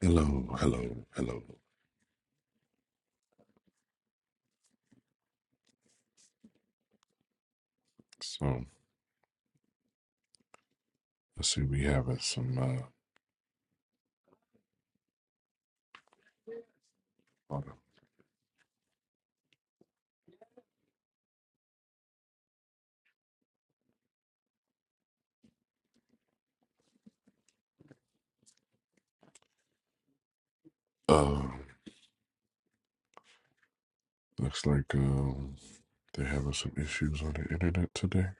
Hello, hello, hello. So let's see, we having some uh, lot of- uh looks like um they're having some issues on the internet today.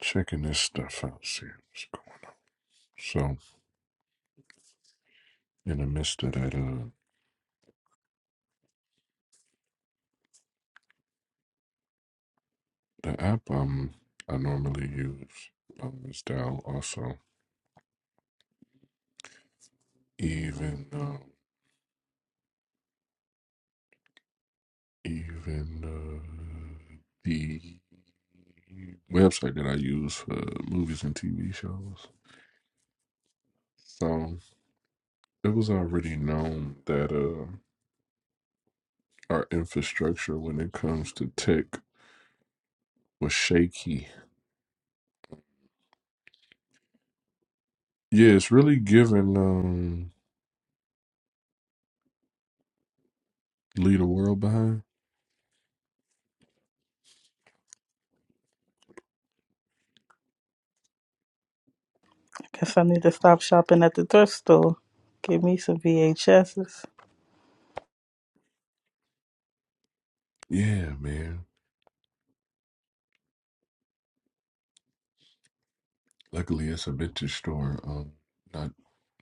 Checking this stuff out, see what's going. So in the midst of that, uh, the app um I normally use um is down also. Even um even uh the website that I use for movies and TV shows. So. it was already known that uh, our infrastructure when it comes to tech was shaky. Yeah, it's really giving um, leave the world behind. Guess I need to stop shopping at the thrift store. Give me some VHSs. Yeah, man. Luckily, it's a vintage store. Um, not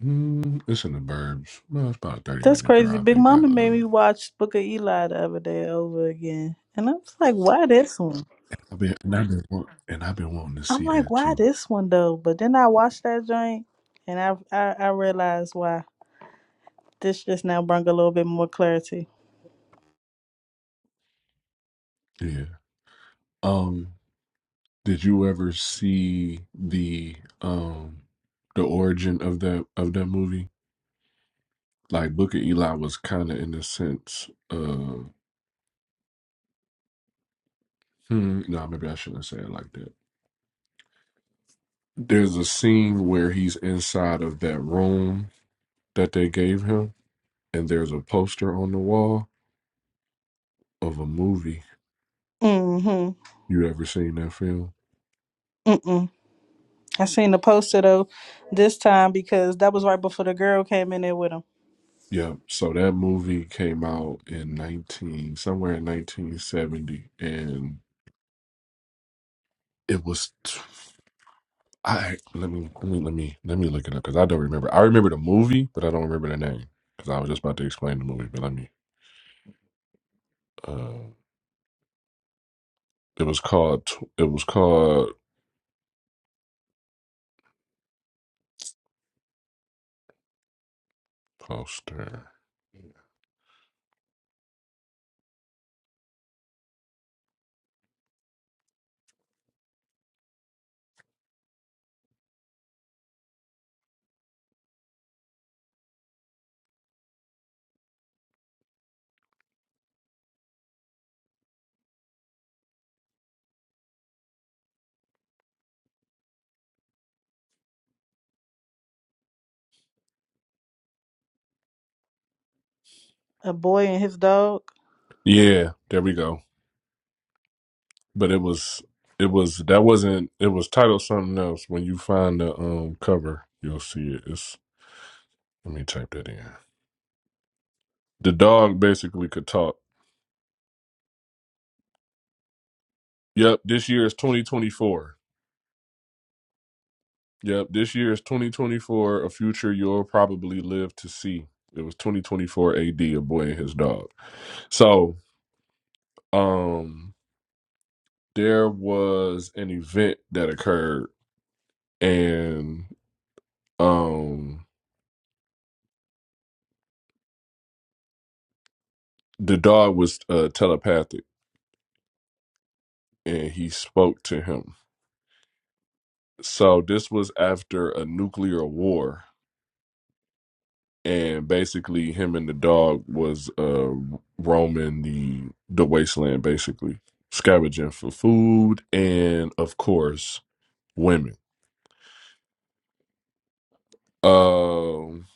mm, it's in the burbs. Well, it's about a thirty That's minute crazy. drive. Big They Mama got made uh, me watch Book of Eli the other day over again. And I was like, why this one? I've been and I've been wa- and I've been wanting to I'm see like, that why too. this one though? But then I watched that joint and I I, I realized why. This just now brought a little bit more clarity. Yeah. Um, did you ever see the um the origin of that of that movie? like Booker Eli was kind of in the sense of hmm, no, maybe I shouldn't say it like that. There's a scene where he's inside of that room that they gave him, and there's a poster on the wall of a movie. Mm-hmm. You ever seen that film? Mm-mm. I seen the poster though this time because that was right before the girl came in there with him. Yeah. So that movie came out in nineteen somewhere in nineteen seventy, and it was. t- I let me let me let me let me look it up because I don't remember. I remember the movie, but I don't remember the name because I was just about to explain the movie. But let me. uh, It was called. It was called poster. A boy and his dog. Yeah, there we go. But it was. It was that wasn't. It was titled something else. When you find the um cover, you'll see it. It's. Let me type that in. The dog basically could talk. Yep. This year is 2024. Yep. This year is 2024. A future you'll probably live to see. It was 2024 A D. A boy and his dog. So um, there was an event that occurred and um the dog was uh, telepathic and he spoke to him so this was after a nuclear war and basically him and the dog was uh roaming the the wasteland basically scavenging for food and of course women um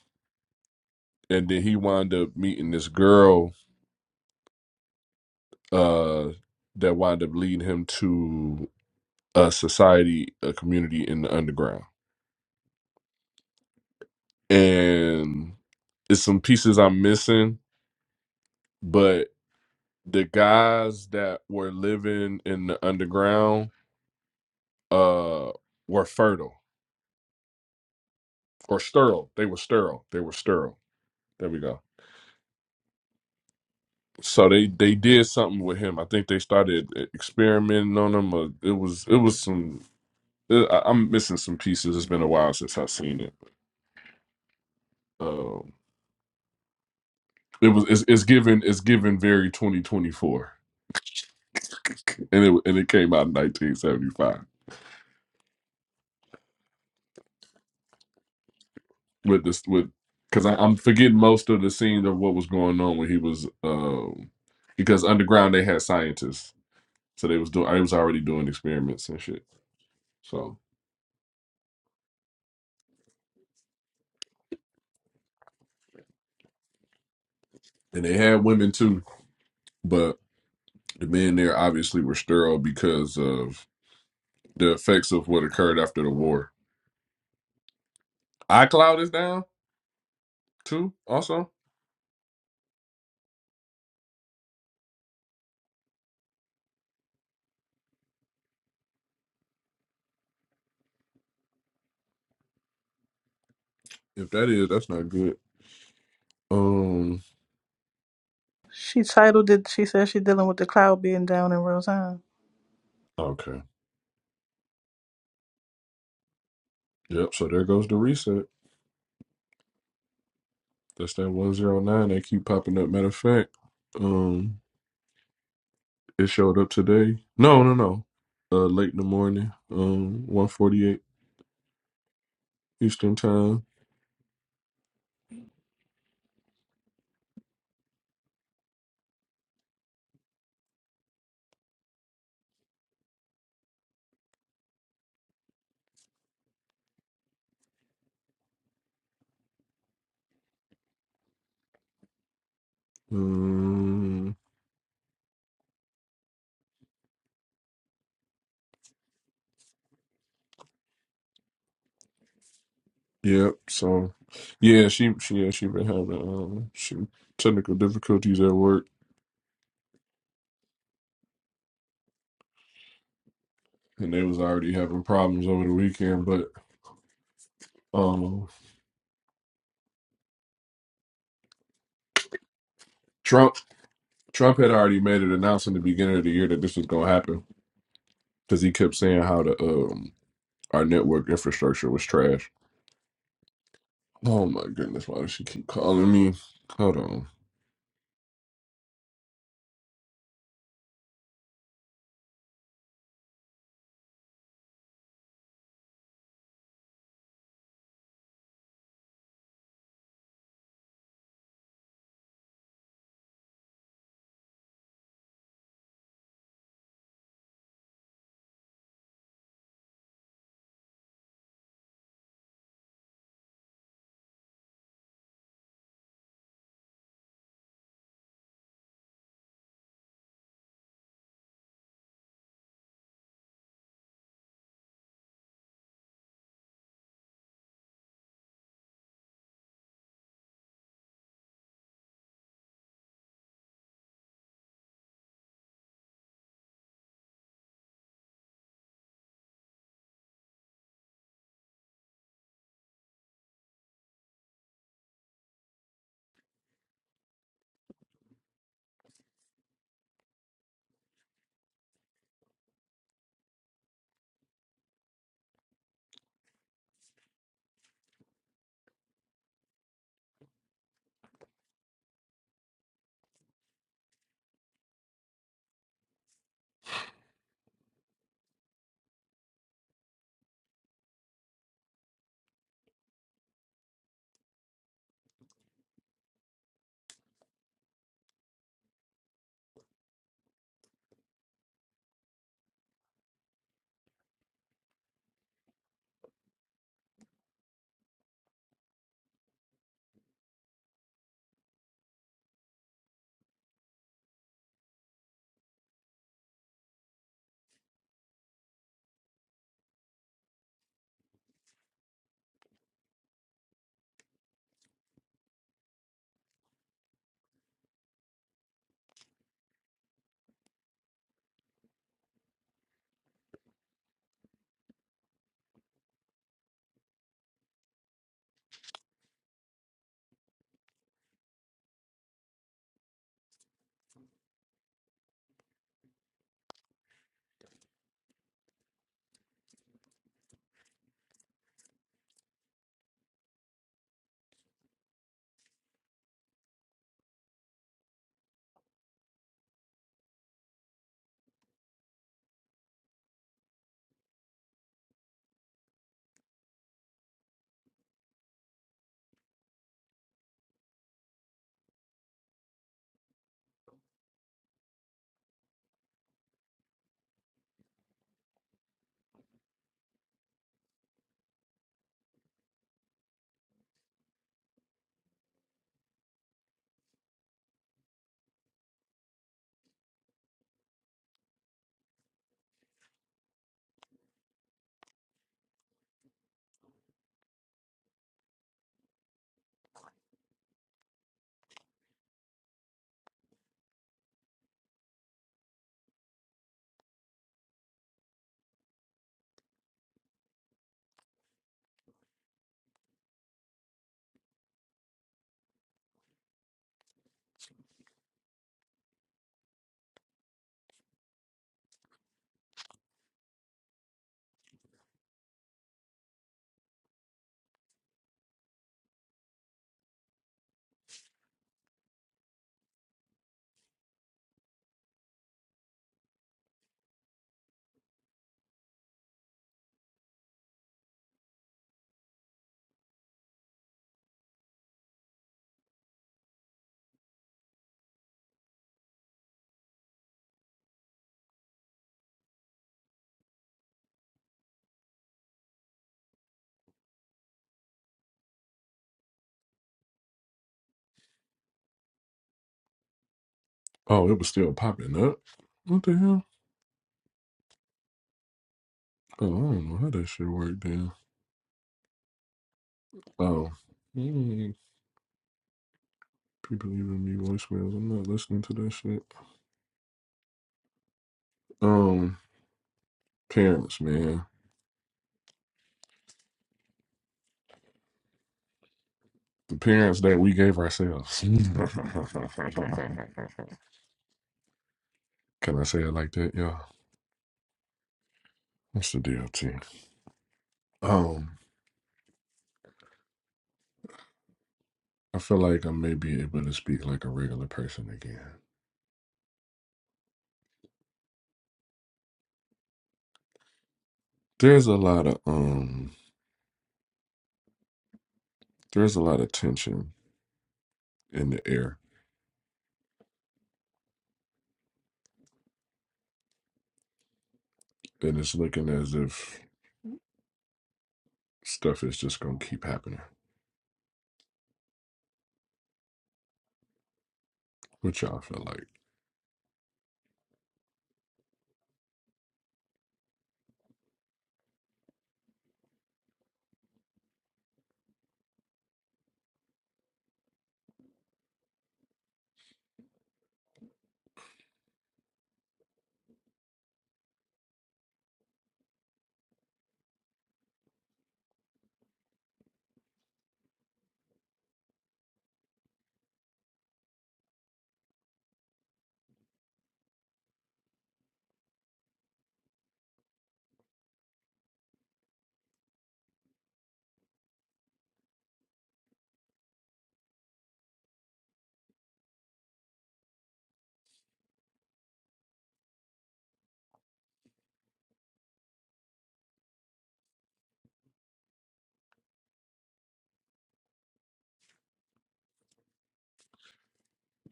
and then he wound up meeting this girl uh that wound up leading him to a society a community in the underground and it's some pieces I'm missing, but the guys that were living in the underground uh were fertile or sterile. They were sterile. They were sterile. There we go. So they they did something with him. I think they started e-, experimenting on him. Or it was it was some. uh, I, I'm missing some pieces. It's been a while since I've seen it. Um, it was it's, it's given it's given very 2024, and it and it came out in 1975. with this with because I'm forgetting most of the scene of what was going on when he was um because underground they had scientists so they was doing I was already doing experiments and shit so and they had women too but the men there obviously were sterile because of the effects of what occurred after the war. iCloud is down too also if that is that's not good um She titled it, she said she dealing with the cloud being down in real time. okay yep so there goes the reset that's that 109 they keep popping up matter of fact um. It showed up today. No, no, no. Uh, late in the morning. Um, one forty eight Eastern time. Um, yep. So, yeah, she she yeah she been having um she technical difficulties at work, and they was already having problems over the weekend. But um, Trump Trump had already made an announcement at the beginning of the year that this was gonna happen because he kept saying how the um our network infrastructure was trash. Oh my goodness, why does she keep calling me? Hold on. Oh, it was still popping up. What the hell? Oh, I don't know how that shit worked then. Oh. Mm, people leaving me voicemails. I'm not listening to that shit. Um, parents, man. The parents that we gave ourselves. Can I say it like that? Yeah. What's the DLT? Um, I feel like I may be able to speak like a regular person again. There's a lot of um there's a lot of tension in the air. And it's looking as if stuff is just gonna keep happening. What y'all feel like?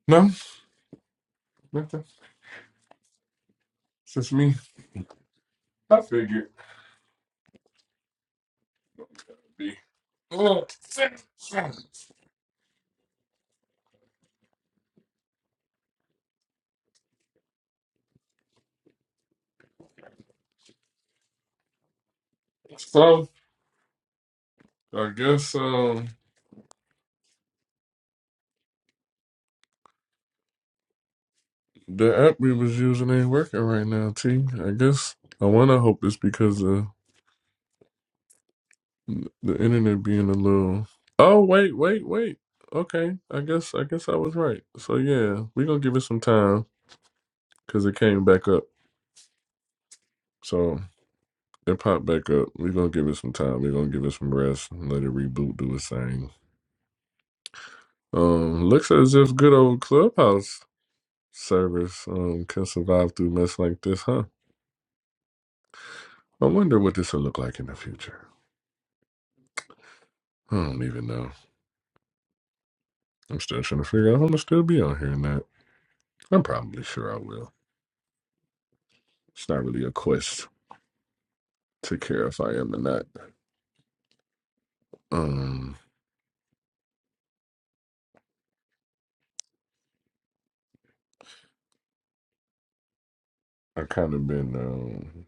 No, nothing. It's just me. I figured it'd be. So I guess um the app we was using ain't working right now, T. I guess I wanna hope it's because of the internet being a little Oh wait, wait, wait. Okay. I guess I guess I was right. So yeah, we gonna give it some time because it came back up. So It popped back up. We're gonna give it some time. We're gonna give it some rest and let it reboot, do its thing. Um, looks as if good old Clubhouse service um can survive through mess like this, huh? I wonder what this will look like in the future. I don't even know. I'm still trying to figure out how I'm gonna still be on here and that. I'm probably sure I will. It's not really a quest to care if I am or not. Um, I've kind of been um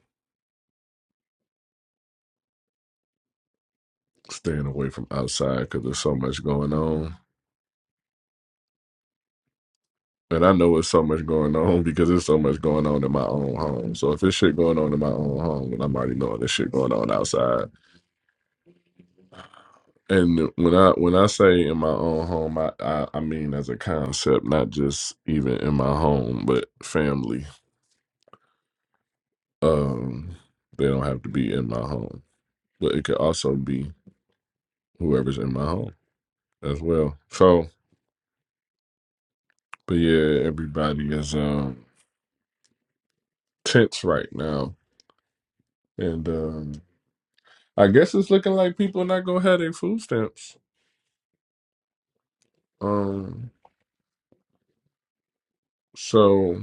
staying away from outside because there's so much going on. And I know it's so much going on because there's so much going on in my own home. So if there's shit going on in my own home, then I'm already knowing there's shit going on outside. And when I when I say in my own home, I, I, I mean as a concept, not just even in my home, but family. Um, they don't have to be in my home, but it could also be whoever's in my home as well. So, but yeah, everybody is um tense right now, and um, I guess it's looking like people not gonna have their food stamps. Um, so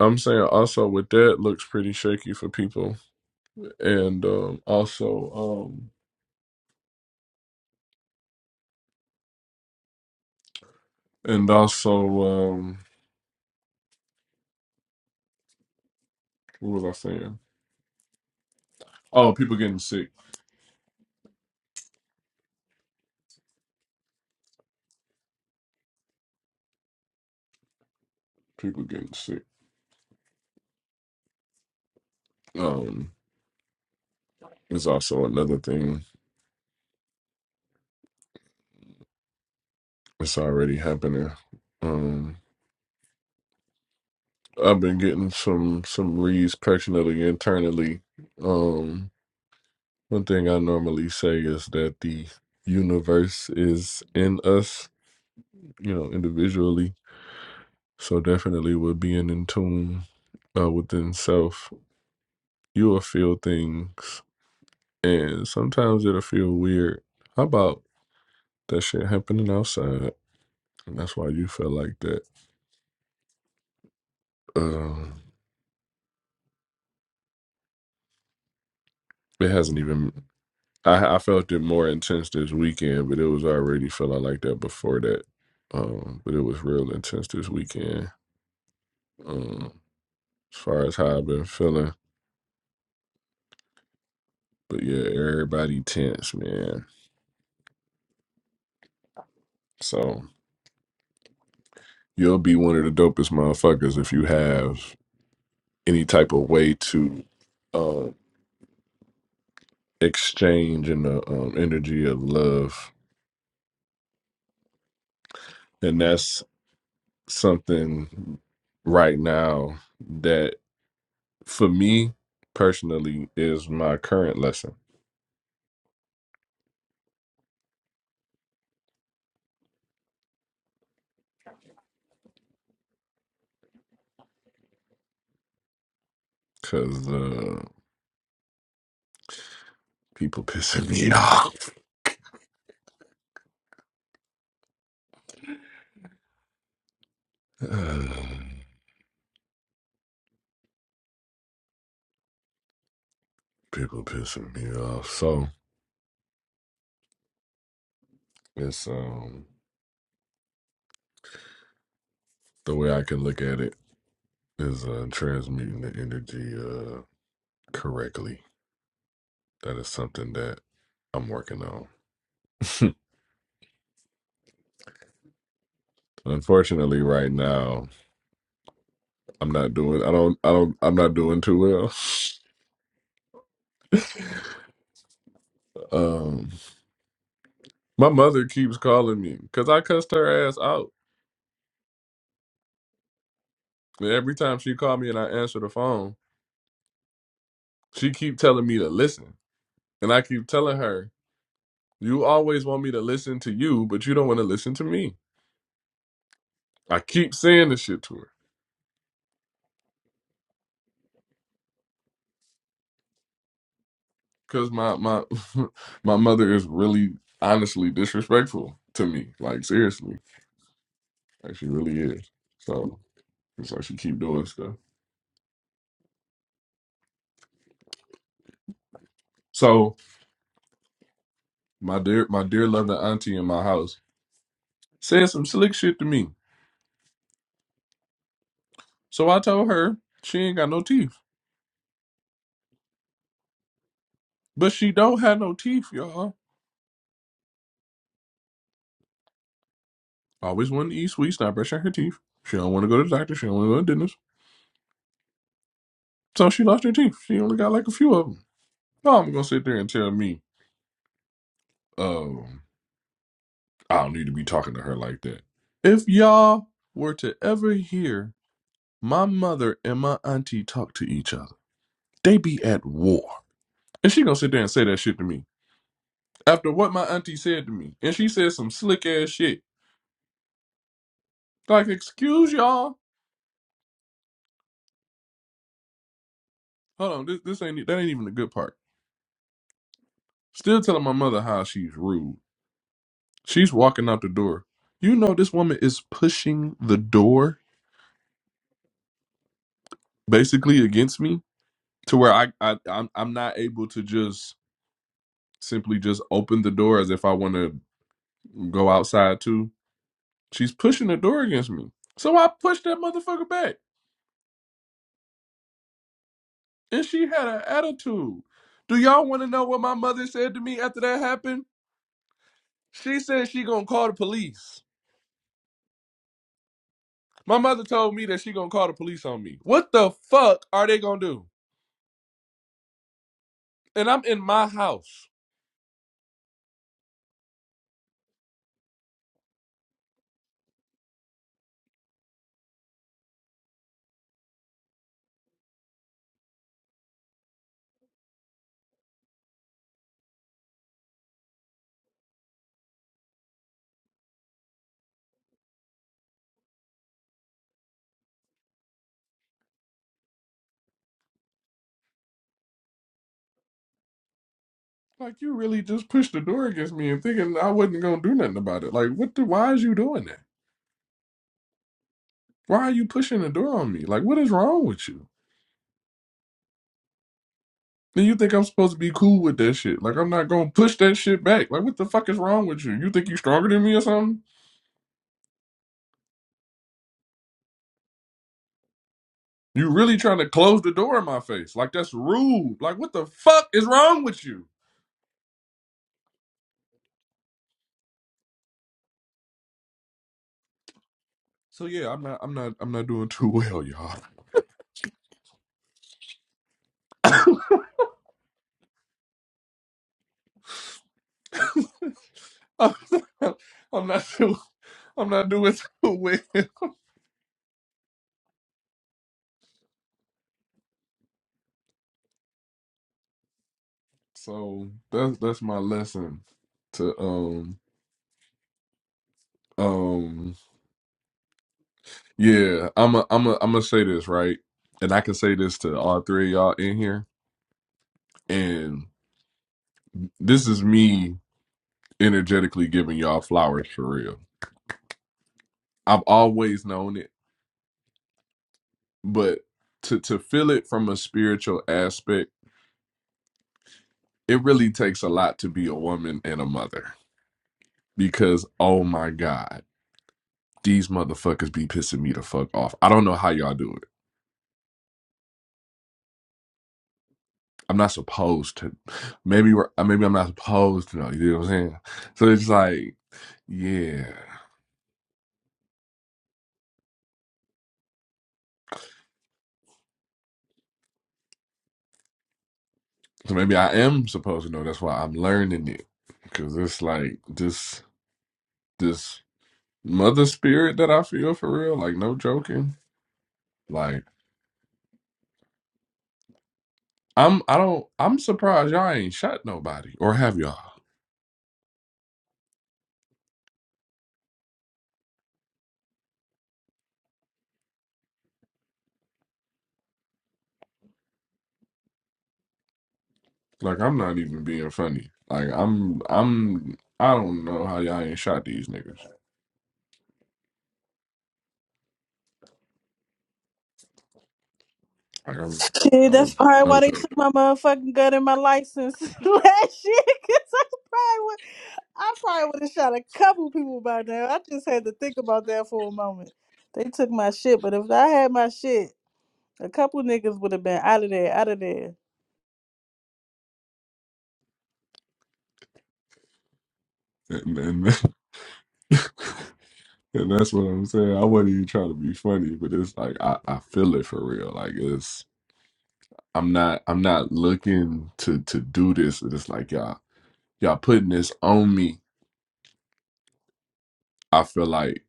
I'm saying also with that looks pretty shaky for people, and um, also um, and also um, what was I saying? Oh, people getting sick. People getting sick. Um, is also another thing that's already happening. Um, I've been getting some some leads personally internally. Um, one thing I normally say is that the universe is in us, you know, individually So definitely with being in tune uh, within self, you will feel things and sometimes it'll feel weird. How about that shit happening outside? And that's why you feel like that. Um, it hasn't even I, I felt it more intense this weekend, but it was already feeling like that before that. Um, but it was real intense this weekend. Um, as far as how I've been feeling. But yeah, everybody tense, man. So You'll be one of the dopest motherfuckers if you have any type of way to um, exchange in the um, energy of love, and that's something right now that for me personally is my current lesson because uh, people pissing me off. Uh, people pissing me off. So it's um the way I can look at it is uh, transmuting the energy uh correctly That is something that I'm working on. Unfortunately, right now I'm not doing. I don't. I don't. I'm not doing too well. Um, my mother keeps calling me because I cussed her ass out. And every time she called me and I answer the phone, she keep telling me to listen, and I keep telling her, "You always want me to listen to you, but you don't want to listen to me." I keep saying this shit to her because my my my mother is really honestly disrespectful to me. Like seriously, like she really is. So. It's like she keep doing stuff. So my dear, my dear loving auntie in my house said some slick shit to me. So I told her she ain't got no teeth, but she don't have no teeth, y'all. Always wanted to eat sweets, not brushing her teeth. She don't want to go to the doctor. She don't want to go to the dentist. So she lost her teeth. She only got like a few of them. No, I'm gonna sit there and tell me, um, I don't need to be talking to her like that. If y'all were to ever hear my mother and my auntie talk to each other, they be at war. And she gonna sit there and say that shit to me. after what my auntie said to me, and she said some slick ass shit. Like, excuse y'all. Hold on, this this ain't that ain't even the good part. Still telling my mother how she's rude. She's walking out the door. You know this woman is pushing the door basically against me to where I, I I'm I'm not able to just simply just open the door as if I want to go outside too. She's pushing the door against me. So I pushed that motherfucker back. And she had an attitude. Do y'all want to know what my mother said to me after that happened? She said she gonna call the police. My mother told me that she gonna call the police on me. What the fuck are they gonna do? And I'm in my house. Like you really just pushed the door against me and thinking I wasn't gonna do nothing about it. Like what the why is you doing that? Why are you pushing the door on me? Like what is wrong with you? Then you think I'm supposed to be cool with that shit. Like I'm not gonna push that shit back. Like what the fuck is wrong with you? You think you stronger than me or something? You really trying to close the door in my face. Like that's rude. Like what the fuck is wrong with you? So yeah, I'm not I'm not I'm not doing too well, y'all. I'm not too I'm not doing too well. So that's that's my lesson to um um yeah, I'm a, I'm a, I'm gonna say this, right? And I can say this to all three of y'all in here and this is me energetically giving y'all flowers for real. I've always known it, but to to feel it from a spiritual aspect, it really takes a lot to be a woman and a mother because oh my god, these motherfuckers be pissing me the fuck off. I don't know how y'all do it. I'm not supposed to. Maybe we're uh, maybe I'm not supposed to know. You know what I'm saying? So it's like yeah. So maybe I am supposed to know. That's why I'm learning it because it's like this this mother spirit that I feel for real. Like no joking. Like I'm I don't I'm surprised y'all ain't shot nobody or have y'all. Like I'm not even being funny. Like I'm I'm I don't know how y'all ain't shot these niggas. Like Shit, I'm that's like probably why no they joke. took my motherfucking gun and my license last year. Cause I probably would, I probably would have shot a couple people by now. I just had to think about that for a moment. They took my shit, but if I had my shit, a couple niggas would have been out of there, out of there. And, and, and that's what I'm saying. I wasn't even trying to be funny, but it's like I, I feel it for real. Like it's I'm not I'm not looking to to do this. It's like y'all y'all putting this on me. I feel like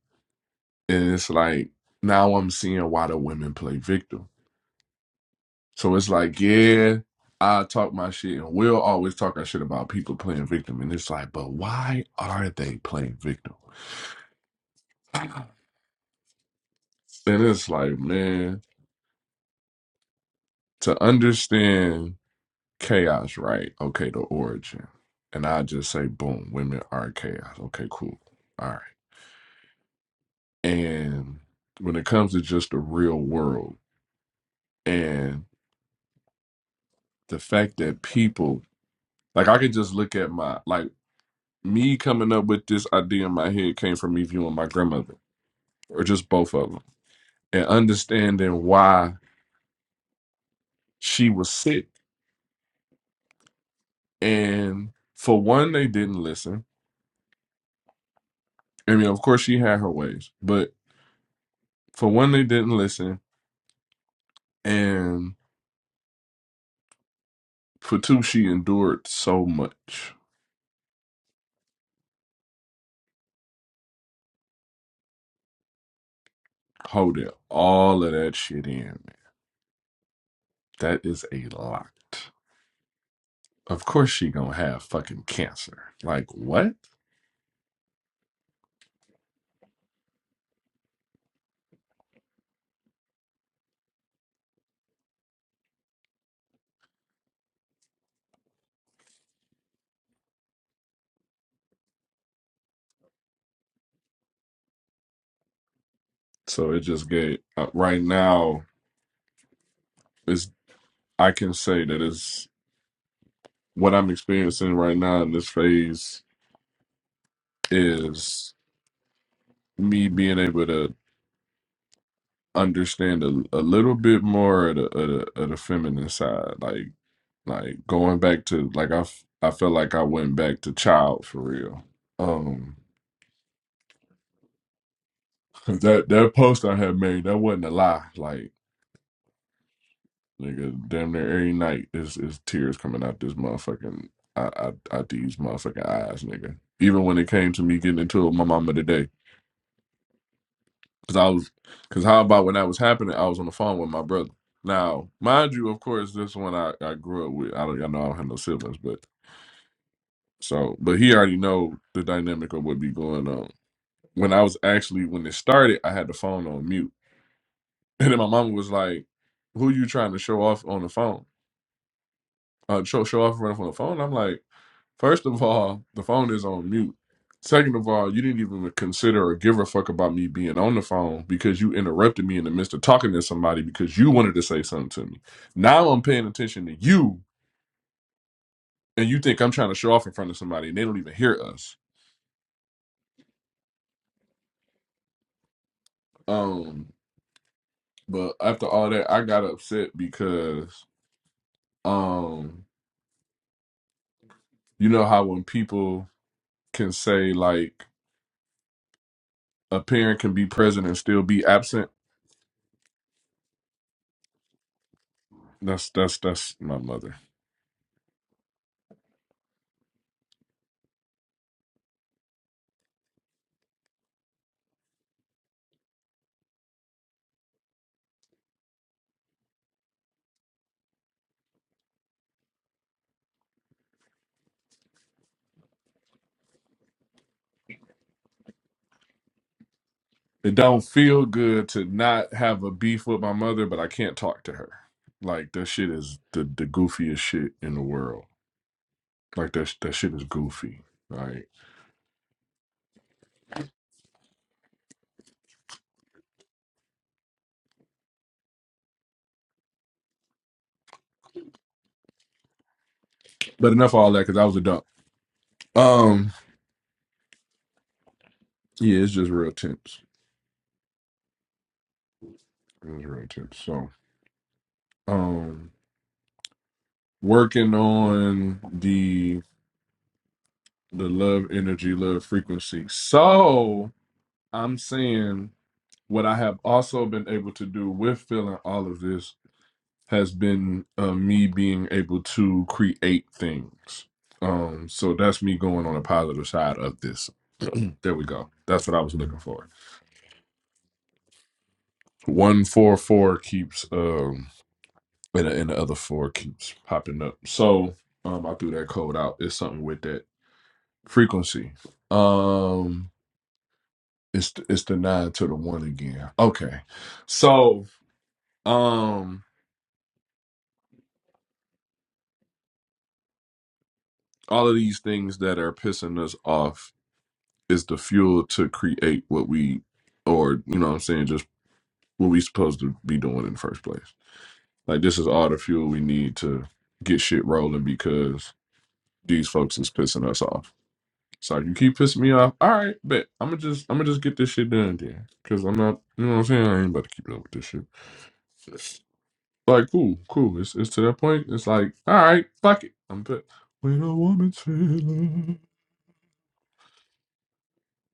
and it's like now I'm seeing why the women play victim So it's like, yeah, I talk my shit, and we'll always talk our shit about people playing victim. And it's like, but why are they playing victim? And it's like, man, to understand chaos, right? Okay, the origin. And I just say, boom, women are chaos. Okay, cool. All right. And when it comes to just the real world and the fact that people, like, I could just look at my, like, me coming up with this idea in my head came from me viewing my grandmother or just both of them, and understanding why she was sick. And for one, they didn't listen. I mean, of course, she had her ways, but for one, they didn't listen. And for two, she endured so much. Hold it, all of that shit in. That is a lot. Of course, she gonna have fucking cancer. Like what? So it just gave. Uh, right now, is I can say that is what I'm experiencing right now in this phase is me being able to understand a, a little bit more of the, of the of the feminine side, like like going back to like I f- I felt like I went back to child for real. Um, 'cause that that post I had made that wasn't a lie. Like nigga, damn near every night is is tears coming out this motherfucking I I, I these motherfucking eyes, nigga. Even when it came to me getting into it with my mama today. Cause I was, cause how about when that was happening, I was on the phone with my brother. Now, mind you, of course, this one I, I grew up with. I don't, I know I don't have no siblings, but so, but he already know the dynamic of what be going on. When I was actually when it started, I had the phone on mute, and then my mama was like, "Who you trying to show off on the phone?" uh, show show off running from the phone. I'm like, first of all, the phone is on mute. Second of all, you didn't even consider or give a fuck about me being on the phone because you interrupted me in the midst of talking to somebody because you wanted to say something to me. Now I'm paying attention to you, and you think I'm trying to show off in front of somebody, and they don't even hear us. Um, but after all that, I got upset because um, you know how when people can say like a parent can be present and still be absent That's that's that's my mother. It don't feel good to not have a beef with my mother, but I can't talk to her. Like that shit is the the goofiest shit in the world. Like that that shit is goofy. Like, but enough of all that because I was a dump. Um, yeah, it's just real tense. It was real tense. So, um. working on the the love energy love frequency so i'm saying what i have also been able to do with feeling all of this has been uh, me being able to create things um so that's me going on a positive side of this there we go that's what i was looking for one four four keeps um and, and the other four keeps popping up so um i threw that code out it's something with that frequency um It's the, it's the nine to the one again. Okay, so um, all of these things that are pissing us off is the fuel to create what we, or you know, what I'm saying just what we supposed to be doing in the first place. Like this is all the fuel we need to get shit rolling because these folks is pissing us off. So you keep pissing me off. All right, bet I'm gonna just I'm gonna just get this shit done then, because I'm not, you know, what I'm saying I ain't about to keep up with this shit. Like, cool, cool. It's, it's to that point. It's like, all right, fuck it. I'm put. When a woman's feeling,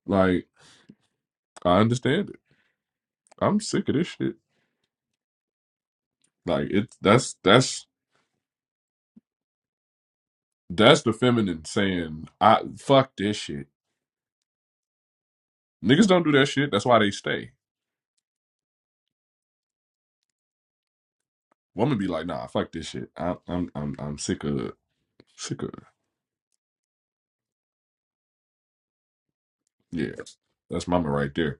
like, I understand it. I'm sick of this shit. Like, it's that's that's that's the feminine saying, I fuck this shit. Niggas don't do that shit. That's why they stay. Woman be like, nah, fuck this shit. I, I'm I'm I'm sick of sick of yeah. That's mama right there.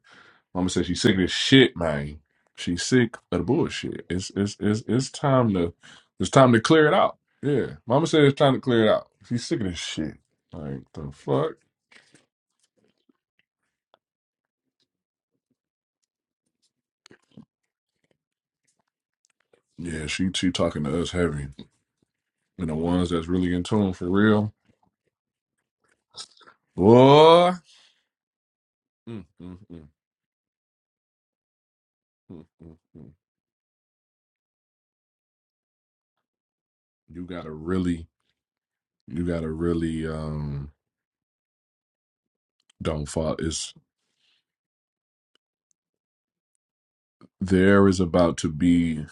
Mama said she's sick of this shit, man. She's sick of the bullshit. It's it's it's it's time to it's time to clear it out. Yeah. Mama said it's time to clear it out. She's sick of this shit. Like the fuck? Yeah, she she talking to us heavy. And the ones that's really in tune for real. Boy. Mm, mm, mm, mm, mm, mm. You gotta really you gotta really um don't fall. It's there is about to be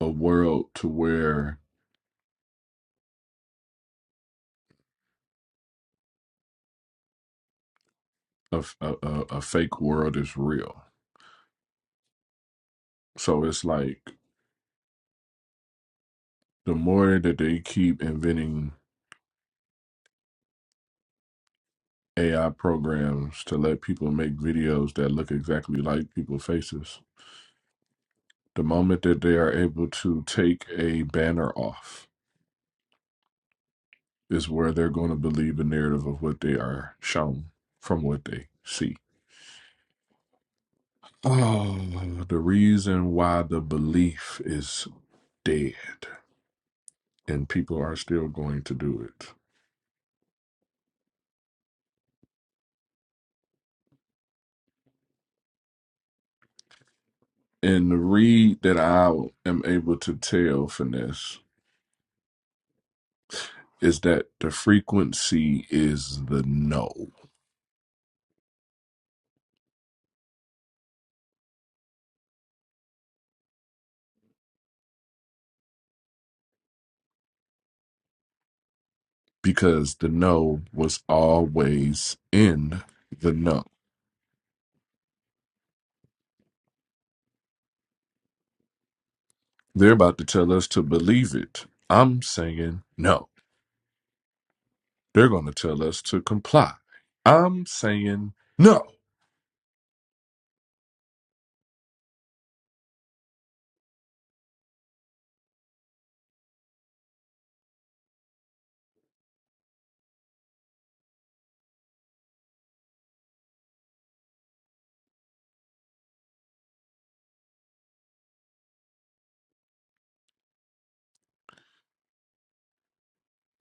a world to where a, f- a, a a fake world is real So it's like the more that they keep inventing AI programs to let people make videos that look exactly like people's faces, the moment that they are able to take a banner off is where they're going to believe the narrative of what they are shown from what they see. Oh, the reason why the belief is dead and people are still going to do it. And the read that I am able to tell, Finesse, is that the frequency is the no because the no was always in the no. They're about to tell us to believe it. I'm saying no. They're going to tell us to comply. I'm saying no.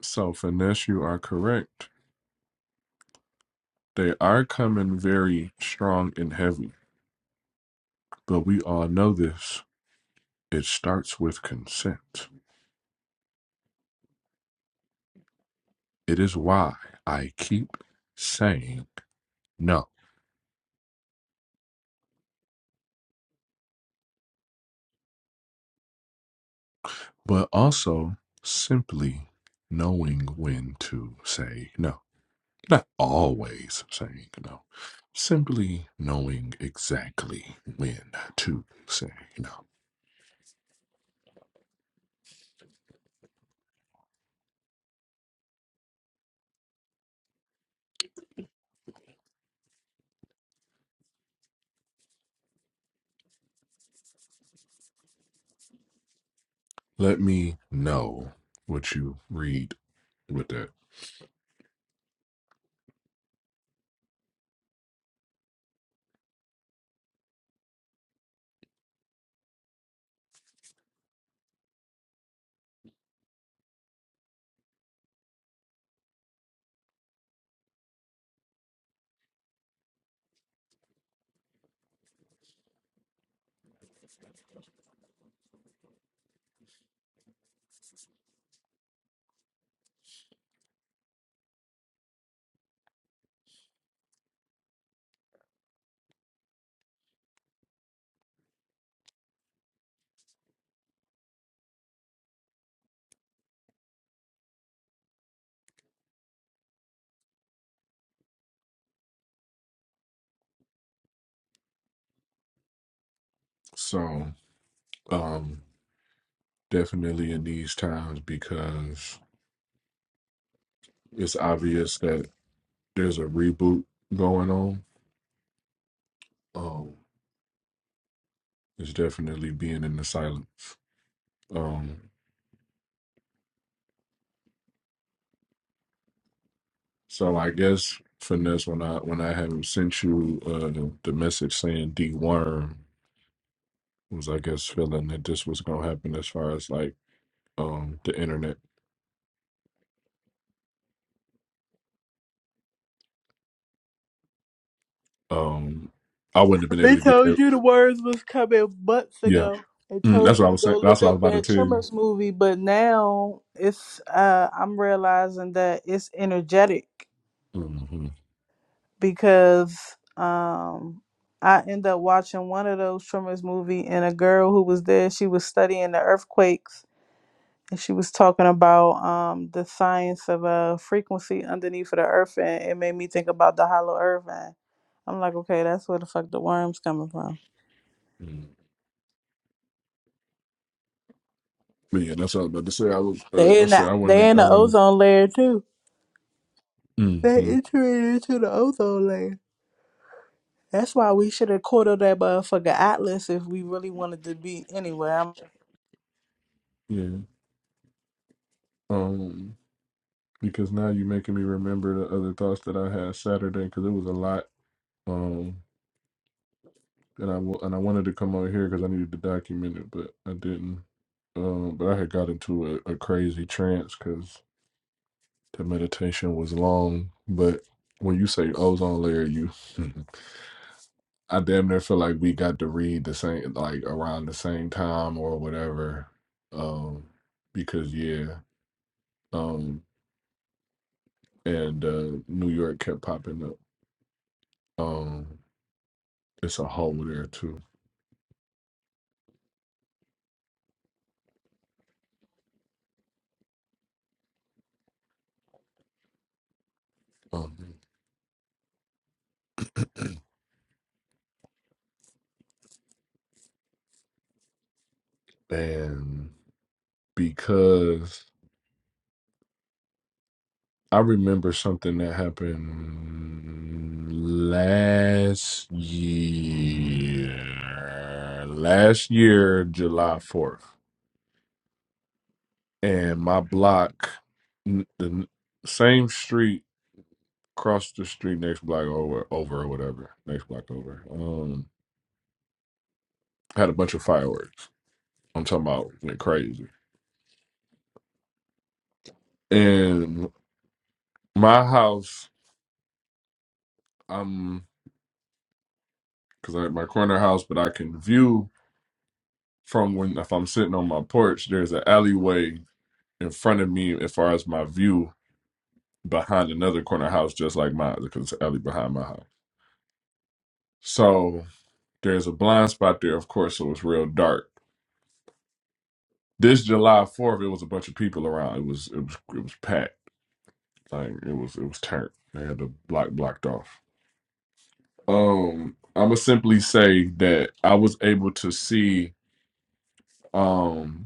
So, Finesse, you are correct. They are coming very strong and heavy, but we all know this. It starts with consent. It is why I keep saying no. but also simply knowing when to say no. Not always saying no, simply knowing exactly when to say no. Let me know what you read with that. So, um, definitely in these times because it's obvious that there's a reboot going on. Um, it's definitely being in the silence. Um, So I guess finesse when I when I haven't sent you uh, the, the message saying deworm was I guess feeling that this was gonna happen as far as like um the internet. Um, I wouldn't have been They able to get told that. you the words was coming months Yeah, ago. They Mm, that's told what you I to was go saying. That's look what I was up about to that tell you. Tremors movie, but now it's uh I'm realizing that it's energetic. hmm because um I end up watching one of those Tremors movie and a girl who was there, she was studying the earthquakes and she was talking about um the science of a frequency underneath of the earth and it made me think about the hollow earth and I'm like, okay, that's where the fuck the worms coming from. But yeah, that's what I was about to say. I was uh, They I in said the I they wouldn't in I the wouldn't. ozone layer too. They hmm entering into the ozone layer. That's why we should have quartered that motherfucker Atlas if we really wanted to be anywhere. Yeah. Um, because now you're making me remember the other thoughts that I had Saturday because it was a lot. um, and I wa- and I wanted to come out here because I needed to document it, but I didn't. Um, but I had got into a, a crazy trance because the meditation was long. But when you say ozone layer, you I damn near feel like we got to read the same like around the same time or whatever. Um, because yeah, um, and uh, New York kept popping up. Um, it's a hole there too. Um, and because I remember something that happened last year. Last year, July 4th. And my block, n- the n- same street, across the street, next block over, over or whatever, next block over, um, had a bunch of fireworks. I'm talking about went crazy. And my house, I'm, because i my corner house, but I can view from when if I'm sitting on my porch, there's an alleyway in front of me as far as my view behind another corner house just like mine because it's an alley behind my house. So there's a blind spot there, of course, so it's real dark. This July Fourth, it was a bunch of people around. It was it was it was packed. Like it was it was turned. They had the block blocked off. Um, I'ma simply say that I was able to see. Um,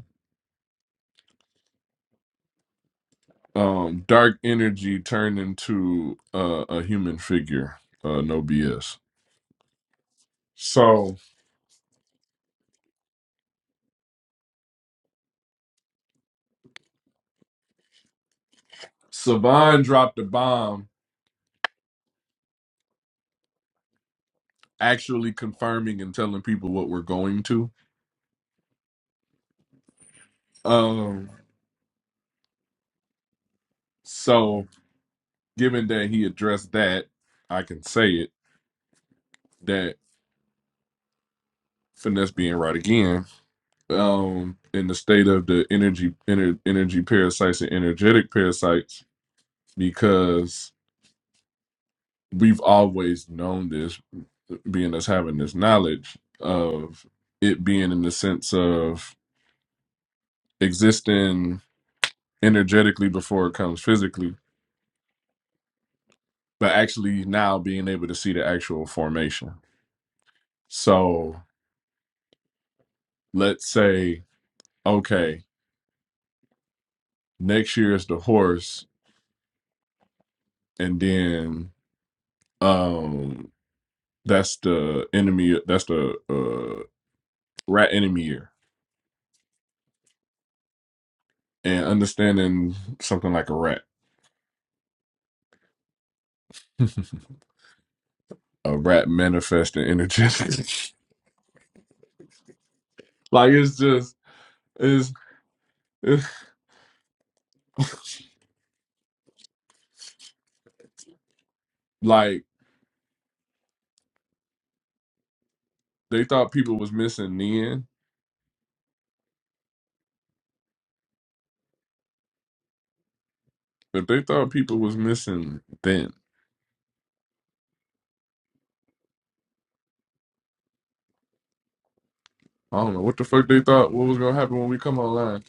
um dark energy turned into uh, a human figure uh no bs so savan dropped a bomb actually confirming and telling people what we're going to um so given that he addressed that i can say it that finesse being right again um in the state of the energy ener- energy parasites and energetic parasites because we've always known this being us having this knowledge of it being in the sense of existing energetically before it comes physically, but actually now being able to see the actual formation. So let's say, okay, next year is the horse, and then um that's the enemy that's the uh rat enemy year. And understanding something like a rat. a rat manifesting energetically. like it's just it's like they thought people was missing then, but they thought people was missing then. I don't know what the fuck they thought what was gonna happen when we come online.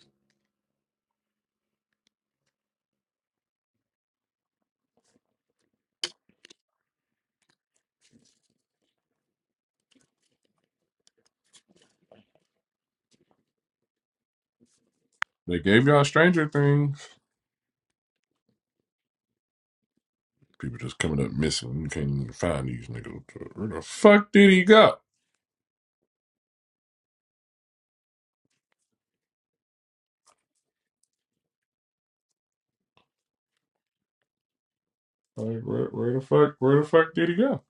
They gave y'all Stranger Things. People just coming up missing. You can't even find these niggas. Where the fuck did he go? Like where, where the fuck where the fuck did he go?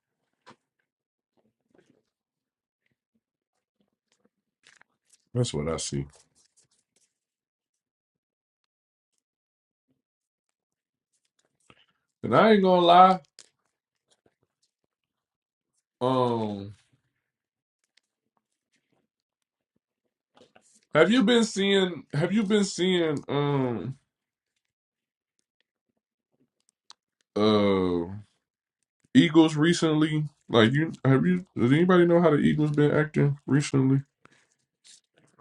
That's what I see. And I ain't gonna lie. Um, have you been seeing? Have you been seeing? Um, uh, Eagles recently, like you have you does anybody know how the Eagles been acting recently?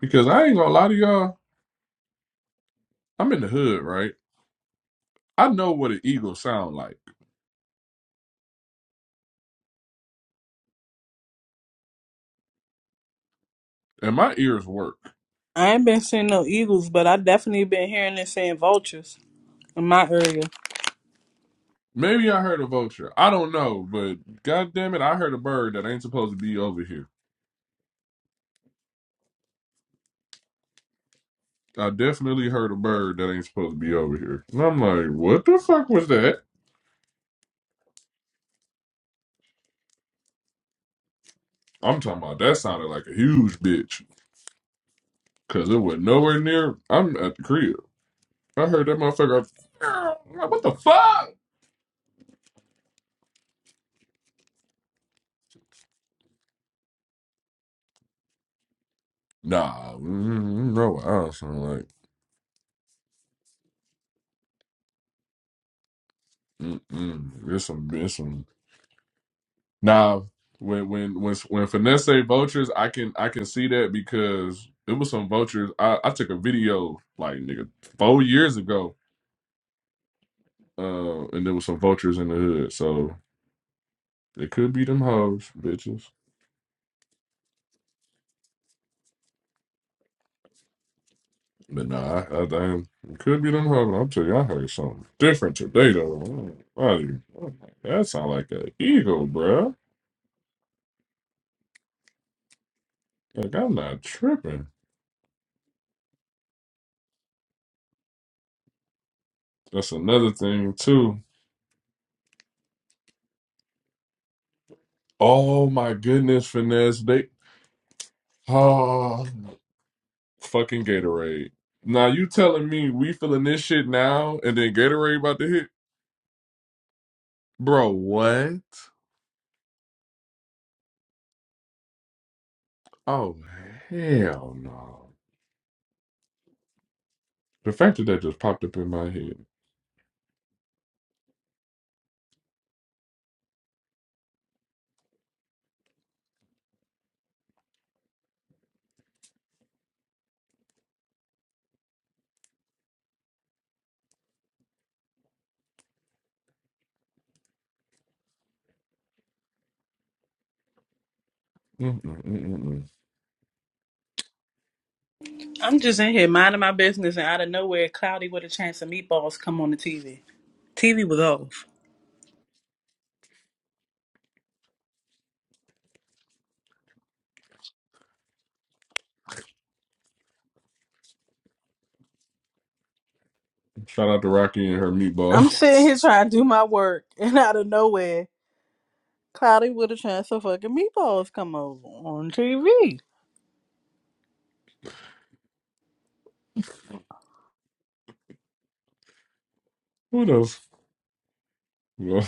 Because I ain't gonna lie to y'all, I'm in the hood, right? I know what an eagle sound like, and my ears work. I ain't been seeing no eagles, but I definitely been hearing and seeing vultures in my area. Maybe I heard a vulture. I don't know, but god damn it, I heard a bird that ain't supposed to be over here. I definitely heard a bird that ain't supposed to be over here. And I'm like, what the fuck was that? I'm talking about that sounded like a huge bitch. Cause it was nowhere near I'm at the crib. I heard that motherfucker. I'm Like, what the fuck? Nah, mm, no, I sound like mm-mm. There's some, there's some. Now, when when when when finesse say vultures, I can I can see that because it was some vultures. I I took a video like nigga four years ago, uh, and there was some vultures in the hood. So it could be them hoes, bitches. But nah, I, I, damn, it could be them hoes. I'm telling you, I heard something different today though. Mm, buddy, That sound like an eagle, bruh. Like I'm not tripping. That's another thing too. Oh my goodness, finesse. They oh fucking Gatorade. Now you telling me we feeling this shit now and then Gatorade about to hit? Bro, what? Oh hell no. The fact that that just popped up in my head. Mm-mm, mm-mm, mm. mm, mm. I'm just in here minding my business, and out of nowhere, cloudy with a chance of meatballs come on the TV. TV was off. Shout out to Rocky and her I'm sitting here meatballs. trying to do my work, and out of nowhere, cloudy with a chance of fucking meatballs come over on TV. what else? Well,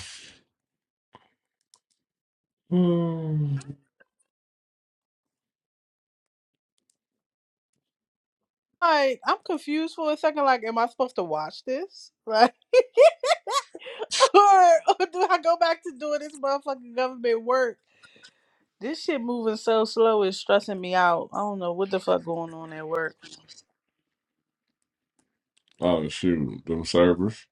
um, Like, I'm confused for a second. Like, am I supposed to watch this? Like, or, or do I go back to doing this motherfucking government work? This shit moving so slow is stressing me out. I don't know what the fuck going on at work. oh shoot, them servers.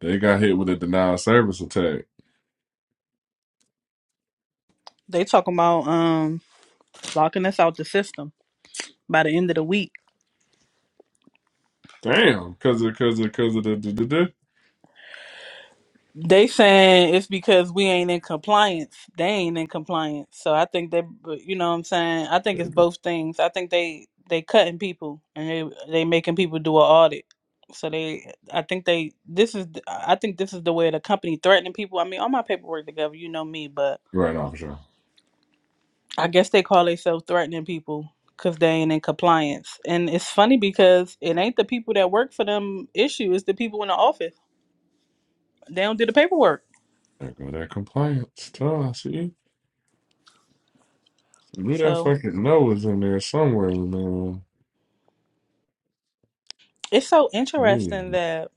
They got hit with a denial service attack. They talking about um locking us out the system by the end of the week. Damn, because of because of because of the, the, the, the. They saying it's because we ain't in compliance. They ain't in compliance. So I think they, you know what I'm saying? I think There you it's go. both things. I think they they cutting people and they they making people do an audit. So they I think they this is I think this is the way the company threatening people. I mean, all my paperwork together, you know me, but Right now for sure. I guess they call themselves threatening people because they ain't in compliance. And it's funny because it ain't the people that work for them issue, it's the people in the office. They don't do the paperwork. There go that compliance. Tell see, I knew that So fucking no was in there somewhere, man. it's so Yeah. interesting man. that,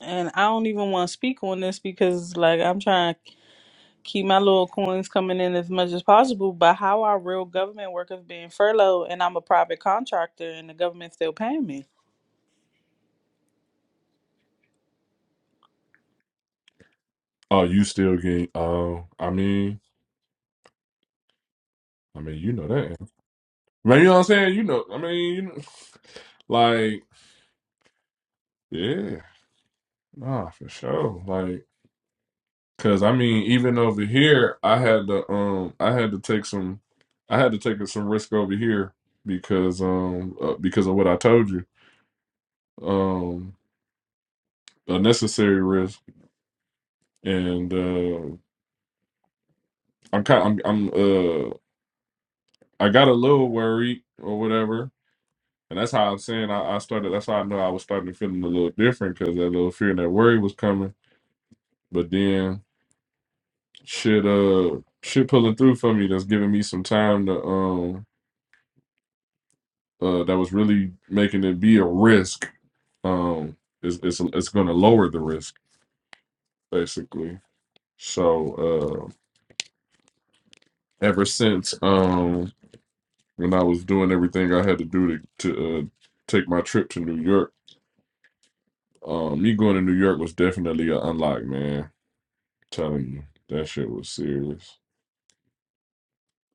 and I don't even want to speak on this because, like, I'm trying to keep my little coins coming in as much as possible. But how are real government workers being furloughed and I'm a private contractor and the government's still paying me? Oh, you still get? Oh, I mean, I mean, you know that. Man, you know what I'm saying? You know, I mean, you know, like, yeah, nah, for sure. Like, cause I mean, even over here, I had to, um, I had to take some, I had to take some risk over here because, um, uh, because of what I told you. Um, unnecessary risk, and uh, I'm kind, I'm, I'm, uh, I got a little worried or whatever, and that's how I'm saying I, I started. That's how I know I was starting to feeling a little different because that little fear and that worry was coming. But then shit, uh, shit pulling through for me that's giving me some time to, um, uh, that was really making it be a risk. Um, it's it's it's going to lower the risk basically. So uh, ever since, um. when I was doing everything I had to do to to uh, take my trip to New York. Um, me going to New York was definitely an unlock, man. telling you, that shit was serious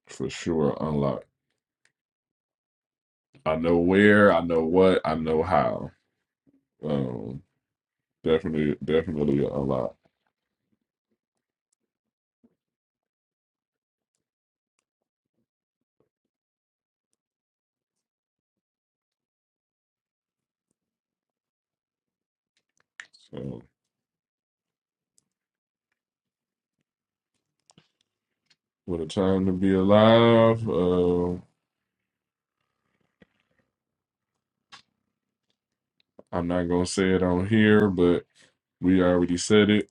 for sure. Unlock. I know where, I know what, I know how. Um, definitely, definitely an unlock. So, what a time to be alive. Uh, I'm not gonna say it on here, but we already said it.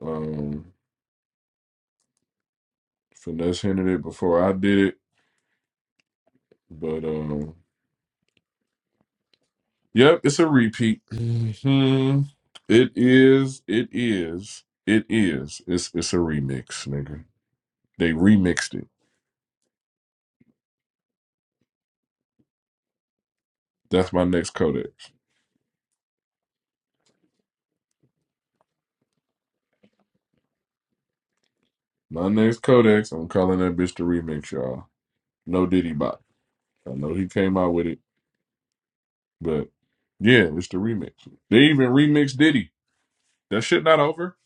Um, finesse hinted it before I did it, but um. Yep, it's a repeat. Mhm. It is. It is. It is. It's it's a remix, nigga. They remixed it. That's my next codex. My next codex. I'm calling that bitch the remix, y'all. No Diddy Bot. I know he came out with it, but yeah, it's the remix. They even remixed Diddy. That shit not over.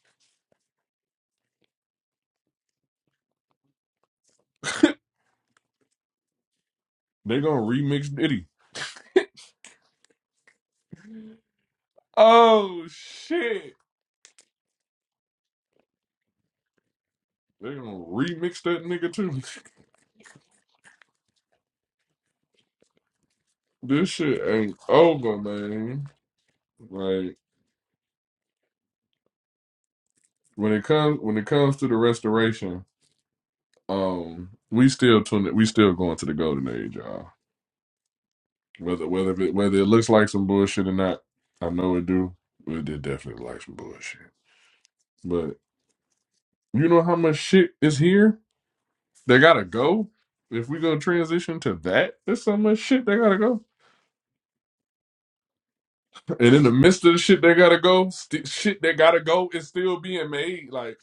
They gonna remix Diddy. Oh shit. They gonna remix that nigga too. This shit ain't over, man. Like. when it comes when it comes to the restoration, um, we still tune we still going to the golden age, y'all. Whether whether it whether it looks like some bullshit or not, I know it do. But it definitely like some bullshit. But you know how much shit is here that gotta go. If we gonna transition to that, there's so much shit that gotta go. And in the midst of the shit that gotta go, st- shit that gotta go is still being made. Like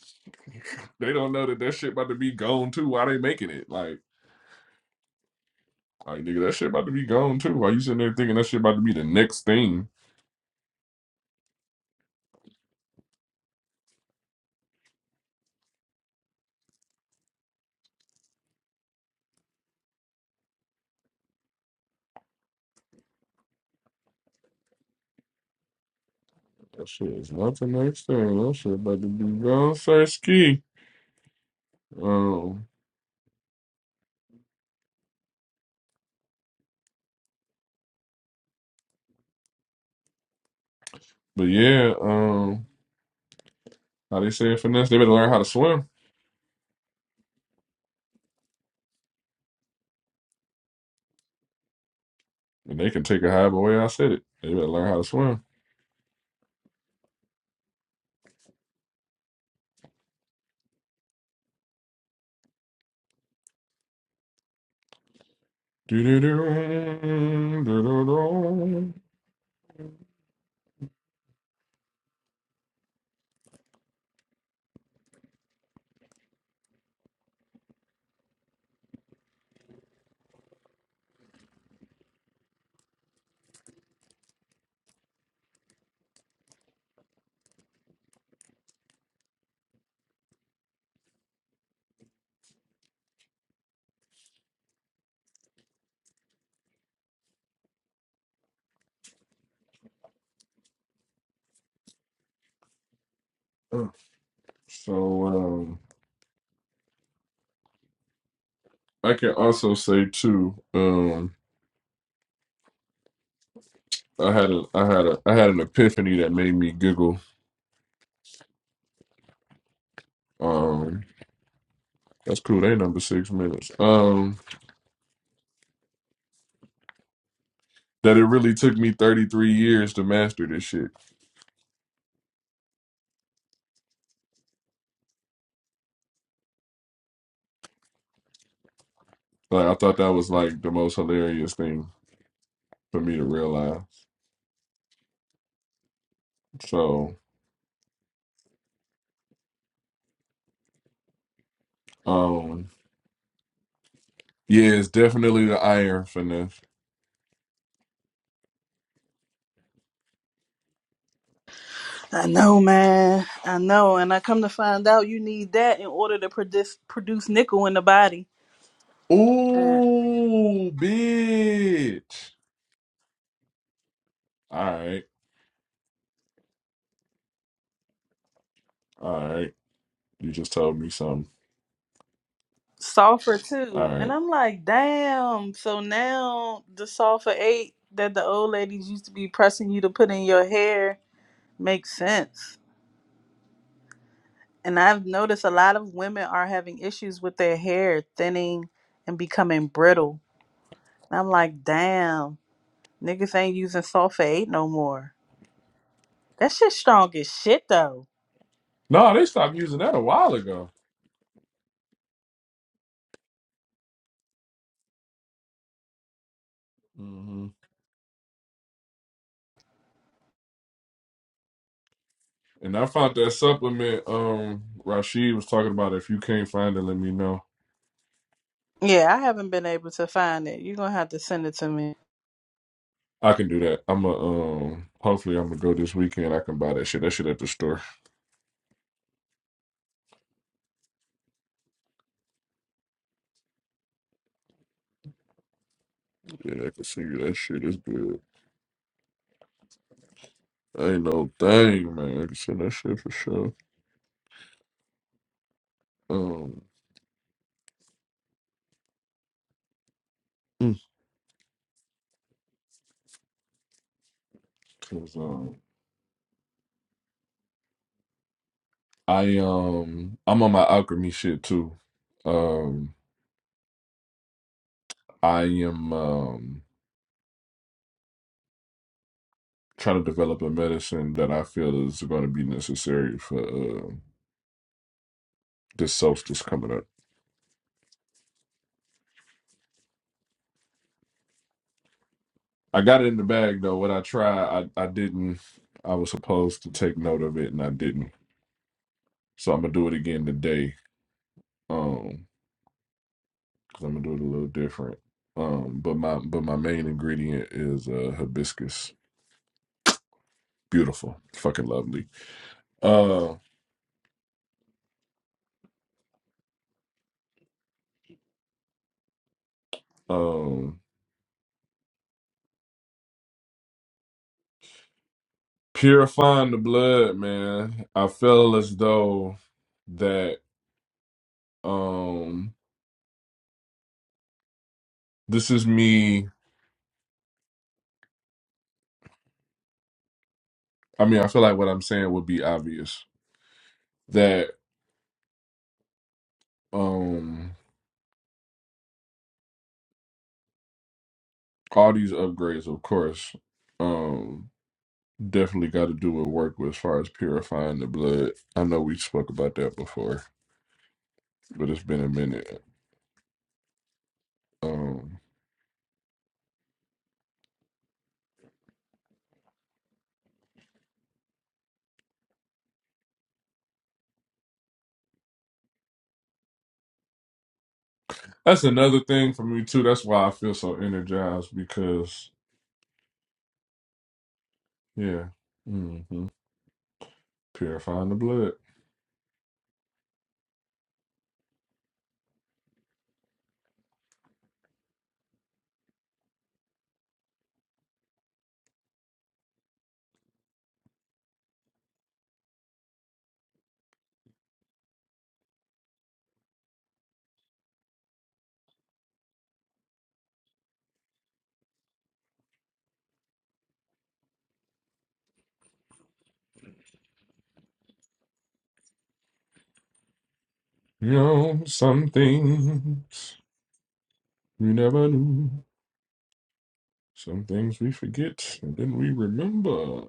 they don't know that that shit about to be gone too. Why they making it? Like. Like nigga, that shit about to be gone too. Why you sitting there thinking that shit about to be the next thing? That shit is not the next thing. That shit about to be gone, sir. Ski. Um, but yeah, um, how they say it, finesse. They better learn how to swim, and they can take a high. But way I said it, they better learn how to swim. Do-do-do, do-do-do. Uh, So um, I can also say too. Um, I had a, I had a, I had an epiphany that made me giggle. Um, that's cool. They number six minutes. Um. that it really took me 33 years to master this shit. Like I thought that was like the most hilarious thing for me to realize. So, um yeah, it's definitely the iron finesse. I know, man. I know, and I come to find out you need that in order to produce produce nickel in the body and Ooh, bitch. All right. All right. You just told me something. sulfur All too. And right. I'm like, damn. So now the sulfur eight that the old ladies used to be pressing you to put in your hair makes sense. And I've noticed a lot of women are having issues with their hair thinning and becoming brittle. And I'm like, damn, niggas ain't using sulfur eight no more. That shit strong as shit though. No, they stopped using that a while ago. hmm And I found that supplement um Rashid was talking about if you can't find it, let me know. Yeah, I haven't been able to find it. You're gonna have to send it to me. I can do that. I'm a um. Hopefully, I'm gonna go this weekend. I can buy that shit. That shit at the store. Yeah, I can see you. That shit is good. Ain't no thing, man. I can see that shit for sure. Um, mm, 'cause, um, I um, I'm on my alchemy shit too. Um, I am um trying to develop a medicine that I feel is going to be necessary for uh, this solstice coming up. I got it in the bag though. What I tried, I I didn't. I was supposed to take note of it, and I didn't. So I'm gonna do it again today. Um, because I'm gonna do it a little different. Um, but my but my main ingredient is uh hibiscus. Beautiful, fucking lovely. Uh, um, purifying the blood, man. I feel as though that um this is me. I mean, I feel like what I'm saying would be obvious that um all these upgrades, of course. Um, definitely got to do with work with as far as purifying the blood. I know we spoke about that before, but it's been a minute. Um, that's another thing for me too. That's why I feel so energized because yeah, hmm purifying the blood. You know, some things we never knew. Some things we forget, and then we remember.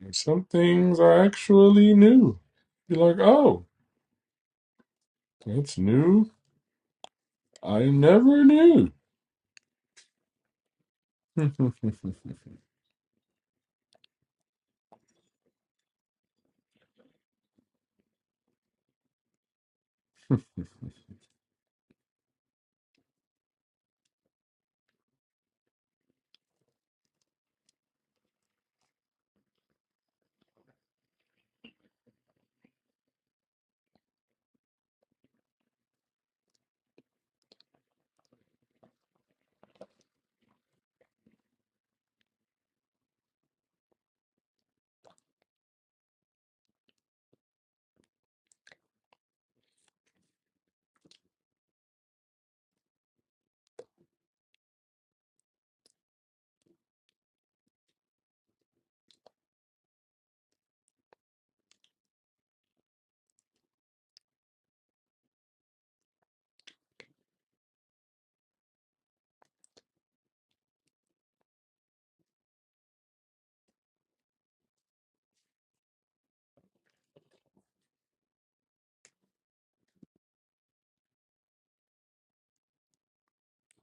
And some things are actually new. You're like, oh, that's new. I never knew.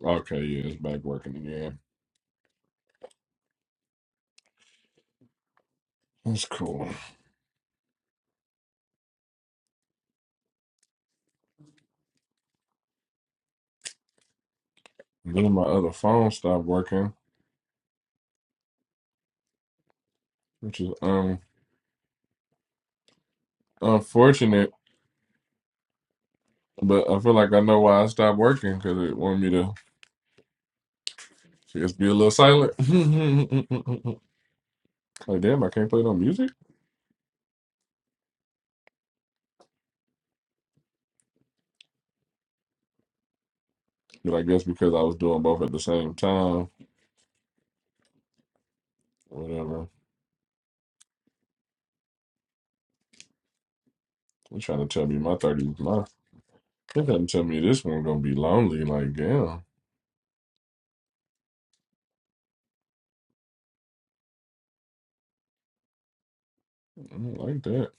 Okay, yeah, it's back working again. That's cool. Then my other phone stopped working, which is um unfortunate, but I feel like I know why it stopped working because it wanted me to just be a little silent. like, damn, I can't play no music. But I guess because I was doing both at the same time, whatever. You're trying to tell me my 30s, my, they are trying to tell me this one gonna be lonely. Like, damn, I don't like that.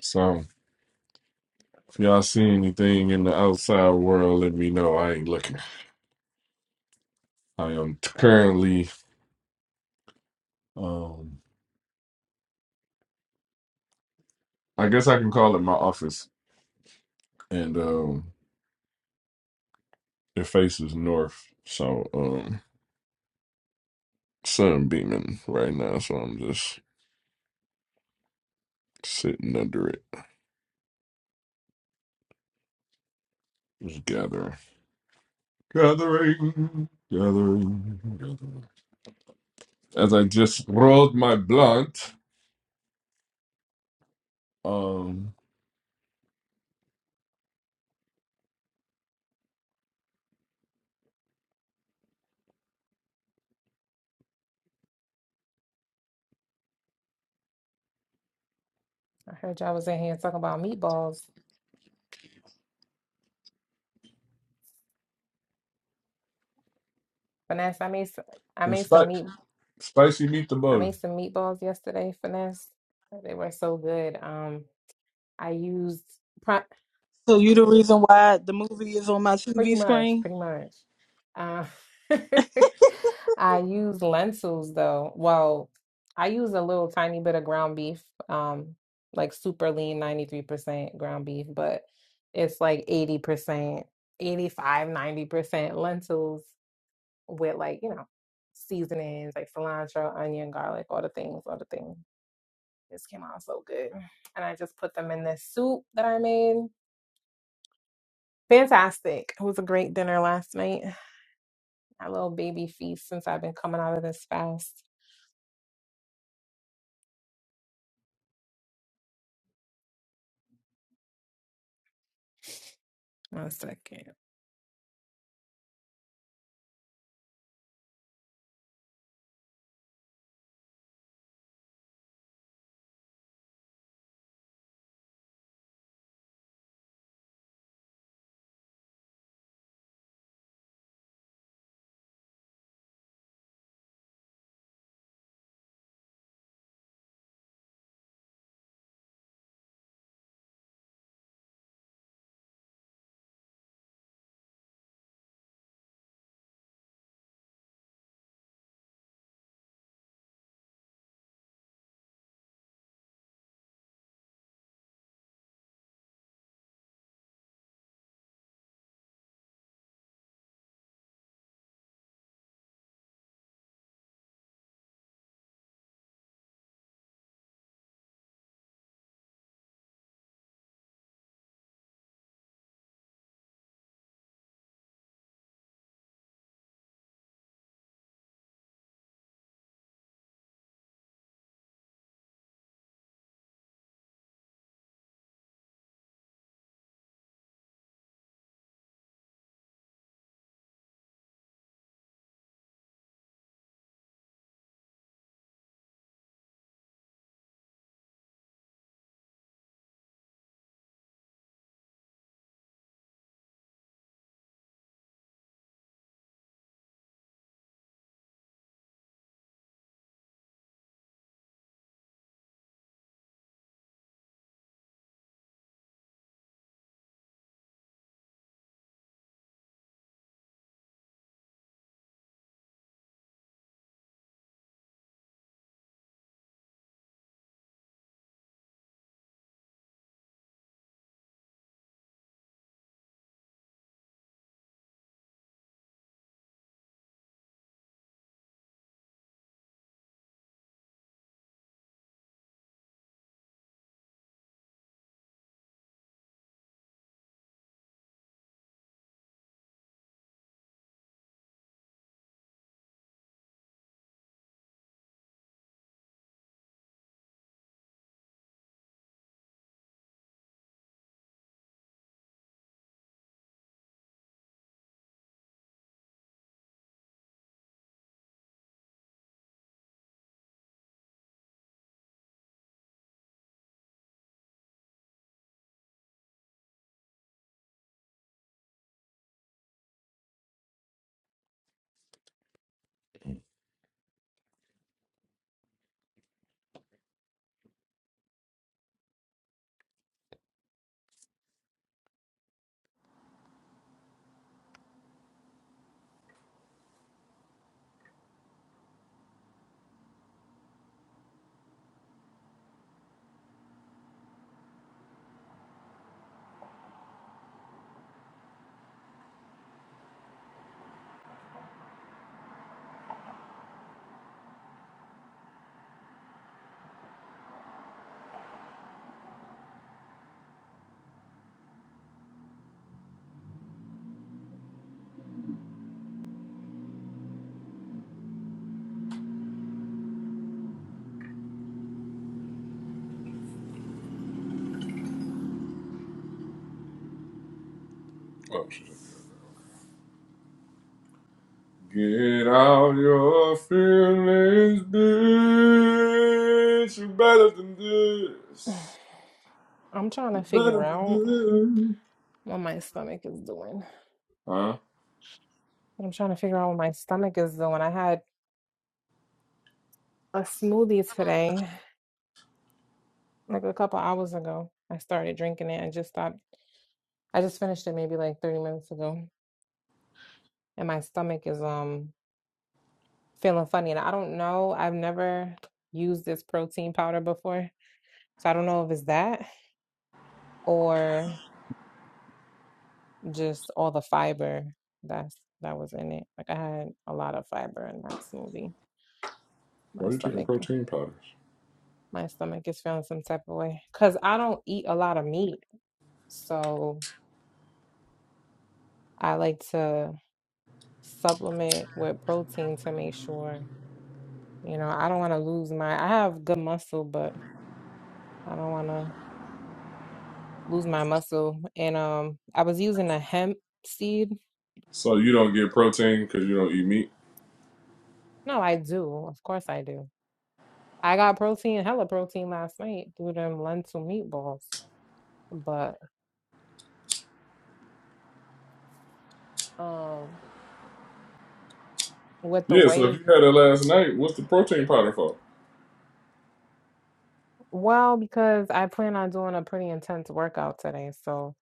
So, if y'all see anything in the outside world, let me know. I ain't looking. I am currently, um, I guess I can call it my office, and um, it faces north. So, um, sun beaming right now, so I'm just sitting under it, just gathering, gathering, gathering, gathering. As I just rolled my blunt, um, I heard y'all was in here talking about meatballs. Finesse, I made some, I it's made some spi- meat spicy I meatball. made some meatballs yesterday, Finesse. They were so good. Um I used pr- So you the reason why the movie is on my pretty TV much, screen? pretty much. Uh, I used lentils though. Well, I use a little tiny bit of ground beef, um like super lean 93% ground beef, but it's like 80%, eighty-five, ninety percent lentils with like, you know, seasonings like cilantro, onion, garlic, all the things, all the things. This came out so good. And I just put them in this soup that I made. Fantastic. It was a great dinner last night. A little baby feast since I've been coming out of this fast. One second. Oh, shit. Get out your feelings, bitch. You better than this. I'm trying to figure better out what my stomach is doing. Huh? I'm trying to figure out what my stomach is doing. I had a smoothie today, like a couple hours ago. I started drinking it and just stopped. I just finished it maybe like 30 minutes ago. and my stomach is um feeling funny. And I don't know, I've never used this protein powder before. So I don't know if it's that or just all the fiber that's that was in it. Like I had a lot of fiber in that smoothie. My Why are you taking stomach protein powders? my stomach is feeling some type of way. Cause I don't eat a lot of meat. So I like to supplement with protein to make sure, you know, I don't want to lose my I have good muscle, but I don't want to lose my muscle. And um, I was using a hemp seed. So you don't get protein because you don't eat meat? No, I do. Of course I do. I got protein, hella protein last night through them lentil meatballs. But um, with the Yeah, so way, if you had it last night, what's the protein powder for? well, because I plan on doing a pretty intense workout today. So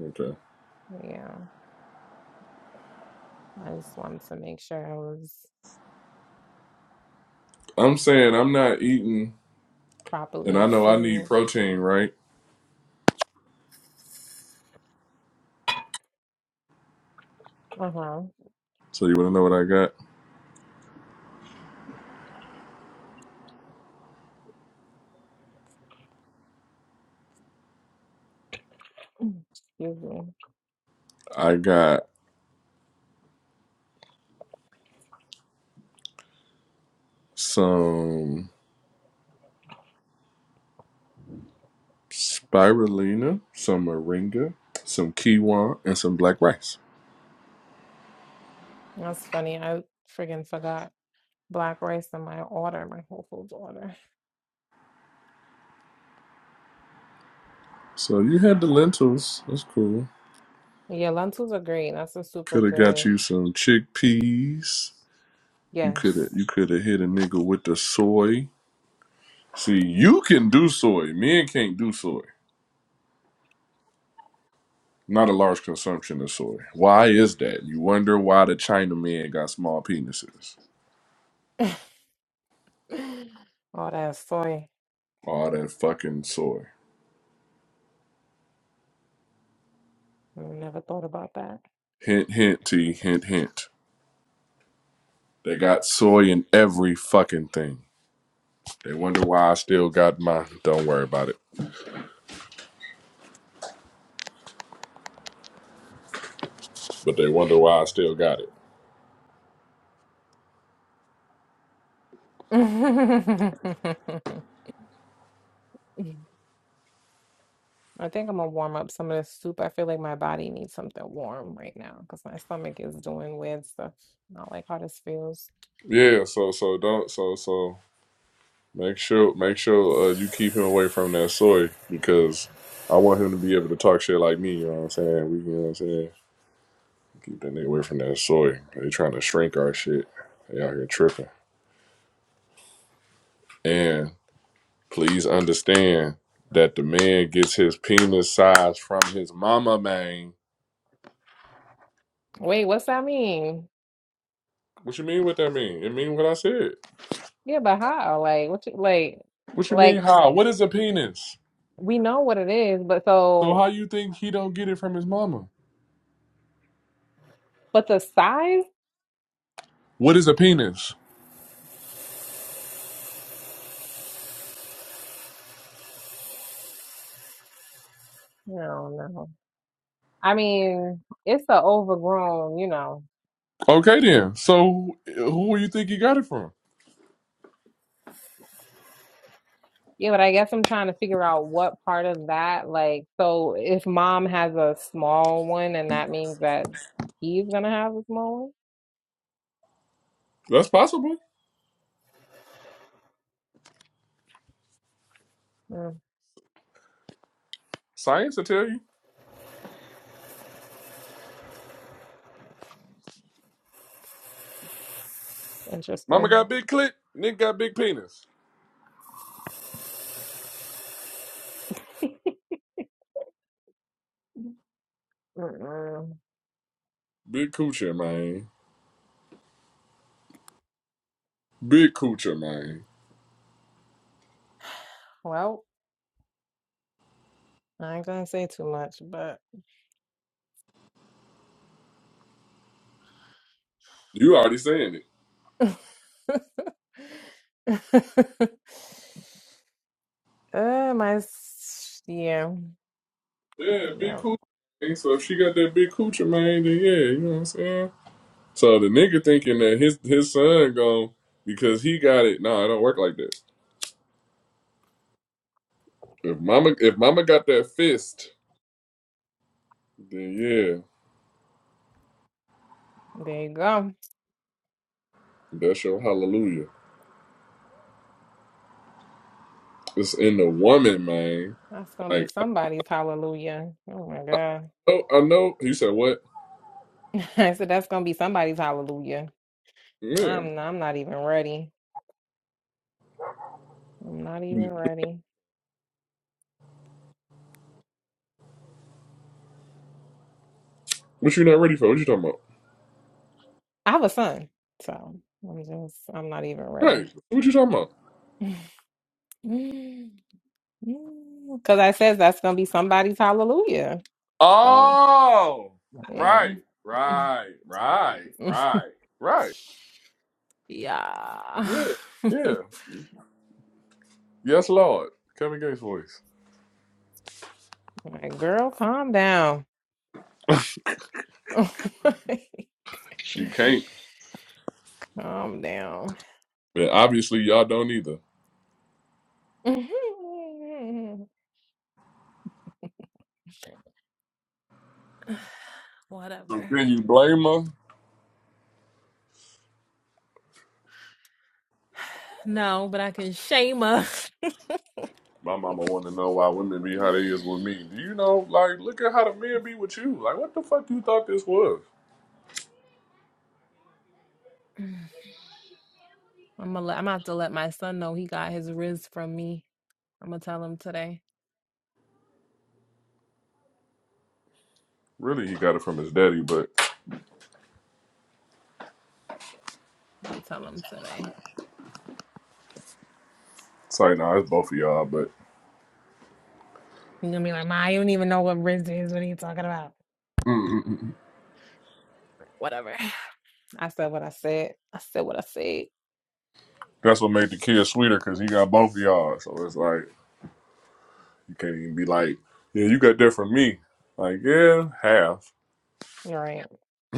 Okay. yeah, I just wanted to make sure I was I'm saying I'm not eating, and properly I know I need fueled. protein, right? Uh huh. So you want to know what I got? Excuse me. I got some spirulina, some moringa, some quinoa, and some black rice. That's funny. I friggin' forgot black rice in my order, my Whole Foods order. So you had the lentils. That's cool. Yeah, lentils are great. That's a super Could have got good. you some chickpeas. You could have Yes. you could have hit a nigga with the soy. See, you can do soy. Men can't do soy. Not a large consumption of soy. Why is that? You wonder why the China men got small penises. All that soy. All that fucking soy. I Never thought about that. Hint, hint, T, hint, hint. They got soy in every fucking thing. They wonder why I still got mine. Don't worry about it. But they wonder why I still got it. I think I'm gonna warm up some of this soup. I feel like my body needs something warm right now because my stomach is doing weird stuff. Not like how this feels. Yeah, so so don't so so. Make sure, make sure uh, you keep him away from that soy because I want him to be able to talk shit like me. You know what I'm saying? We, you know what I'm saying? Keep that nigga away from that soy. They trying to shrink our shit. They out here tripping. And please understand that the man gets his penis size from his mama, man. Wait, what's that mean? What you mean? What that mean? It mean what I said. Yeah, but how? Like, what you like? What you mean? Like, How? What is a penis? we know what it is, but So how so, you think he don't get it from his mama? but the size? What is a penis? No, no. I mean, it's a overgrown, you know. Okay then. So who do you think he got it from? Yeah, but I guess I'm trying to figure out what part of that, like, so if mom has a small one, and that means that he's gonna have a small That's possible. one. Mm, Science will tell you. Mama interesting. got big clit. nigga got big penis. Mm-mm. Big coochie, man. Big coochie, man. Well, I ain't gonna say too much, but You already saying it. uh, my s- yeah, Yeah, big yeah. coochie. man. So if she got that big coochie, man, then yeah, you know what I'm saying. So the nigga thinking that his his son gone because he got it. No, it don't work like that. If mama if mama got that fist, then yeah, There you go. that's your hallelujah. It's in the woman, man. That's gonna be Like, somebody's hallelujah. Oh my God. oh, I know. You said what? I said that's gonna be somebody's hallelujah. Yeah. I'm I'm not even ready. I'm not even ready. What you not ready for? What you talking about? I have a son, so I'm just I'm not even Right. ready. What you talking about? Because I says that's gonna be somebody's hallelujah. Oh Oh, yeah, right, right, right, right, right. yeah. Yeah, like, yeah. Yes, Lord. Kevin Gates' voice. girl, calm down. She can't. calm down. But obviously, y'all don't either. So Whatever. can you blame her? No, but I can shame her. My mama want to know why women be how they is with me. Do you know? Like, look at how the men be with you. Like, what the fuck you thought this was? I'm gonna let, I'm gonna have to let my son know he got his riz from me. I'm gonna tell him today. Really, he got it from his daddy, but I'm gonna tell him today. it's like, nah, it's both of y'all. But You're gonna be like, Ma, you don't even know what Riz is. What are you talking about? mm mm mm. Whatever. I said what I said. I said what I said. that's what made the kid sweeter because he got both of y'all. So it's like. You can't even be like, yeah, you got that from me. Like, yeah, half. You're right.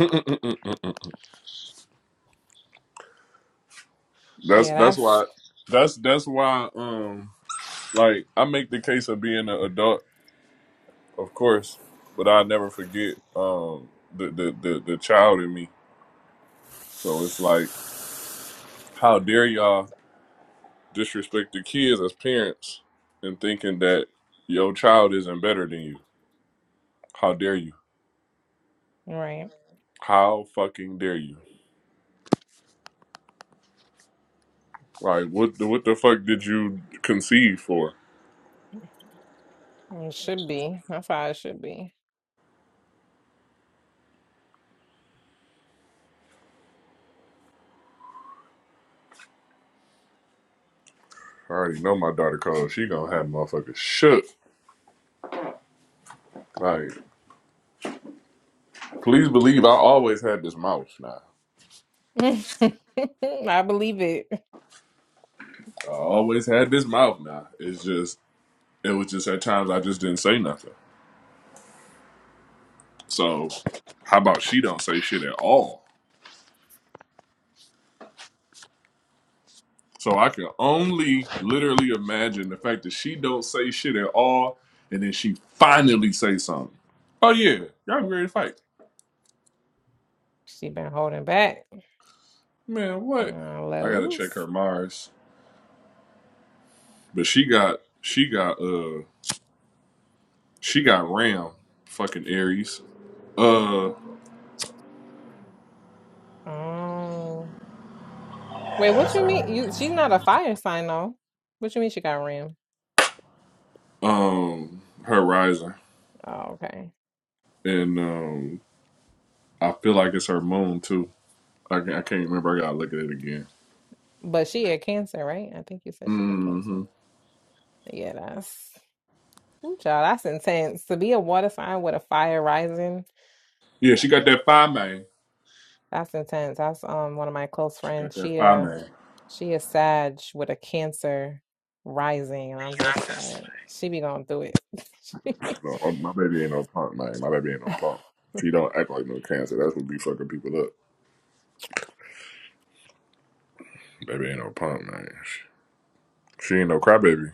that's Yeah, that's that's why that's that's why um like I make the case of being an adult, of course, but I never forget um the the the, the child in me. So it's like, how dare y'all disrespect the kids as parents and thinking that your child isn't better than you? How dare you? right. How fucking dare you? Like, what the, what the fuck did you conceive for? It should be. That's how it should be. I already know my daughter cold. She gonna have motherfuckers shook. Like, please believe I always had this mouth now. I believe it. I always had this mouth now. It's just it was just at times I just didn't say nothing. So how about she don't say shit at all? So I can only literally imagine the fact that she don't say shit at all and then she finally say something. Oh yeah, y'all ready to fight. She been holding back. Man, what? Uh, let I gotta check loose. her Mars. But she got she got uh. She got Ram, fucking Aries. Uh, Oh. Wait, what you mean? You she's not a fire sign though. What you mean she got ram? um, her rising, Oh, okay. and um, I feel like it's her moon too. I can't, I can't remember. I gotta look at it again. But she a cancer, right? I think you said she a mm cancer. hmm Yeah, that's Ooh, child, that's intense. To be a water sign with a fire rising, Yeah, she got that five man. that's intense. That's um one of my close She got friends. that She five uh man. she is Sag with a Cancer rising, and I'm just like, she be going through it. She be- No, my baby ain't no punk man. My baby ain't no punk. She don't act like no cancer. That's what be fucking people up. Baby ain't no punk man. She she ain't no crybaby.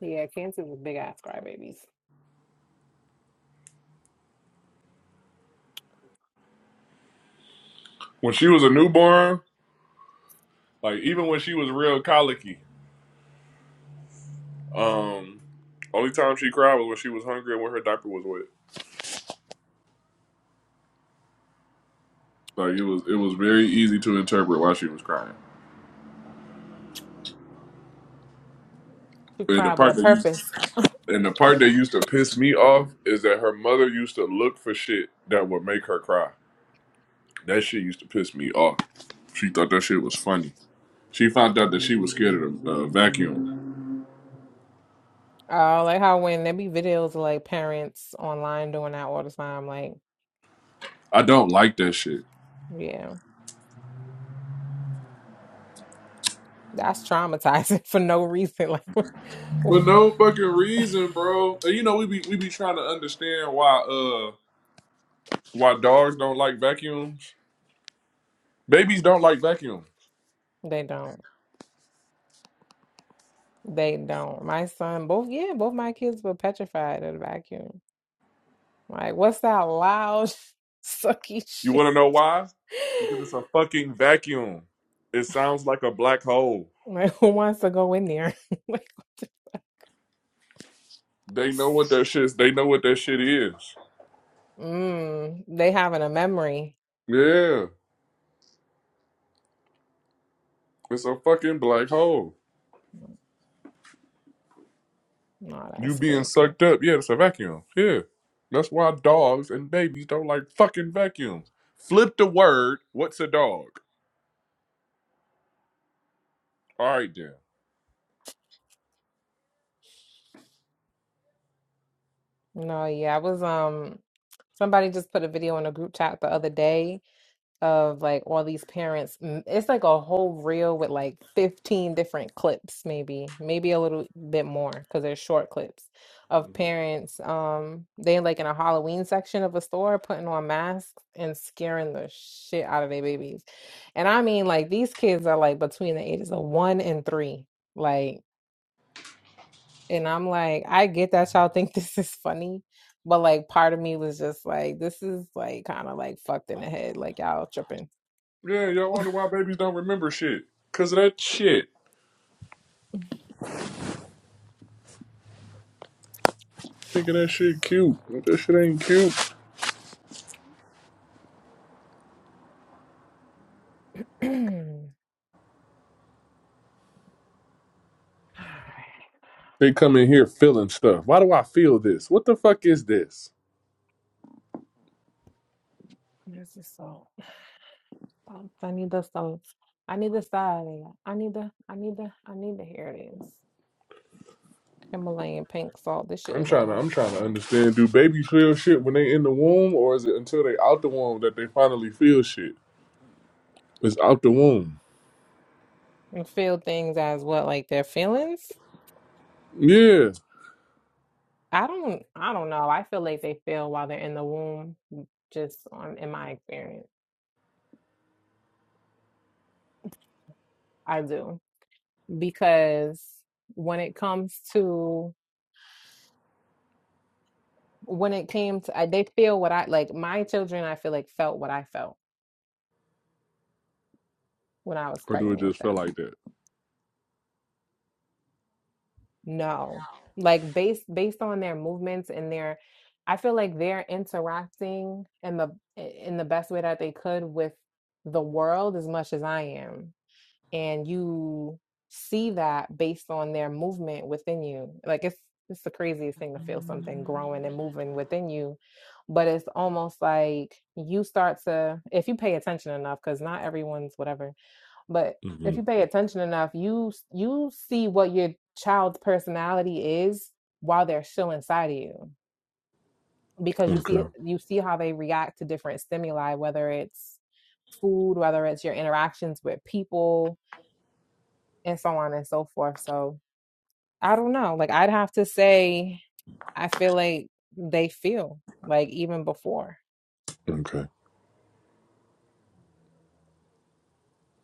yeah, Cancer's a big ass crybabies. When she was a newborn, like even when she was real colicky, um, only time she cried was when she was hungry and when her diaper was wet. Like it was, it was very easy to interpret why she was crying. She And the cry with a part that used, purpose. and the part that used to piss me off is that her mother used to look for shit that would make her cry. That shit used to piss me off. She thought that shit was funny. She found out that she was scared of the uh, vacuum. Oh, like how when there be videos of like parents online doing that all the time. Like, I don't like that shit. yeah, that's traumatizing for no reason. Like, For no fucking reason, bro. And you know we be we be trying to understand why uh why dogs don't like vacuums. Babies don't like vacuums. they don't. They don't. My son, both, yeah, both my kids were petrified of the vacuum. Like, what's that loud, sucky You shit? want to know why? Because it's a fucking vacuum. It sounds like a black hole. Like, who wants to go in there? Like, what the- They know what that shit. They know what that shit is. mm, they having a memory. Yeah, it's a fucking black hole. No, You that's being crazy. sucked up. Yeah, it's a vacuum. Yeah, that's why dogs and babies don't like fucking vacuums. Flip the word. What's a dog? All right then. No, yeah, I was, um, somebody just put a video in a group chat the other day. of like all these parents. Mm, It's like a whole reel with like 15 different clips, maybe, maybe a little bit more because they're short clips of parents. Um, they like in a Halloween section of a store putting on masks and scaring the shit out of their babies. And I mean, like these kids are like between the ages of one and three. Like, and I'm like, I get that y'all think this is funny. But like part of me was just like, this is like kind of like fucked in the head, like y'all tripping. Yeah, y'all wonder why babies don't remember shit. Cause of that shit. Think of that shit cute. But that shit ain't cute. Alright, They come in here feeling stuff. Why do I feel this? What the fuck is this? There's the salt. Salt. I need the salt. I need the side. I need the. I need the. I need the. Here it is. Himalayan pink salt. This shit I'm is trying to I'm almost trying to gone. understand. Do babies feel shit when they in the womb, or is it until they out the womb that they finally feel shit? It's out the womb. And feel things as what like their feelings. Yeah. I don't. I don't know. I feel like they feel while they're in the womb. mm, Just on in my experience, I do because when it comes to when it came to I- they feel what I like. My children, I feel like felt what I felt when I was Or do it pregnant with just feel them like that? No. Like based based on their movements and their I feel like they're interacting in the in the best way that they could with the world as much as I am. And you see that based on their movement within you. Like it's it's the craziest thing to feel something growing and moving within you. But it's almost like you start to if you pay attention enough, because not everyone's whatever but hmm if you pay attention enough, you you see what your child's personality is while they're still inside of you because you Okay. see you see how they react to different stimuli, whether it's food, whether it's your interactions with people, and so on and so forth. So I don't know. Like I'd have to say, I feel like they feel like even before, Okay.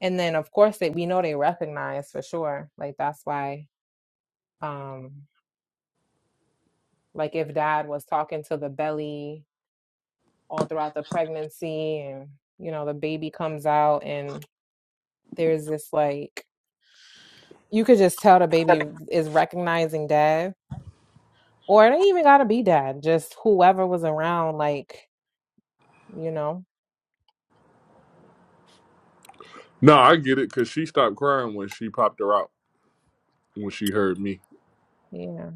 and then of course they we know they recognize for sure. Like that's why, um, like if dad was talking to the belly all throughout the pregnancy and you know the baby comes out and there's this like you could just tell the baby is recognizing dad or it ain't even gotta be dad just whoever was around like you know No, I get it because she stopped crying when she popped her out when she heard me. yeah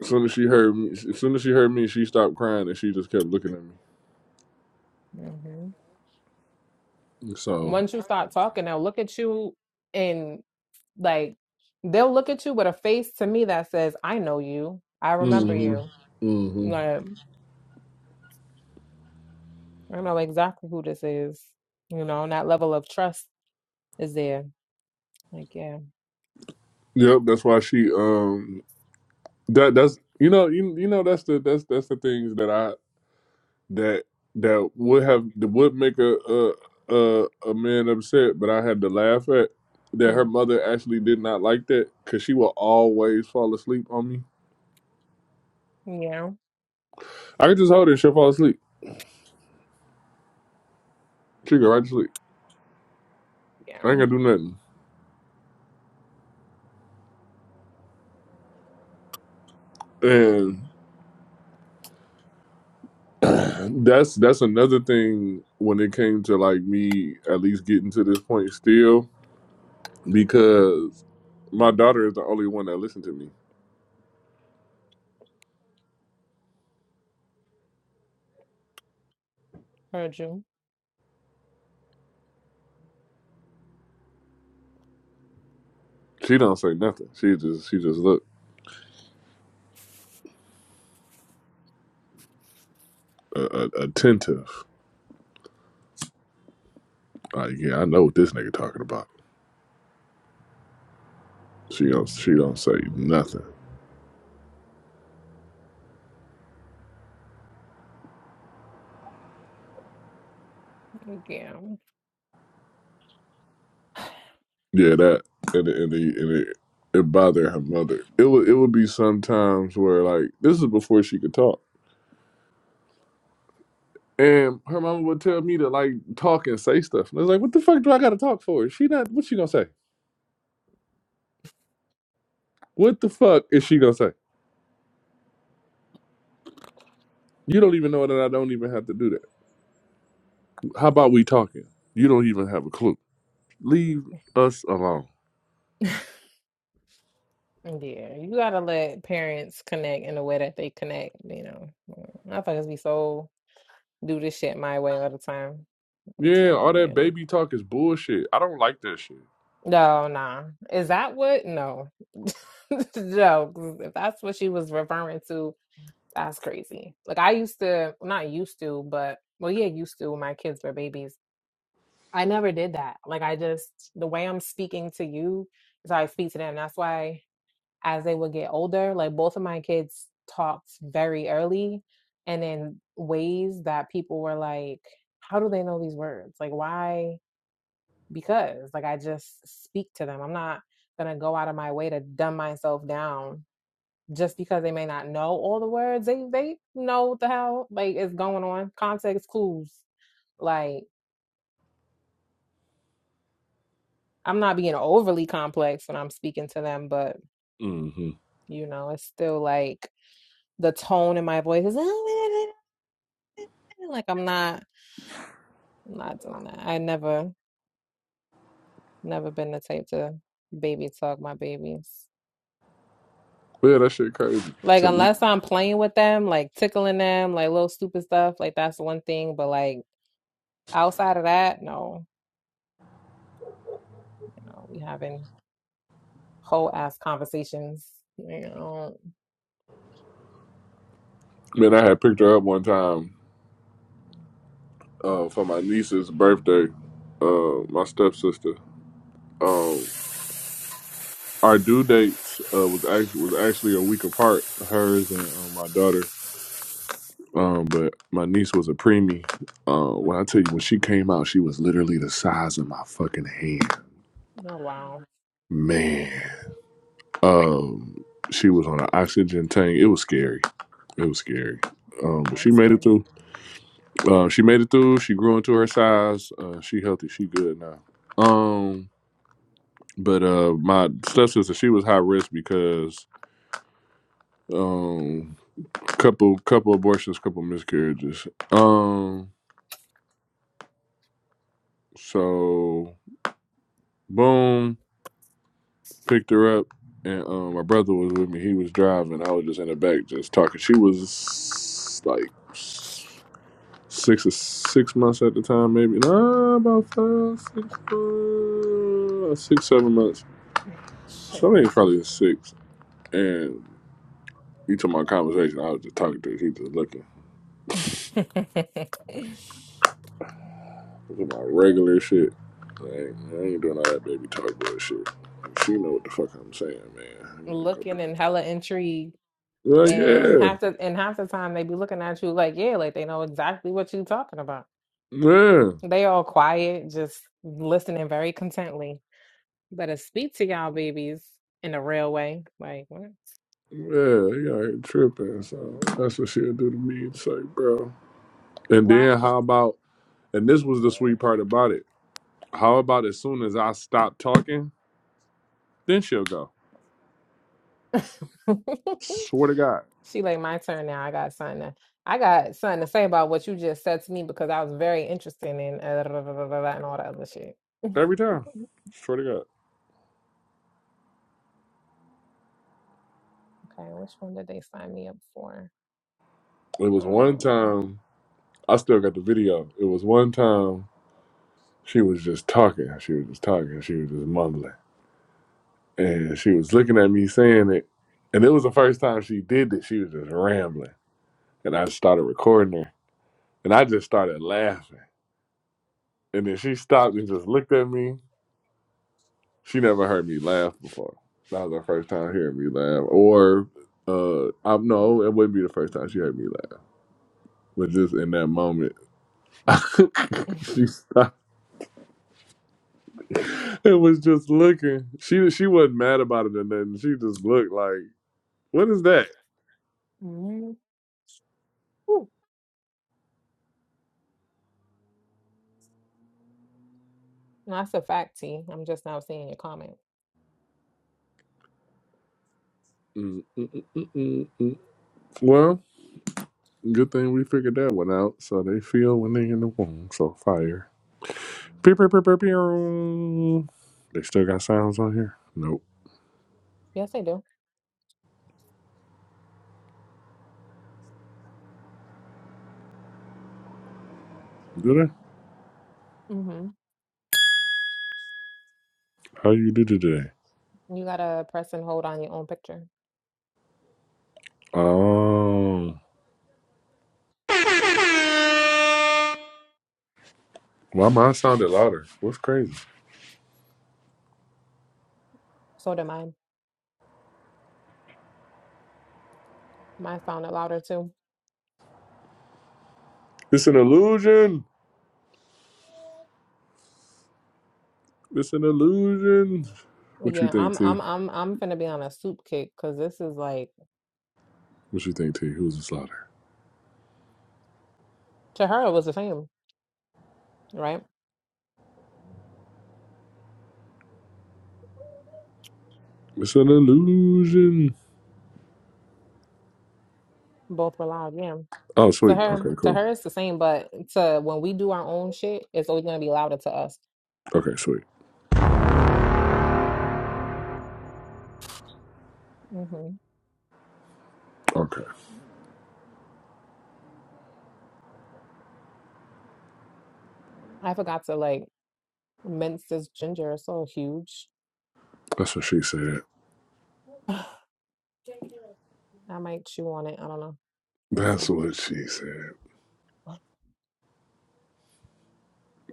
As soon as she heard me, as soon as she heard me, she stopped crying and she just kept looking at me. hmm So. once you start talking they'll look at you and like they'll look at you with a face to me that says i know you i remember hmm you hmm like i know exactly who this is you know and that level of trust is there like yeah Yep. That's why she um that that's you know you, you know that's the that's that's the things that I that that would have that would make a a a, a man upset, but I had to laugh at that her hmm. mother actually did not like that because she will always fall asleep on me. yeah I could just hold her, she'll fall asleep. She go right to sleep. I Yeah, ain't gonna do nothing. And that's that's another thing when it came to like me at least getting to this point still because my daughter is the only one that listens to me. heard you. She don't say nothing. She just she just look uh, uh, attentive. Uh, yeah, I know what this nigga talking about. She don't she don't say nothing. Yeah, Yeah, that and it- and, it and it it bothered her mother. It would it would be sometimes where like this is before she could talk, and her mama would tell me to like talk and say stuff. And I was like, what the fuck do I got to talk for? She not what she gonna say? What the fuck is she gonna say? You don't even know that I don't even have to do that. How about we talking? You don't even have a clue. Leave us alone. yeah. You gotta let parents connect in the way that they connect. You know, motherfuckers be so do this shit my way all the time. Yeah, all So that yeah. baby talk is bullshit. I don't like that shit. no, nah. Is that what? No, no. 'cause If that's what she was referring to, that's crazy. Like I used to, not used to, but well, yeah, used to when my kids were babies. I never did that. Like I just the way I'm speaking to you is how I speak to them. That's why. as they would get older. Like both of my kids talked very early and in ways that people were like, how do they know these words? Like, why? Because, like, I just speak to them. I'm not going to go out of my way to dumb myself down just because they may not know all the words. They, they know what the hell, like, is going on. Context clues. Like, I'm not being overly complex when I'm speaking to them, but, hmm you know, it's still like, the tone in my voice is oh, yeah, yeah, Like I'm not, I'm not doing that. I never, never been the type to baby talk my babies. Yeah, that shit crazy Like to me. unless I'm playing with them, like tickling them, like little stupid stuff, like that's one thing. But like outside of that, no, you know, we having whole ass conversations. You know, Man, I had picked her up one time uh, for my niece's birthday. Uh, my stepsister. Um, our due dates uh, was actually was actually a week apart, hers and uh, my daughter. Um, but my niece was a preemie. Uh, when I tell you when she came out, she was literally the size of my fucking hand. oh wow, Man, um, she was on an oxygen tank. It was scary. It was scary. that Um, but she sounds made it scary. through. Uh, she made it through. She grew into her size. Uh, she healthy. She good now. Um, but uh, my stepsister, she was high risk because um, couple couple abortions, couple miscarriages. Um, so boom, picked her up, and um, my brother was with me. He was driving. I was just in the back, just talking. She was like six or six months at the time, maybe. Nah, about five, six, uh, six, seven months Shit. Somebody was probably six, and you talking my conversation. I was just talking to. him. He just looking. i my regular shit. Like, I ain't doing all that baby talk bullshit. She know what the fuck I'm saying, man. I'm gonna go. Looking and hella intrigued, Like, yeah, and half the and half the time they be looking at you like, yeah, like they know exactly what you talking about. yeah, They all quiet, just listening very contently. Better speak to y'all babies in a real way. Like what? yeah. You all ain't tripping. So that's what she'll do to me. It's like, bro. And Why? then how about? And this was the sweet part about it. How about as soon as I stop talking, then she'll go. Swear to God, she like my turn now. I got something. To, I got something to say about what you just said to me because I was very interested in uh, blah, blah, blah, blah, blah, and all that other shit. okay, every time. Swear to God. which one did they sign me up for? It was one Um, time. I still got the video. It was one time she was just talking. She was just talking. She was just mumbling. And she was looking at me saying it. And it was the first time she did it. She was just rambling. And I started recording her. And I just started laughing. And then she stopped and just looked at me. She never heard me laugh before. That was her first time hearing me laugh. Or uh I no, it wouldn't be the first time she heard me laugh. But just in that moment, she stopped. It was just looking. She she wasn't mad about it or nothing. She just looked like, what is that? mm, whew. No, that's a fact, T. I'm just now seeing your comments. Mm, mm, mm, mm, mm, mm. Well, good thing we figured that one out. So they feel when they in the womb. So fire. Pew, pew, pew, pew, pew. They still got sounds on here? Nope. Yes, I do. Do they? Mm-hmm. How you do today? You gotta press and hold on your own picture. Oh. Why mine sounded louder? What's crazy? So did mine. Mine sounded louder too. It's an illusion. It's an illusion. What you Yeah, think, I'm T? I'm I'm I'm finna be on a soup kick because this is like What you think, T? Who's this louder? to her it was the same, right? It's an illusion. Both were loud, yeah. Oh, To sweet. her, Okay, to cool. her it's the same, but to when we do our own shit, it's always gonna be louder to us. Okay, sweet. hmm Okay, I forgot to like mince this ginger. It's so huge. that's what she said. I might chew on it. I don't know. Let's see. That's what she said.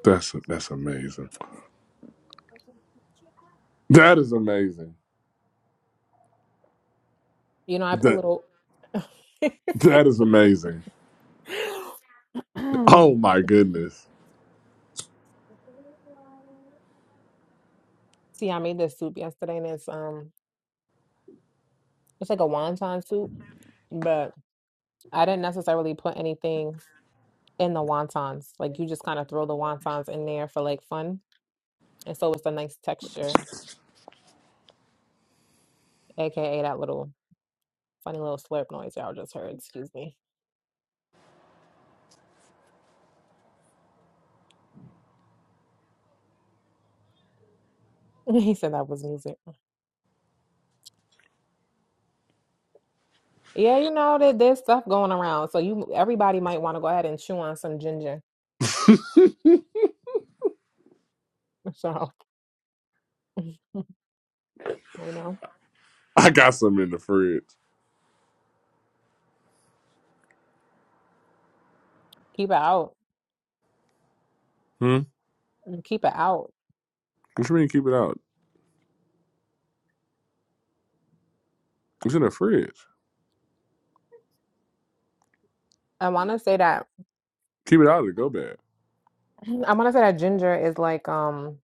That's that's amazing. That is amazing. You know, I put That little. that is amazing. Oh my goodness. See, I made this soup yesterday, and it's um, it's like a wonton soup, but I didn't necessarily put anything in the wontons. Like you just kind of throw the wontons in there for like fun, and so it's a nice texture, aka that little funny little slurp noise y'all just heard. Excuse me. He said that was music. Yeah, you know that there's stuff going around, so you everybody might want to go ahead and chew on some ginger. So you know, I got some in the fridge. keep it out, Hmm. keep it out. What you mean? Keep it out. It's in the fridge. I want to say that Keep it out of the go bag. I'm gonna say that ginger is like um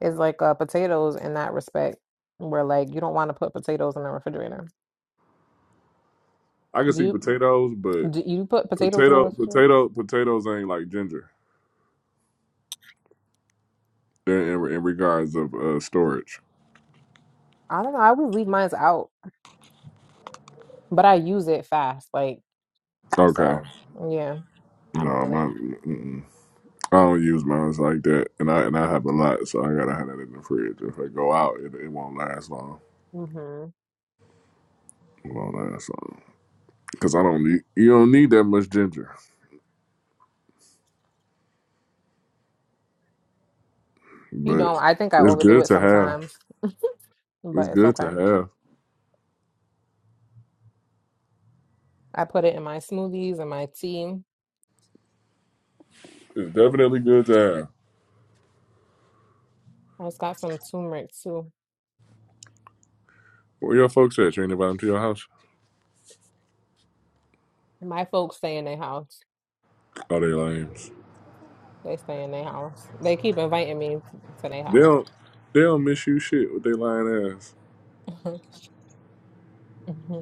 is like uh potatoes in that respect, where like you don't want to put potatoes in the refrigerator. I can Do see you potatoes, but do you put potatoes in the potato refrigerator? potato potatoes ain't like ginger. They're in, in regards of uh, storage. I don't know. I always leave mine out, but I use it fast. Like Okay. so, yeah. I don't No, really. my. Mm-mm. I don't use mine like that, and I and I have a lot, so I gotta have that in the fridge. If I go out, it, it won't last long. hmm It won't last long because I don't need you don't need that much ginger, You but don't. I think I it's overdo good it to have. sometimes, but It's it's good to okay. have. I put it in my smoothies and my tea. It's definitely good to have. I just got some turmeric too. Where your folks at? You ain't invite them to your house? My folks stay in their house. Oh, they lames. They stay in their house. They keep inviting me to their They house. don't they don't miss you shit with their lying ass. hmm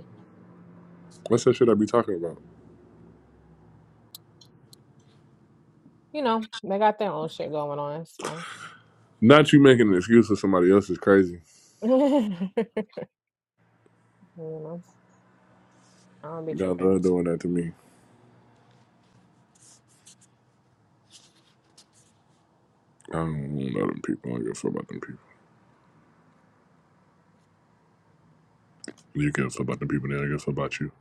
What's that shit I be talking about? You know, they got their own shit going on. It's fine. Not you making an excuse for somebody else is crazy. you know, I don't be God tripping. love doing that to me. I don't know them people. I don't give a fuck about them You give about the people there. I guess about you.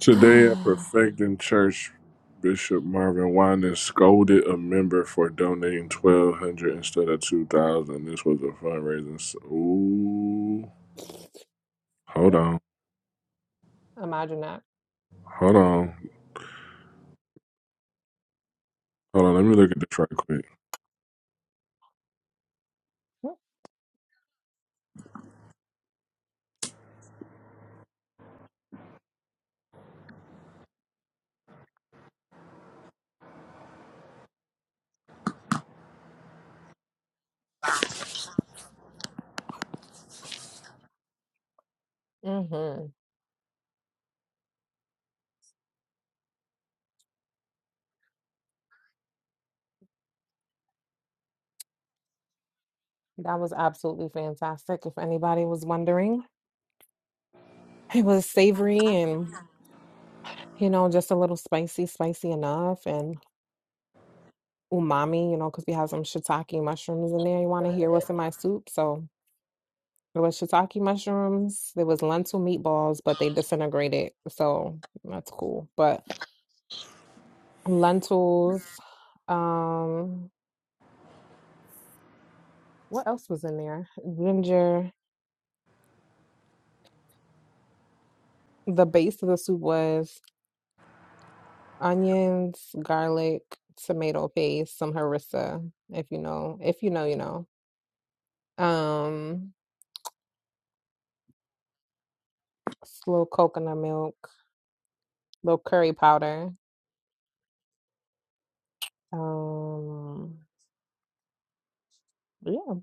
Today at Perfecting Church, Bishop Marvin Winans scolded a member for donating twelve hundred instead of two thousand. This was a fundraising. s Ooh, hold on, Imagine that. hold on, hold on. Let me look at this right quick. hmm That was absolutely fantastic. If anybody was wondering, it was savory and. you know, just a little spicy, spicy enough, and umami, you know, because we have some shiitake mushrooms in there. You want to hear what's in my soup? So there was shiitake mushrooms, there was lentil meatballs, but they disintegrated, so that's cool. But lentils, um, what else was in there? Ginger. The base of the soup was onions, garlic, tomato paste, some harissa, if you know, if you know, you know. Um, slow coconut milk little curry powder. Um, yeah,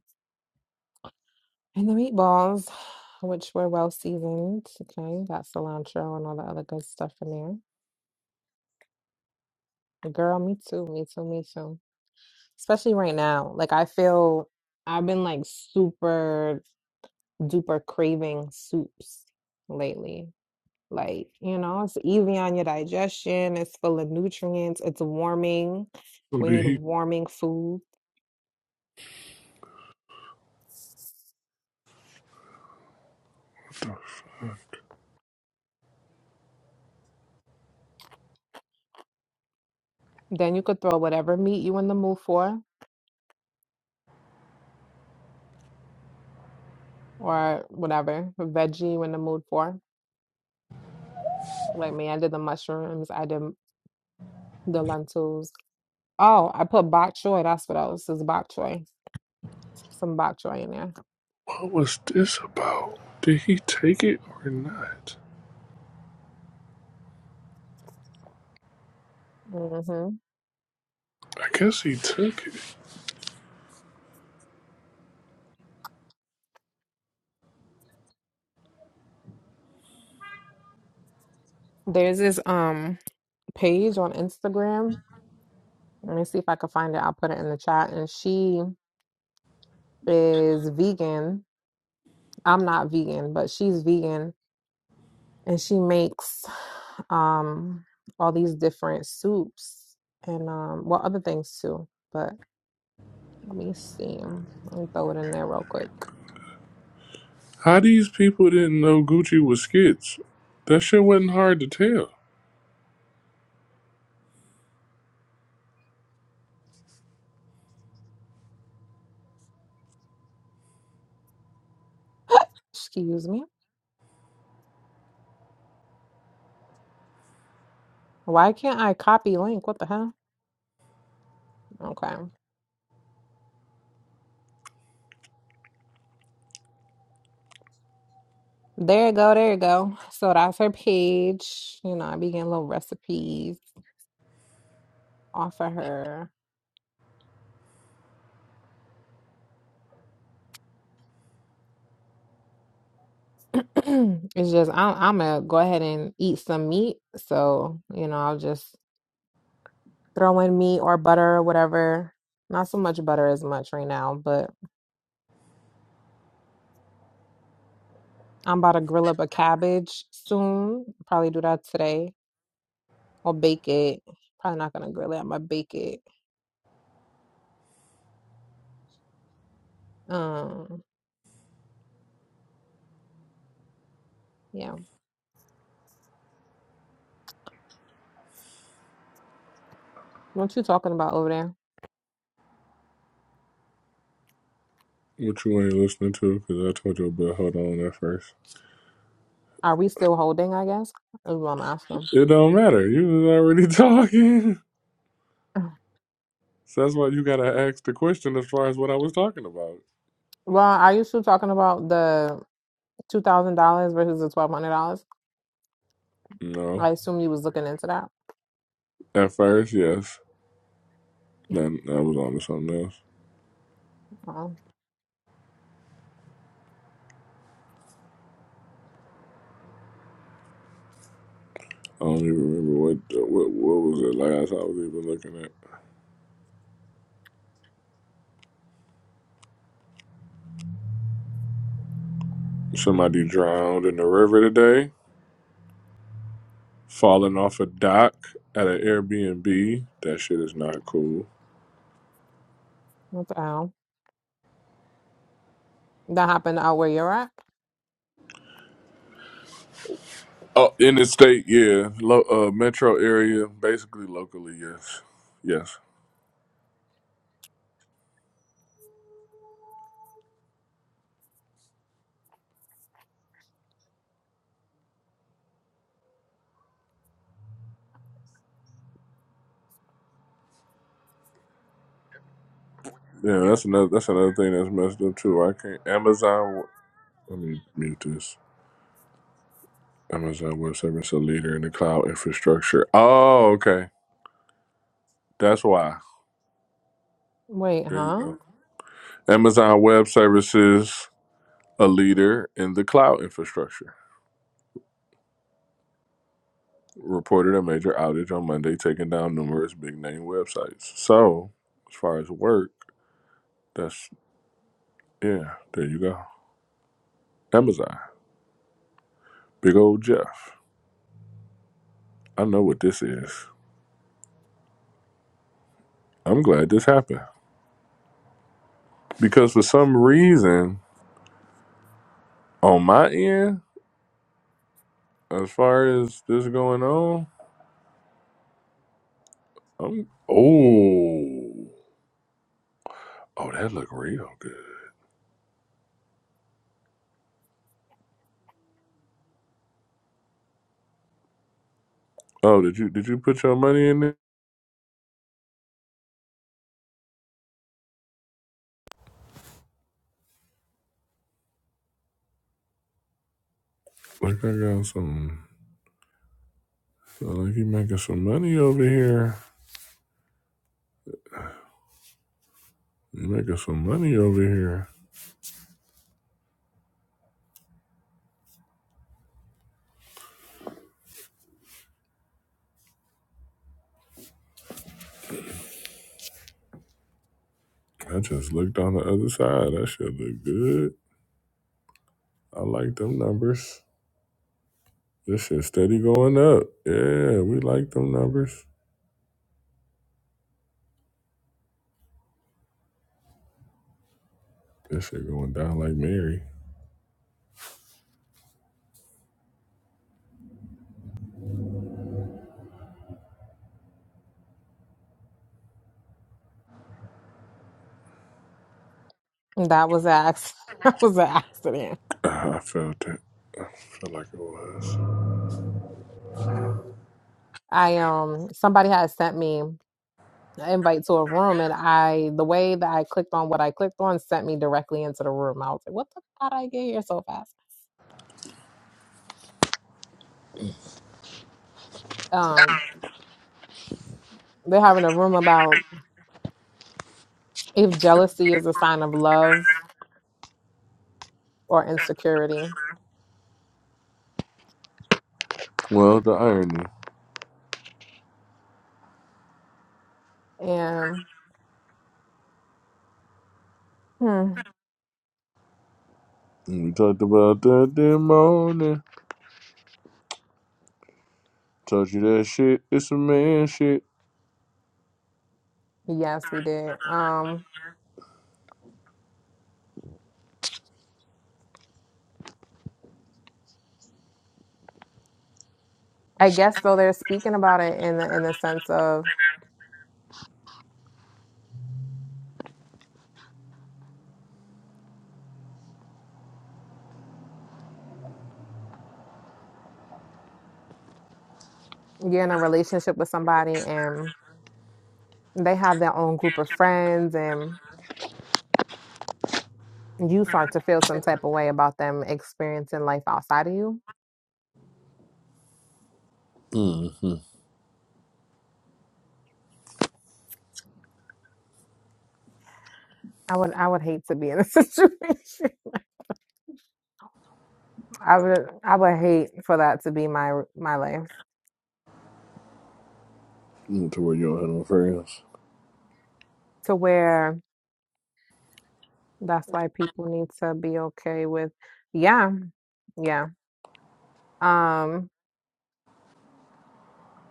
and the meatballs, which were well seasoned. Okay, got cilantro and all the other good stuff in there. Girl, me too, me too, me too. Especially right now, like I feel I've been like super duper craving soups lately. Like, you know, it's easy on your digestion, it's full of nutrients, it's warming. So We did need he? warming food. What the fuck? Then you could throw whatever meat you in the mood for. or whatever veggie when the mood for. Like me, I did the mushrooms, I did the lentils. Oh, I put bok choy. That's what else is bok choy. Some bok choy in there. What was this about? Did he take it or not? hmm I guess he took it. There's this um page on Instagram. Let me see if I can find it. I'll put it in the chat. And she is vegan. I'm not vegan, but she's vegan, and she makes um all these different soups and um well other things too. but. Let me see. um, Let me throw it in there real quick. How these people didn't know Gucci was skits? That shit wasn't hard to tell. Excuse me. Why can't I copy link? What the hell? Okay. There you go. There you go. So that's her page. You know, I be getting little recipes off of her. it's just, I'm, I'm going to go ahead and eat some meat. So, you know, I'll just throw in meat or butter or whatever. Not so much butter as much right now, but I'm about to grill up a cabbage soon. Probably do that today or bake it. Probably not gonna grill it. I'm gonna bake it. Um, yeah. What you talking about over there? What you ain't listening to? Because I told you about hold on at first. Are we still holding, I guess? Is what I'm asking. It don't matter. You was already talking. So that's why you gotta ask the question as far as what I was talking about. Well, are you still talking about the two thousand dollars versus the twelve hundred dollars? No, I assume you was looking into that. at first, yes. Then I was on to something else. Oh, I don't even remember what what what was it last I was even looking at. Somebody drowned in the river today, falling off a dock at an Airbnb. That shit is not cool. what the hell? That happened out where you're at? Oh, in the state, yeah, Lo- uh, metro area, basically locally, yes, yes. Yeah, that's another that's another thing that's messed up too. I can't Amazon. Let me mute this. Amazon Web Services, a leader in the cloud infrastructure. Oh, okay, that's why. Wait, There you huh? go. Amazon Web Services, a leader in the cloud infrastructure, reported a major outage on Monday, taking down numerous big name websites. So, as far as work, that's yeah. There you go. Amazon, big old Jeff. I know what this is. I'm glad this happened because for some reason On my end, as far as this going on, I'm oh oh that look real good. Oh, did you did you put your money in it? Like I got some. so Like you making some money over here. You making some money over here. I just looked on the other side. That shit look good. I like them numbers. This shit steady going up. Yeah, we like them numbers. This shit going down like Mary. That was an acc- that was an accident. Ah, I felt it. I felt like it was. I um somebody had sent me an invite to a room and I the way that I clicked on what I clicked on sent me directly into the room. I was like, what the hell did I get here so fast? Um. They're having a room about if jealousy is a sign of love or insecurity. Well, the irony. And hmm, We talked about that this morning. Told you that shit. It's some man shit. yes, we did. Um, I guess so. they're speaking about it in the in the sense of you're in a relationship with somebody and they have their own group of friends and you start to feel some type of way about them experiencing life outside of you. Mm-hmm. I would I would hate to be in a situation. I would I would hate for that to be my my life. Mm, To where you don't have no friends. To where That's why people need to be okay with, yeah, yeah. Um,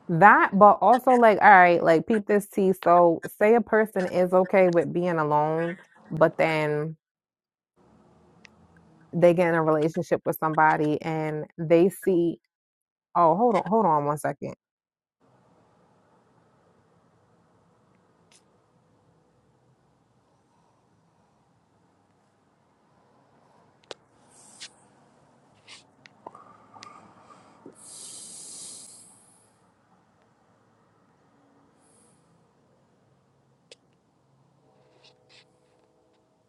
that, but also like, all right, like peep this tea. So say a person is okay with being alone, but then they get in a relationship with somebody and they see, oh, hold on, hold on one second.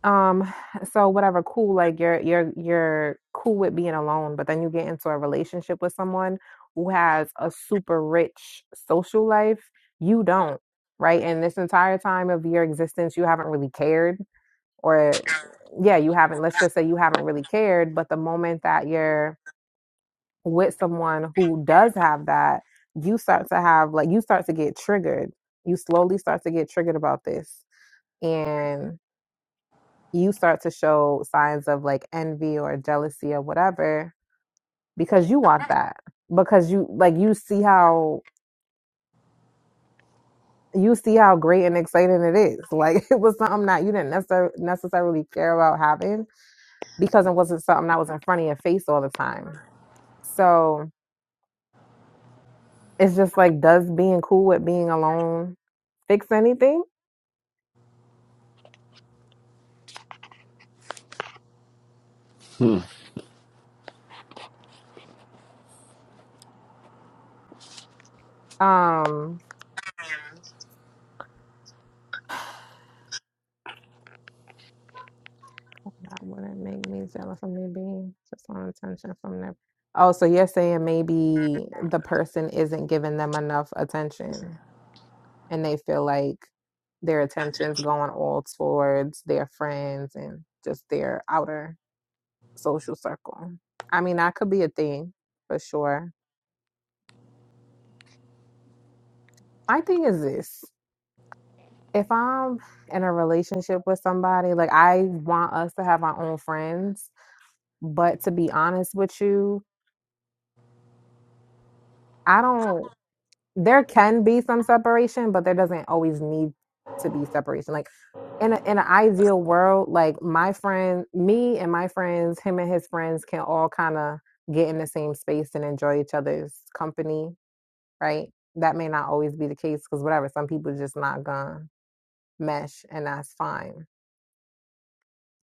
um so whatever cool like you're you're you're cool with being alone but then you get into a relationship with someone who has a super rich social life you don't right and this entire time of your existence you haven't really cared or yeah you haven't let's just say you haven't really cared but the moment that you're with someone who does have that you start to have like you start to get triggered you slowly start to get triggered about this and you start to show signs of like envy or jealousy or whatever because you want that because you like you see how you see how great and exciting it is like it was something that you didn't necessar- necessarily care about having because it wasn't something that was in front of your face all the time so it's just like does being cool with being alone fix anything Hmm. um That wouldn't make me jealous of me being just on attention from them. Oh, so you're saying maybe the person isn't giving them enough attention and they feel like their attention's going all towards their friends and just their outer social circle. I mean, that could be a thing for sure. My thing is this if I'm in a relationship with somebody, like I want us to have our own friends, but to be honest with you, I don't. there can be some separation, but there doesn't always need to be separation. Like in a, in an ideal world, like my friend, me and my friends, him and his friends can all kind of get in the same space and enjoy each other's company, right? That may not always be the case because whatever, some people just not gonna mesh, and that's fine.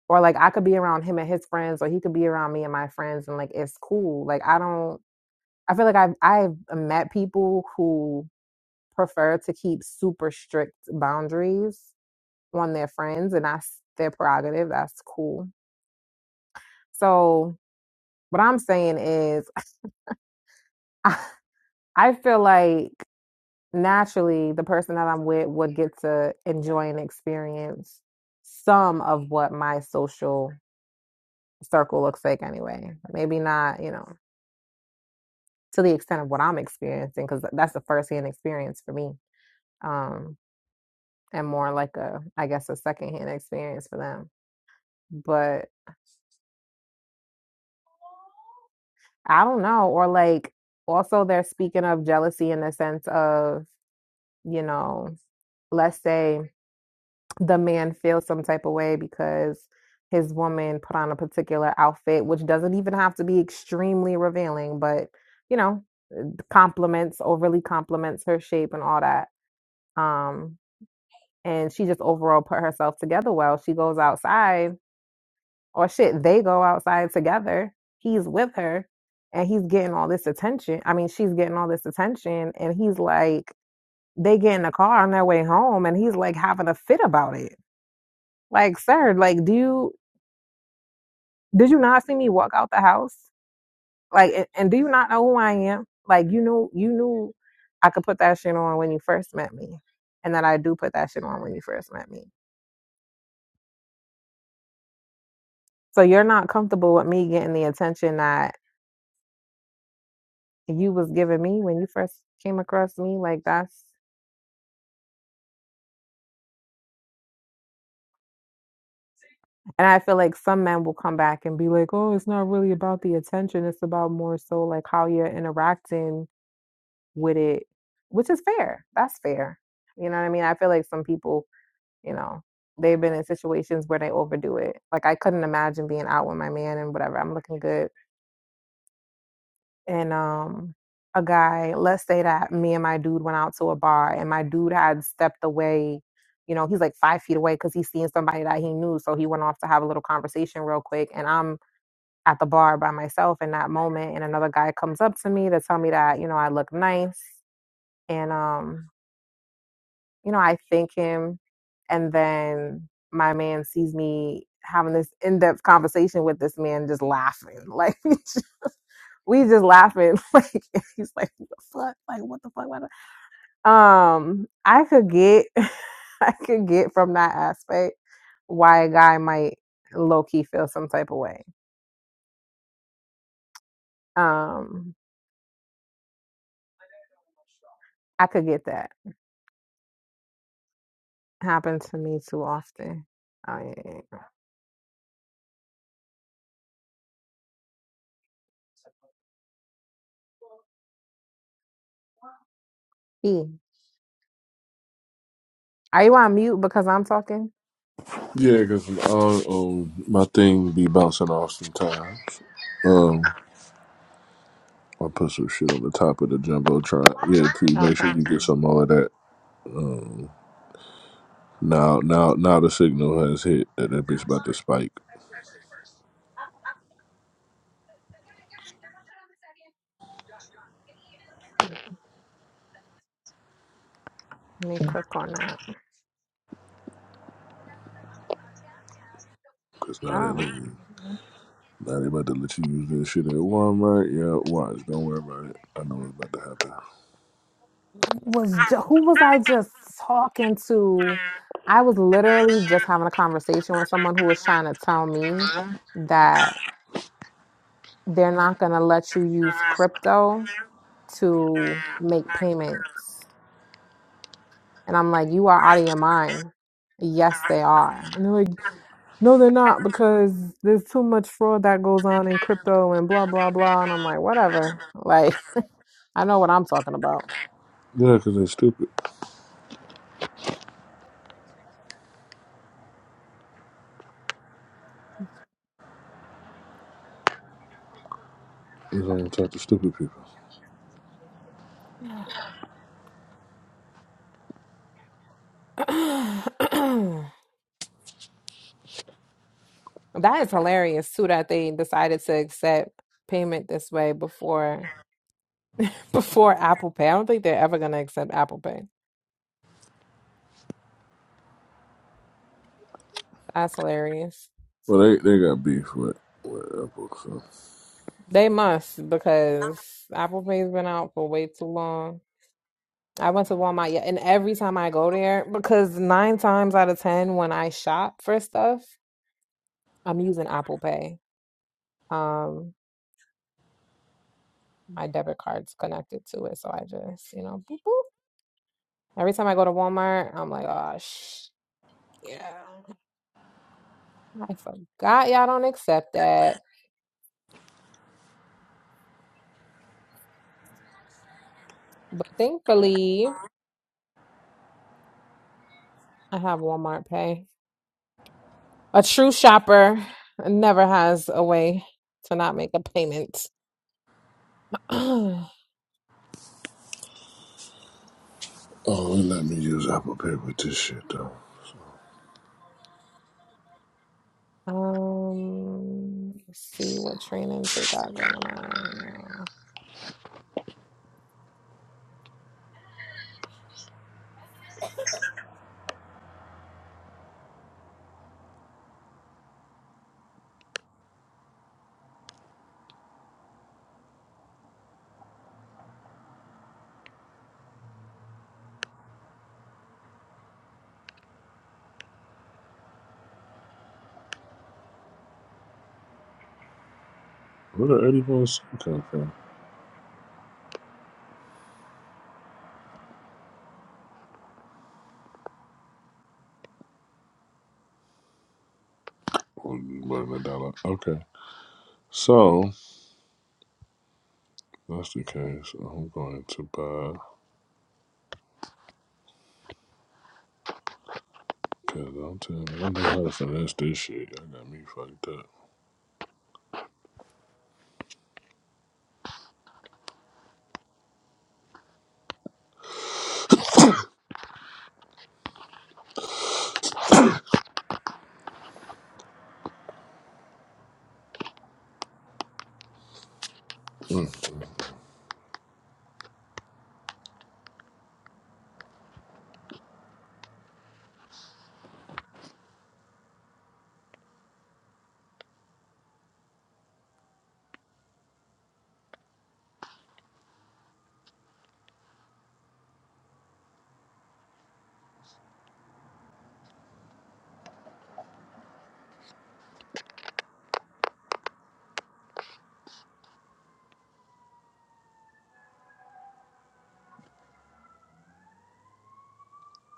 Or like I could be around him and his friends, or he could be around me and my friends, and like it's cool. Like I don't. I feel like I've I've met people who prefer to keep super strict boundaries on their friends, and that's their prerogative. That's cool. So, what I'm saying is, I I feel like naturally the person that I'm with would get to enjoy and experience some of what my social circle looks like anyway. Maybe not, you know, to the extent of what I'm experiencing, because that's a first hand experience for me. Um, and more like a, I guess, a second hand experience for them. but. I don't know. Or like also they're speaking of jealousy in the sense of, you know, let's say the man feels some type of way because his woman put on a particular outfit, which doesn't even have to be extremely revealing, but you know, compliments, overly compliments her shape and all that. Um, and she just overall put herself together well. She goes outside Or shit, they go outside together. He's with her and he's getting all this attention. I mean, she's getting all this attention and he's like, they get in the car on their way home and he's like having a fit about it. Like, sir, like, do you, did you not see me walk out the house? Like, and, and do you not know who I am? Like, you knew, you knew I could put that shit on when you first met me and that I do put that shit on when you first met me. So you're not comfortable with me getting the attention that you was giving me when you first came across me. Like that's and I feel like some men will come back and be like, Oh, it's not really about the attention. It's about more so like how you're interacting with it, which is fair. That's fair. You know what I mean? I feel like some people, you know, they've been in situations where they overdo it. Like I couldn't imagine being out with my man and whatever. I'm looking good. and um a guy let's say that me and my dude went out to a bar and my dude had stepped away you know he's like five feet away because he's seeing somebody that he knew so he went off to have a little conversation real quick and i'm at the bar by myself in that moment and another guy comes up to me to tell me that you know i look nice and um you know i thank him and then my man sees me having this in-depth conversation with this man just laughing like we just laughing. Like he's like, what the fuck? Like what the fuck? What the-" fuck? Um, I could get, I could get from that aspect why a guy might low key feel some type of way. Um, I could get that. Happens to me too often. Oh, yeah, yeah, yeah. E, are you on mute because I'm talking? Yeah, because um, my thing be bouncing off sometimes. Oh, Um, I put some shit on the top of the jumbotron. Yeah, T. Make sure okay. you get some more of that. Now, now, now the signal has hit that that bitch about to spike. Let me click on that. Cause now they let Oh. you, now they about to let you use this shit at Walmart. Yeah, watch. Don't worry about it. I know it's about to happen. was ju- who was I just talking to? I was literally just having a conversation with someone who was trying to tell me that they're not going to let you use crypto to make payments. And I'm like, you are out of your mind. Yes, they are. And they're like, no, they're not because there's too much fraud that goes on in crypto and blah, blah, blah. And I'm like, whatever. Like, I know what I'm talking about. Yeah, cause they're stupid. You don't talk to stupid people. That is hilarious too that they decided to accept payment this way before before Apple Pay. I don't think they're ever gonna accept Apple Pay. That's hilarious. Well, they they got beef with with Apple. So. They must because Apple Pay's been out for way too long. I went to Walmart, yeah, and every time I go there, because nine times out of ten when I shop for stuff, I'm using Apple Pay. Um, my debit card's connected to it, so I just, you know, boop, boop. Every time I go to Walmart, I'm like, oh, sh- yeah. I forgot y'all don't accept that. But thankfully, I have Walmart Pay. A true shopper never has a way to not make a payment. um, Oh, they let me use Apple Pay with this shit though. let's see what trainings they got going on right now. Where the eighty one cent come from? Oh, you more than a dollar. Okay, so that's the case. I'm going to buy. Cause I'm telling you, I don't know how to finesse this shit. Y'all got me fucked up. mm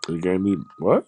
They gave me what?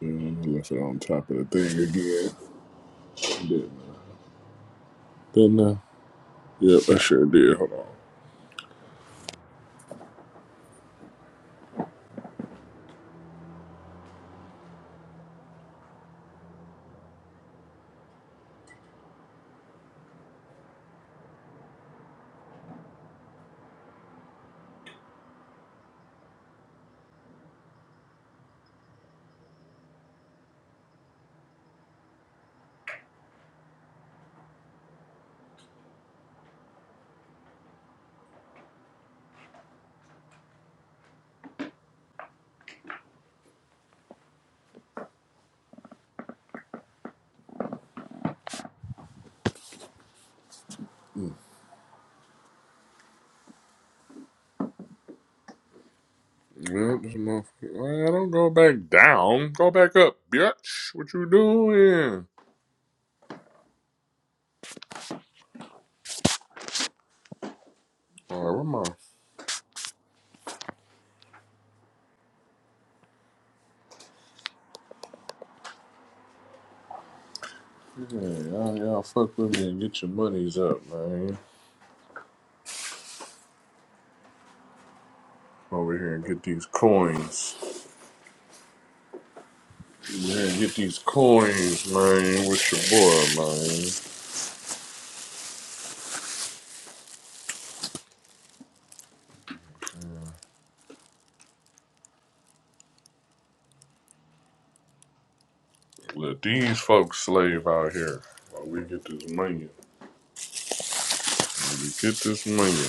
Yeah, I left it on top of the thing again. Didn't I? Didn't I? Yep, I sure did. Hold on. Yep, this motherfucker. Well, don't go back down. Go back up, bitch. What you doing? All right, where my man? Y'all, y'all fuck with me and get your monies up, man. Over here and get these coins. Over here and get these coins, man. With your boy, man. Let these folks slave out here while we get this money. While we get this money.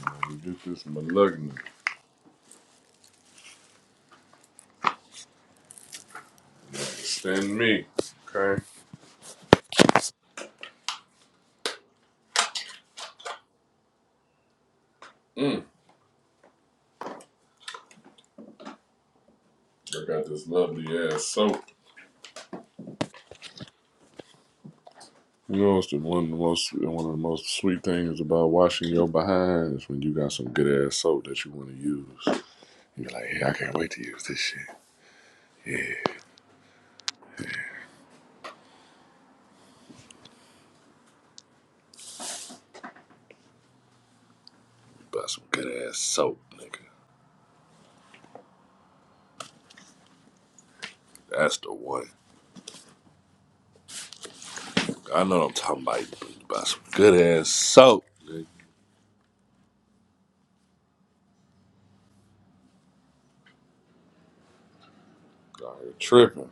While we get this malignant. Understand me, okay? Mm. I got this lovely ass soap. You know, it's the one of the most one of the most sweet things about washing your behind is when you got some good ass soap that you want to use. You're like, hey, I can't wait to use this shit. You buy some good ass soap, nigga. That's the one. I know what I'm talking about. You buy some good ass soap, nigga. Y'all here tripping.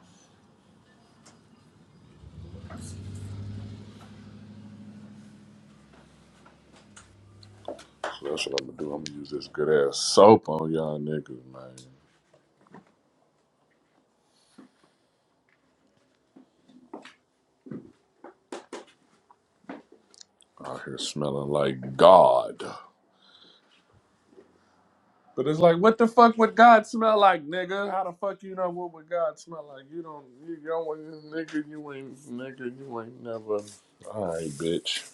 So that's what I'm gonna do. I'm gonna use this good ass soap on y'all niggas, man. Out here smelling like God. But it's like, what the fuck would God smell like, nigga? How the fuck you know what would God smell like? You don't, you don't, nigga, you ain't, nigga, you ain't never. All right, bitch.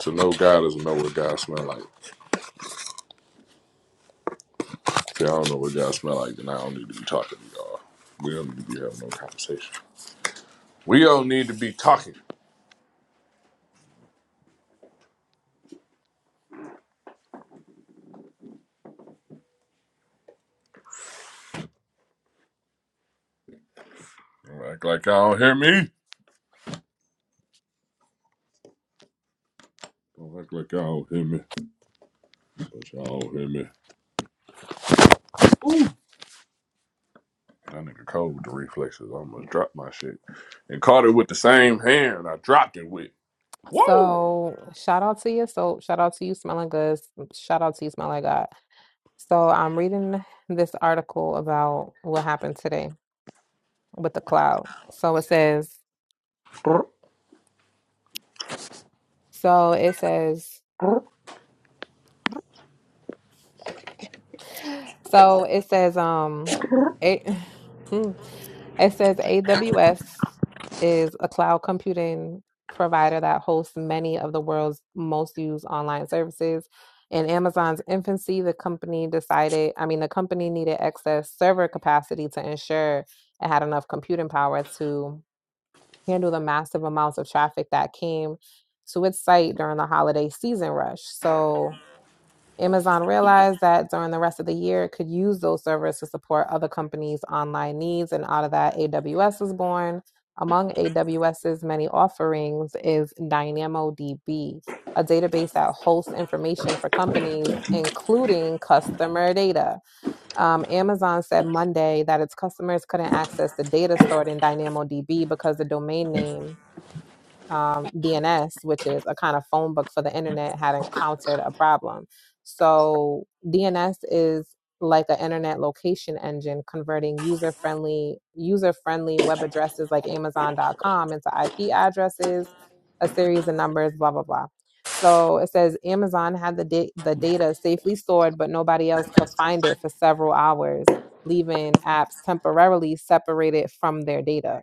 To know God is to know what God smell like. If I don't know what God smell like, then I don't need to be talking to y'all. We don't need to be having no conversation. We don't need to be talking. Don't act like y'all don't hear me. Don't act like y'all don't hear me. But y'all don't hear me. Ooh. That nigga cold with the reflexes. I almost dropped my shit. And caught it with the same hand I dropped it with. Whoa! So, shout out to your soap. Shout out to you smelling good. Shout out to you smell like God. So, I'm reading this article about what happened today with the cloud. So, it says, i so it says So it says, um, a Mm. it says AWS is a cloud computing provider that hosts many of the world's most used online services. In Amazon's infancy, the company decided, I mean, the company needed excess server capacity to ensure it had enough computing power to handle the massive amounts of traffic that came to its site during the holiday season rush. So Amazon realized that during the rest of the year, it could use those servers to support other companies' online needs. And out of that, AWS was born. Among AWS's many offerings is DynamoDB, a database that hosts information for companies, including customer data. Um, Amazon said Monday that its customers couldn't access the data stored in DynamoDB because the domain name um, DNS, which is a kind of phone book for the internet, had encountered a problem. So DNS is like an internet location engine converting user friendly user friendly web addresses like Amazon.com into IP addresses, a series of numbers, blah blah blah. So it says Amazon had the da- the data safely stored, but nobody else could find it for several hours, leaving apps temporarily separated from their data.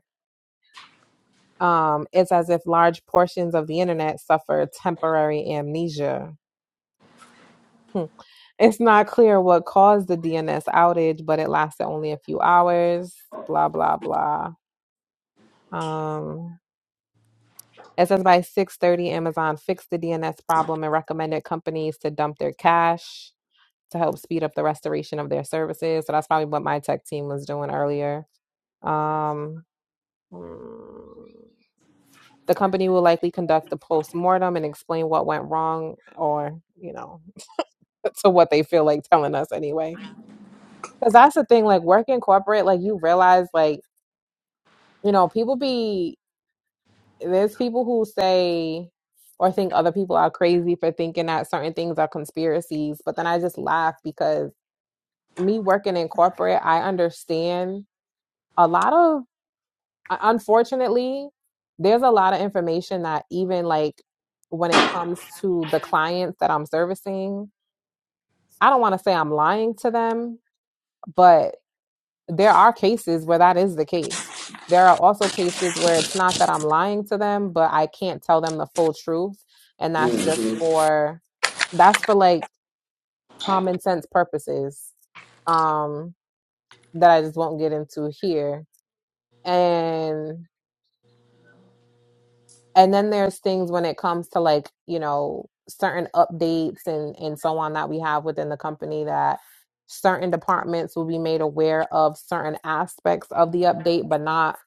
Um, it's as if large portions of the internet suffer temporary amnesia. Hmm. It's not clear what caused the DNS outage, but it lasted only a few hours. Blah blah blah. Um, it says by 6:30, Amazon fixed the DNS problem and recommended companies to dump their cache to help speed up the restoration of their services. So that's probably what my tech team was doing earlier. Um, hmm. The company will likely conduct a post mortem and explain what went wrong or, you know, to what they feel like telling us anyway. Cuz that's the thing like working corporate like you realize like, you know, people be there's people who say or think other people are crazy for thinking that certain things are conspiracies, but then I just laugh because me working in corporate, I understand a lot of unfortunately, there's a lot of information that even like when it comes to the clients that I'm servicing, I don't want to say I'm lying to them, but there are cases where that is the case. There are also cases where it's not that I'm lying to them, but I can't tell them the full truth. And that's just for, that's for like common sense purposes um, that I just won't get into here. And and then there's things when it comes to like you know certain updates and and so on that we have within the company that certain departments will be made aware of certain aspects of the update but not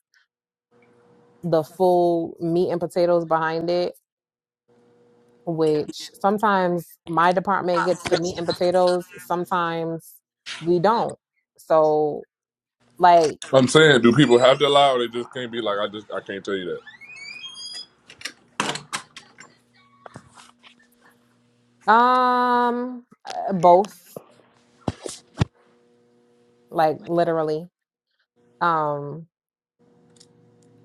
the full meat and potatoes behind it which sometimes my department gets the meat and potatoes sometimes we don't so like I'm saying, do people have to lie, or they just can't be like, I just, I can't tell you that. um uh, both like literally um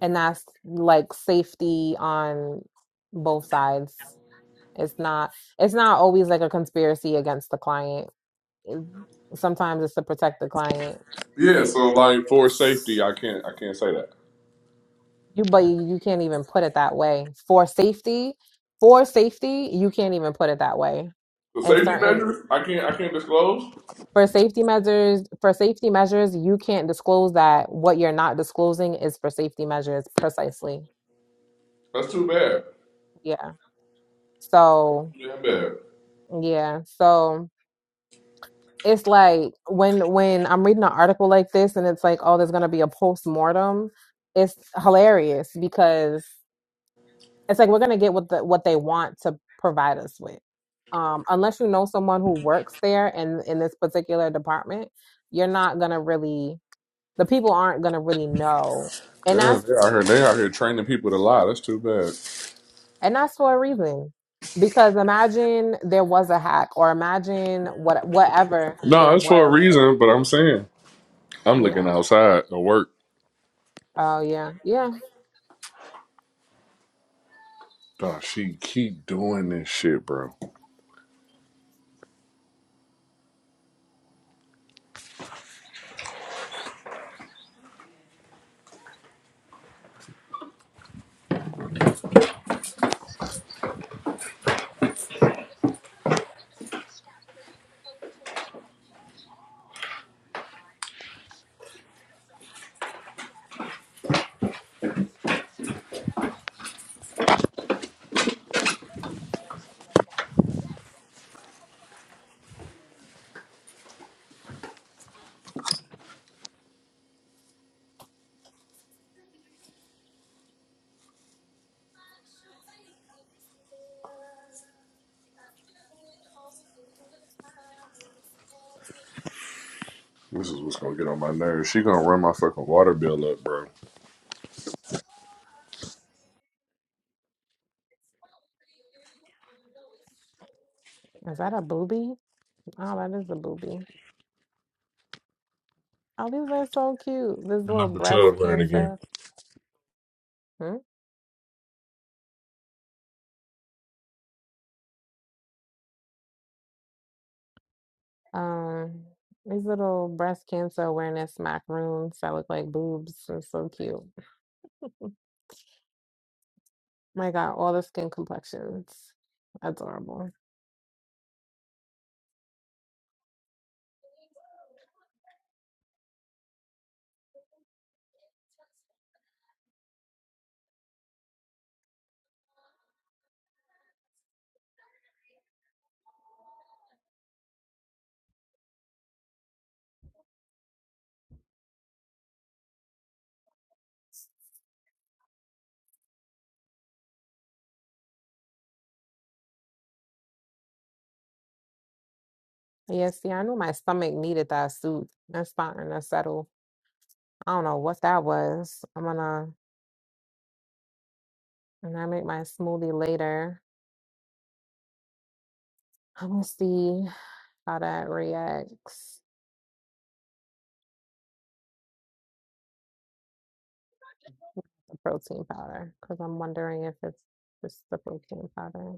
and that's like safety on both sides it's not it's not always like a conspiracy against the client sometimes it's to protect the client Yeah, so like for safety, I can't, I can't say that. you but you can't even put it that way for safety for safety you can't even put it that way The and safety certain measures, I can't, I can't disclose. for safety measures for safety measures you can't disclose that what you're not disclosing is for safety measures precisely That's too bad. yeah so Damn bad. yeah so it's like when when I'm reading an article like this and it's like, oh, there's gonna be a post mortem. It's hilarious because it's like we're gonna get what the what they want to provide us with. Um, unless you know someone who works there and in this particular department, you're not gonna really the people aren't gonna really know. And Damn, that's they out here, they out here training people to lie. That's too bad. and that's for a reason. Because imagine there was a hack or imagine what whatever there No, it's for a was. reason, but I'm saying, I'm looking Yeah. outside to work. Oh yeah. Yeah. Nah, she keep doing this shit, bro. This is what's gonna get on my nerves. She gonna run my fucking water bill up, bro. Is that a booby? Oh, that is a booby. Oh, these are so cute. This And I little can tell breast her it again. cancer, Hmm? um, these little breast cancer awareness macaroons that look like boobs are so cute. My God, all the skin complexions. Adorable. Yeah, see, I knew my stomach needed that soup. That's starting to settle. I don't know what that was. I'm gonna when I make my smoothie later. I'm gonna see how that reacts the protein powder because I'm wondering if it's just the protein powder.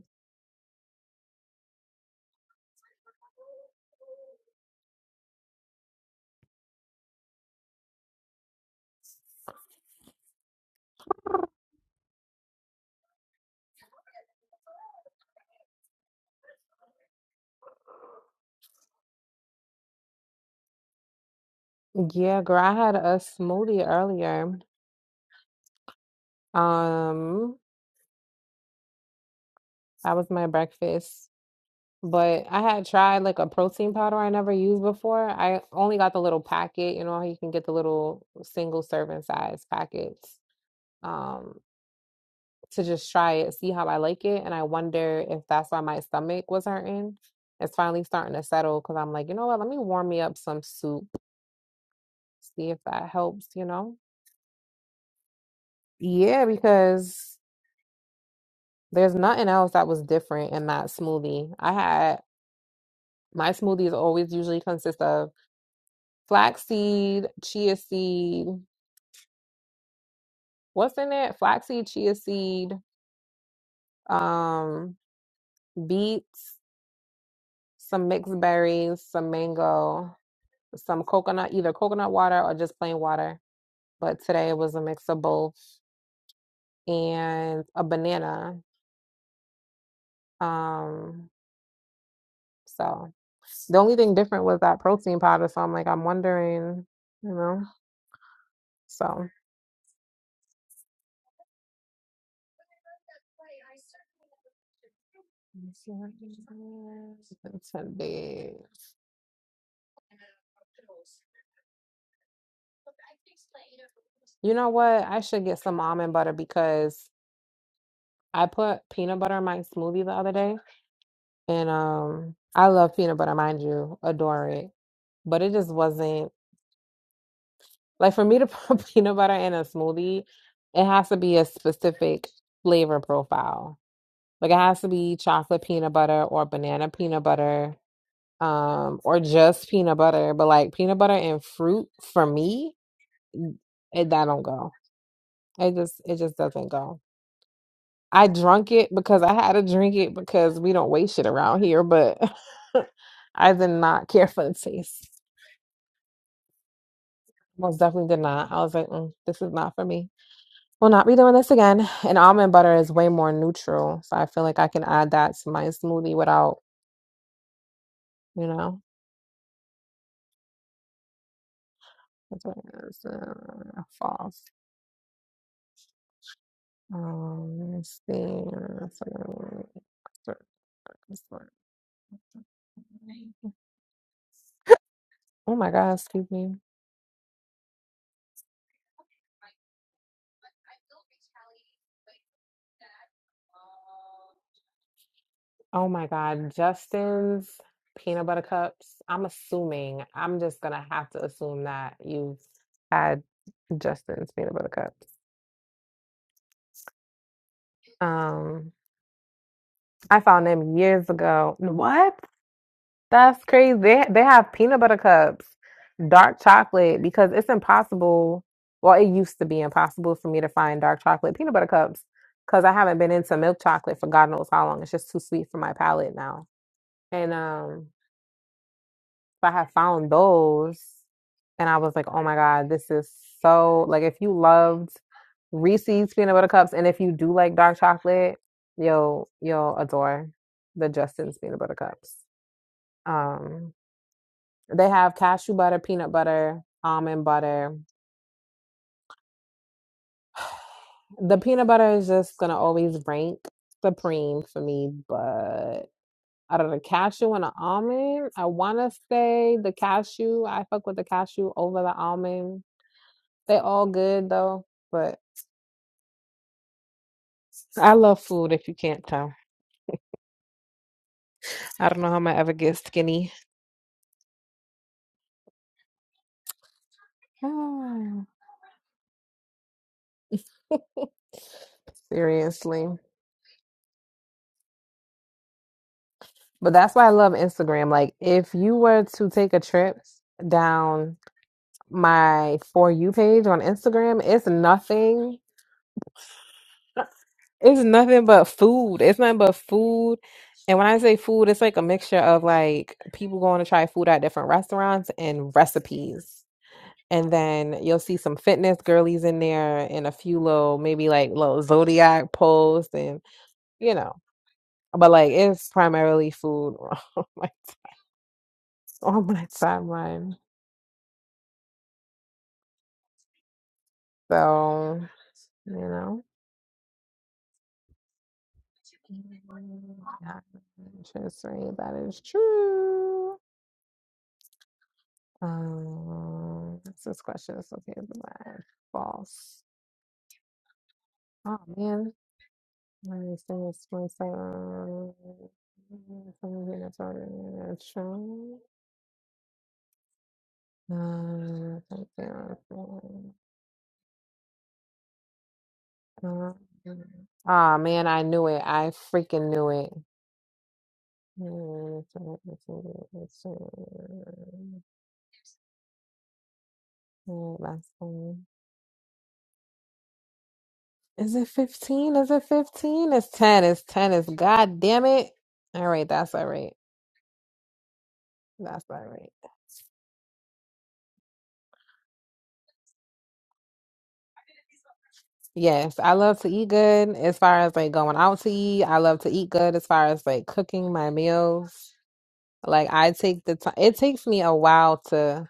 Yeah, girl, I had a smoothie earlier. Um, that was my breakfast. But I had tried like a protein powder I never used before. I only got the little packet, you know, how you can get the little single serving size packets. Um, to just try it, see how I like it. And I wonder if that's why my stomach was hurting. It's finally starting to settle because I'm like, you know what, let me warm me up some soup, see if that helps, you know? Yeah, because There's nothing else that was different in that smoothie. I had my smoothies always usually consist of flaxseed, chia seed, what's in it? Flaxseed, chia seed, um, beets, some mixed berries, some mango, some coconut, either coconut water or just plain water. But today it was a mix of both and a banana. Um, so the only thing different was that protein powder. So I'm like, I'm wondering, you know, so. Today. You know what? I should get some almond butter because I put peanut butter in my smoothie the other day, and um, I love peanut butter, mind you, adore it. But it just wasn't like for me to put peanut butter in a smoothie. It has to be a specific flavor profile. Like it has to be chocolate peanut butter or banana peanut butter, um, or just peanut butter. But like peanut butter and fruit for me, it, that don't go. It just it just doesn't go. I drunk it because I had to drink it because we don't waste shit around here, but I did not care for the taste. Most definitely did not. I was like, mm, this is not for me. Will not be doing this again. And almond butter is way more neutral, so I feel like I can add that to my smoothie without, you know, that's what it is. Uh, false. Um, let's see. That's what it is. This one. Oh my God, excuse me. Oh my God, Justin's peanut butter cups. I'm assuming, I'm just gonna have to assume that you've had Justin's peanut butter cups. Um, I found them years ago. What? That's crazy. They, they have peanut butter cups, dark chocolate, because it's impossible. Well, it used to be impossible for me to find dark chocolate peanut butter cups because I haven't been into milk chocolate for God knows how long. It's just too sweet for my palate now. And um I have found those and I was like, oh my God, this is so like if you loved Reese's peanut butter cups and if you do like dark chocolate, you'll you'll adore the Justin's peanut butter cups. Um they have cashew butter, peanut butter, almond butter. The peanut butter is just gonna always rank supreme for me, but out of the cashew and the almond, I wanna say the cashew, I fuck with the cashew over the almond They all good though, but I love food if you can't tell. I don't know how I'm gonna ever get skinny. Ah, Seriously. But that's why I love Instagram. Like if you were to take a trip down my For You page on Instagram, it's nothing. It's nothing but food. It's nothing but food. And when I say food, it's like a mixture of like people going to try food at different restaurants and recipes. And then you'll see some fitness girlies in there and a few little, maybe like little zodiac posts and you know. But like it's primarily food on my on my timeline. So, you know. Yeah, just right. That is true. Um, what's this question It's okay. Black, false. Oh man, my thing is 27. Something that's already true. Oh man, I knew it. I freaking knew it. Last one. Is it 15? Is it 15? It's 10. It's 10. It's god damn it. All right, that's all right. That's all right. Yes, I love to eat good as far as like going out to eat. I love to eat good as far as like cooking my meals. Like I take the time. It takes me a while to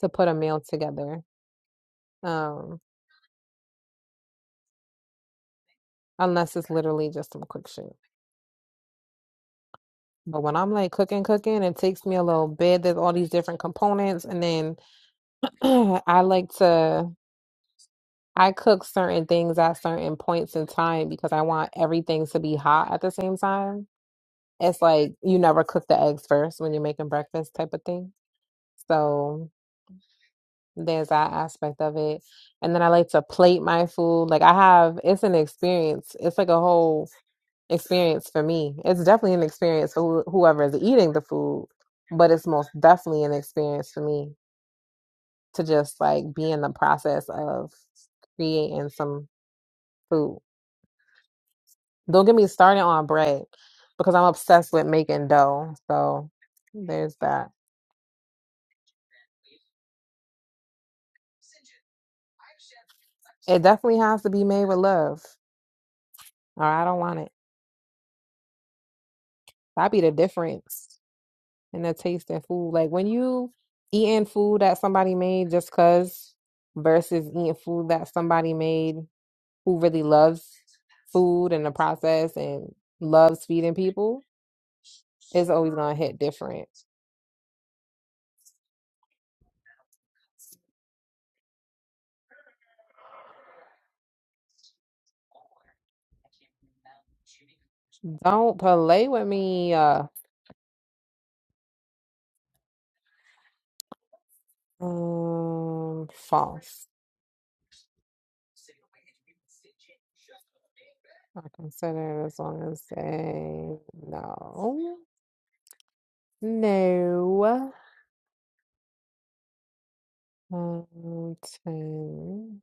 to put a meal together. Um, unless it's literally just some quick shit. But when I'm like cooking, cooking, it takes me a little bit. There's all these different components, and then I like to I cook certain things at certain points in time because I want everything to be hot at the same time. It's like you never cook the eggs first when you're making breakfast type of thing. So there's that aspect of it. And then I like to plate my food. Like I have, it's an experience. It's like a whole experience for me. It's definitely an experience for who- whoever is eating the food, but it's most definitely an experience for me to just like be in the process of creating some food. Don't get me started on bread because I'm obsessed with making dough. So there's that. It definitely has to be made with love, or I don't want it. That'd be the difference in the taste of food. Like when you eating food that somebody made just cause versus eating food that somebody made who really loves food and the process and loves feeding people, it's always gonna hit different. Don't play with me. Uh, um, false. I consider it as long as they no, no. Um, ten.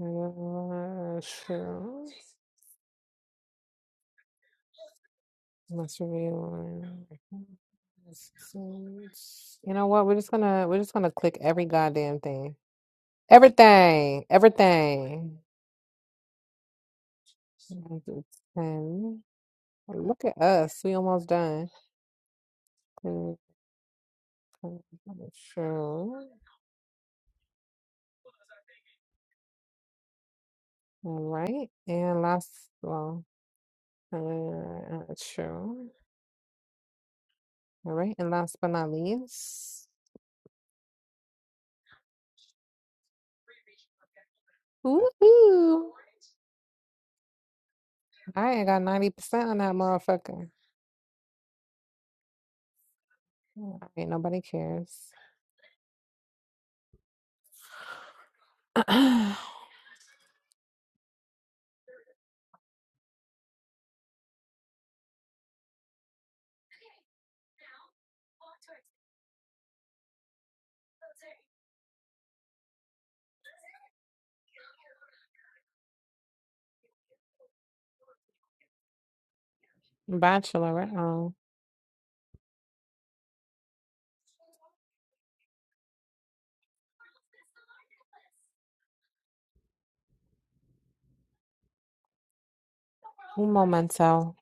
Uh, Sure. Must be one. You know what? We're just gonna we're just gonna click every goddamn thing. Everything, everything. Ten. Look at us. We almost done. Clean, clean, Sure. All right. And last, well, uh, uh, sure. All right. And last but not least, woohoo! I ain't got 90% on that motherfucker. All right. Nobody cares. Bachelor, oh. Un momento.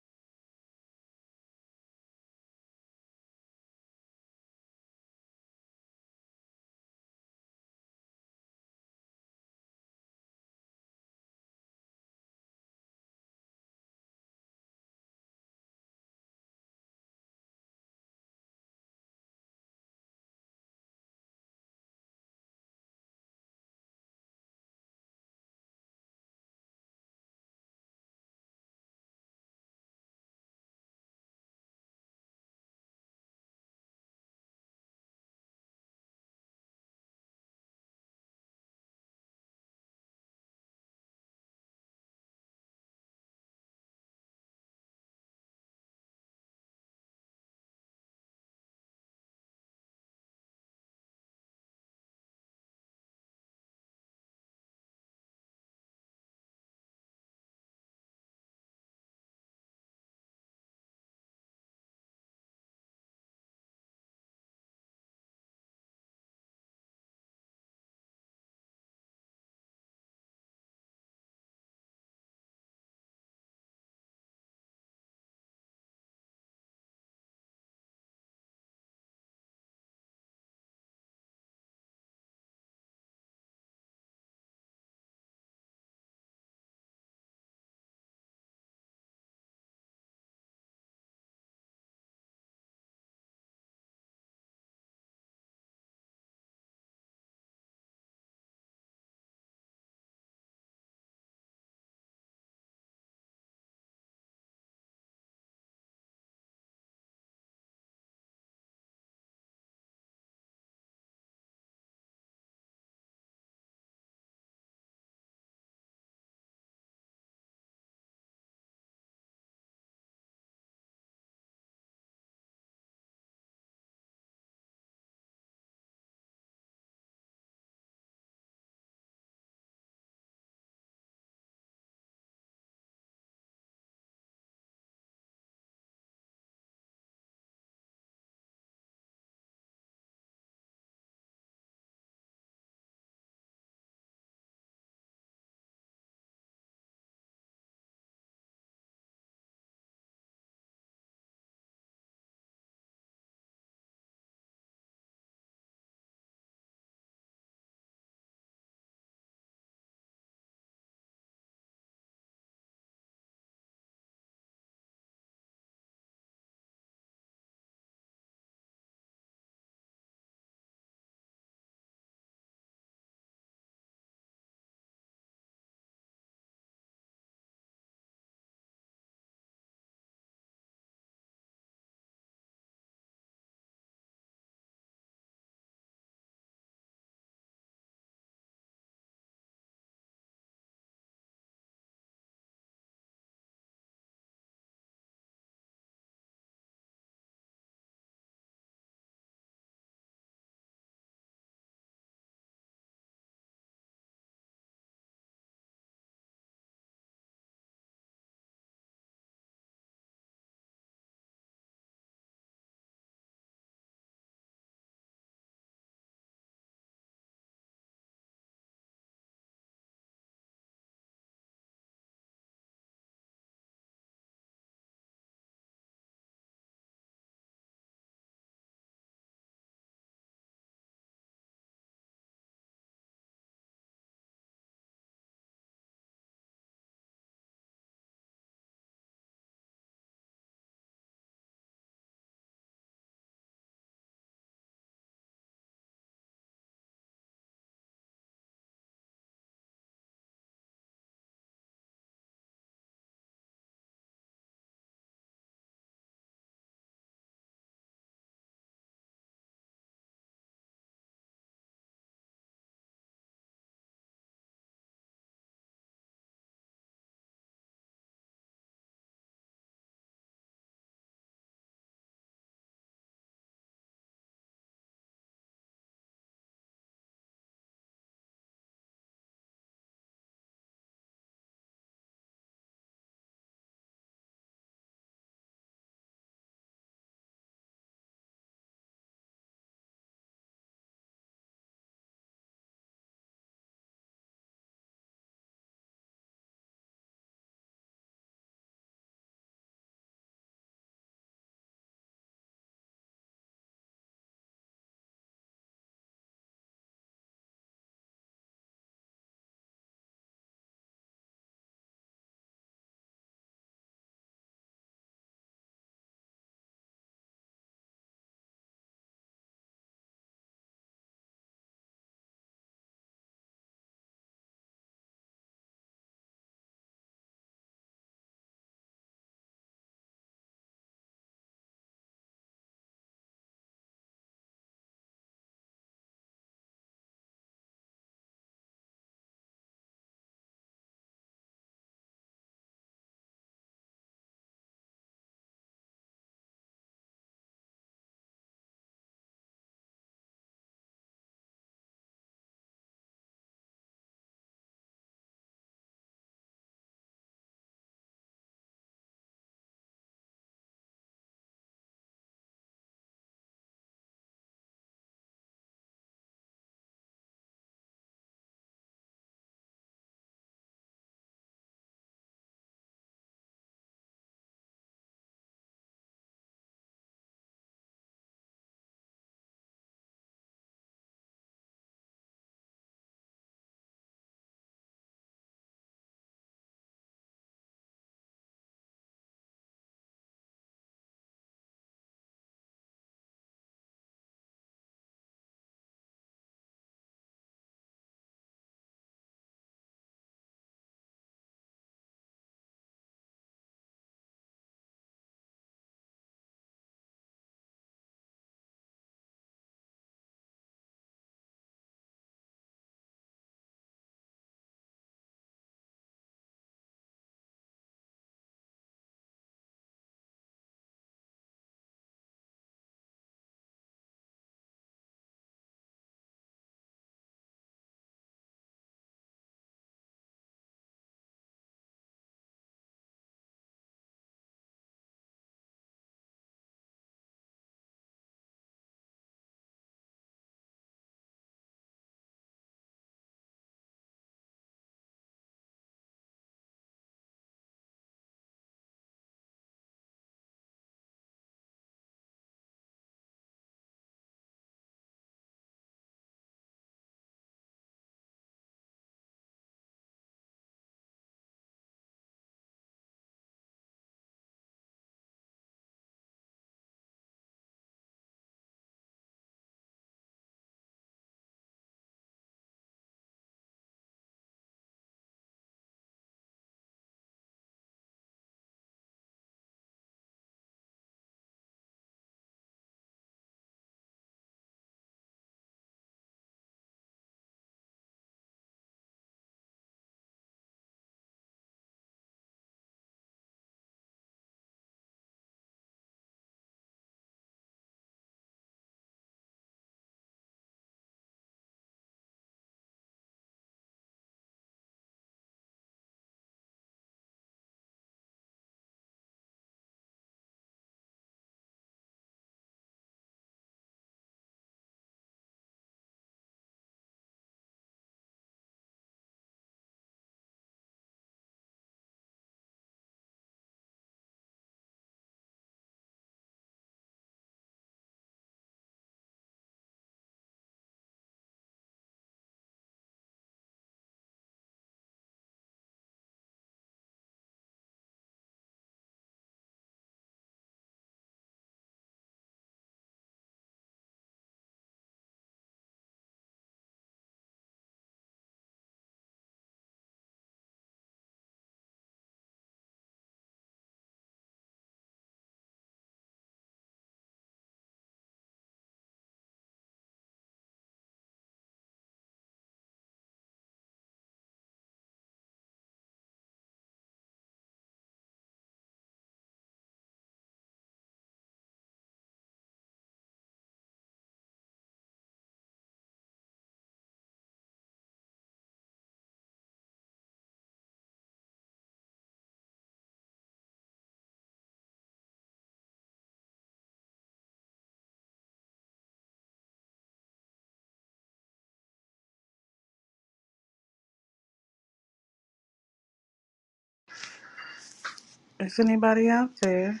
If anybody out there,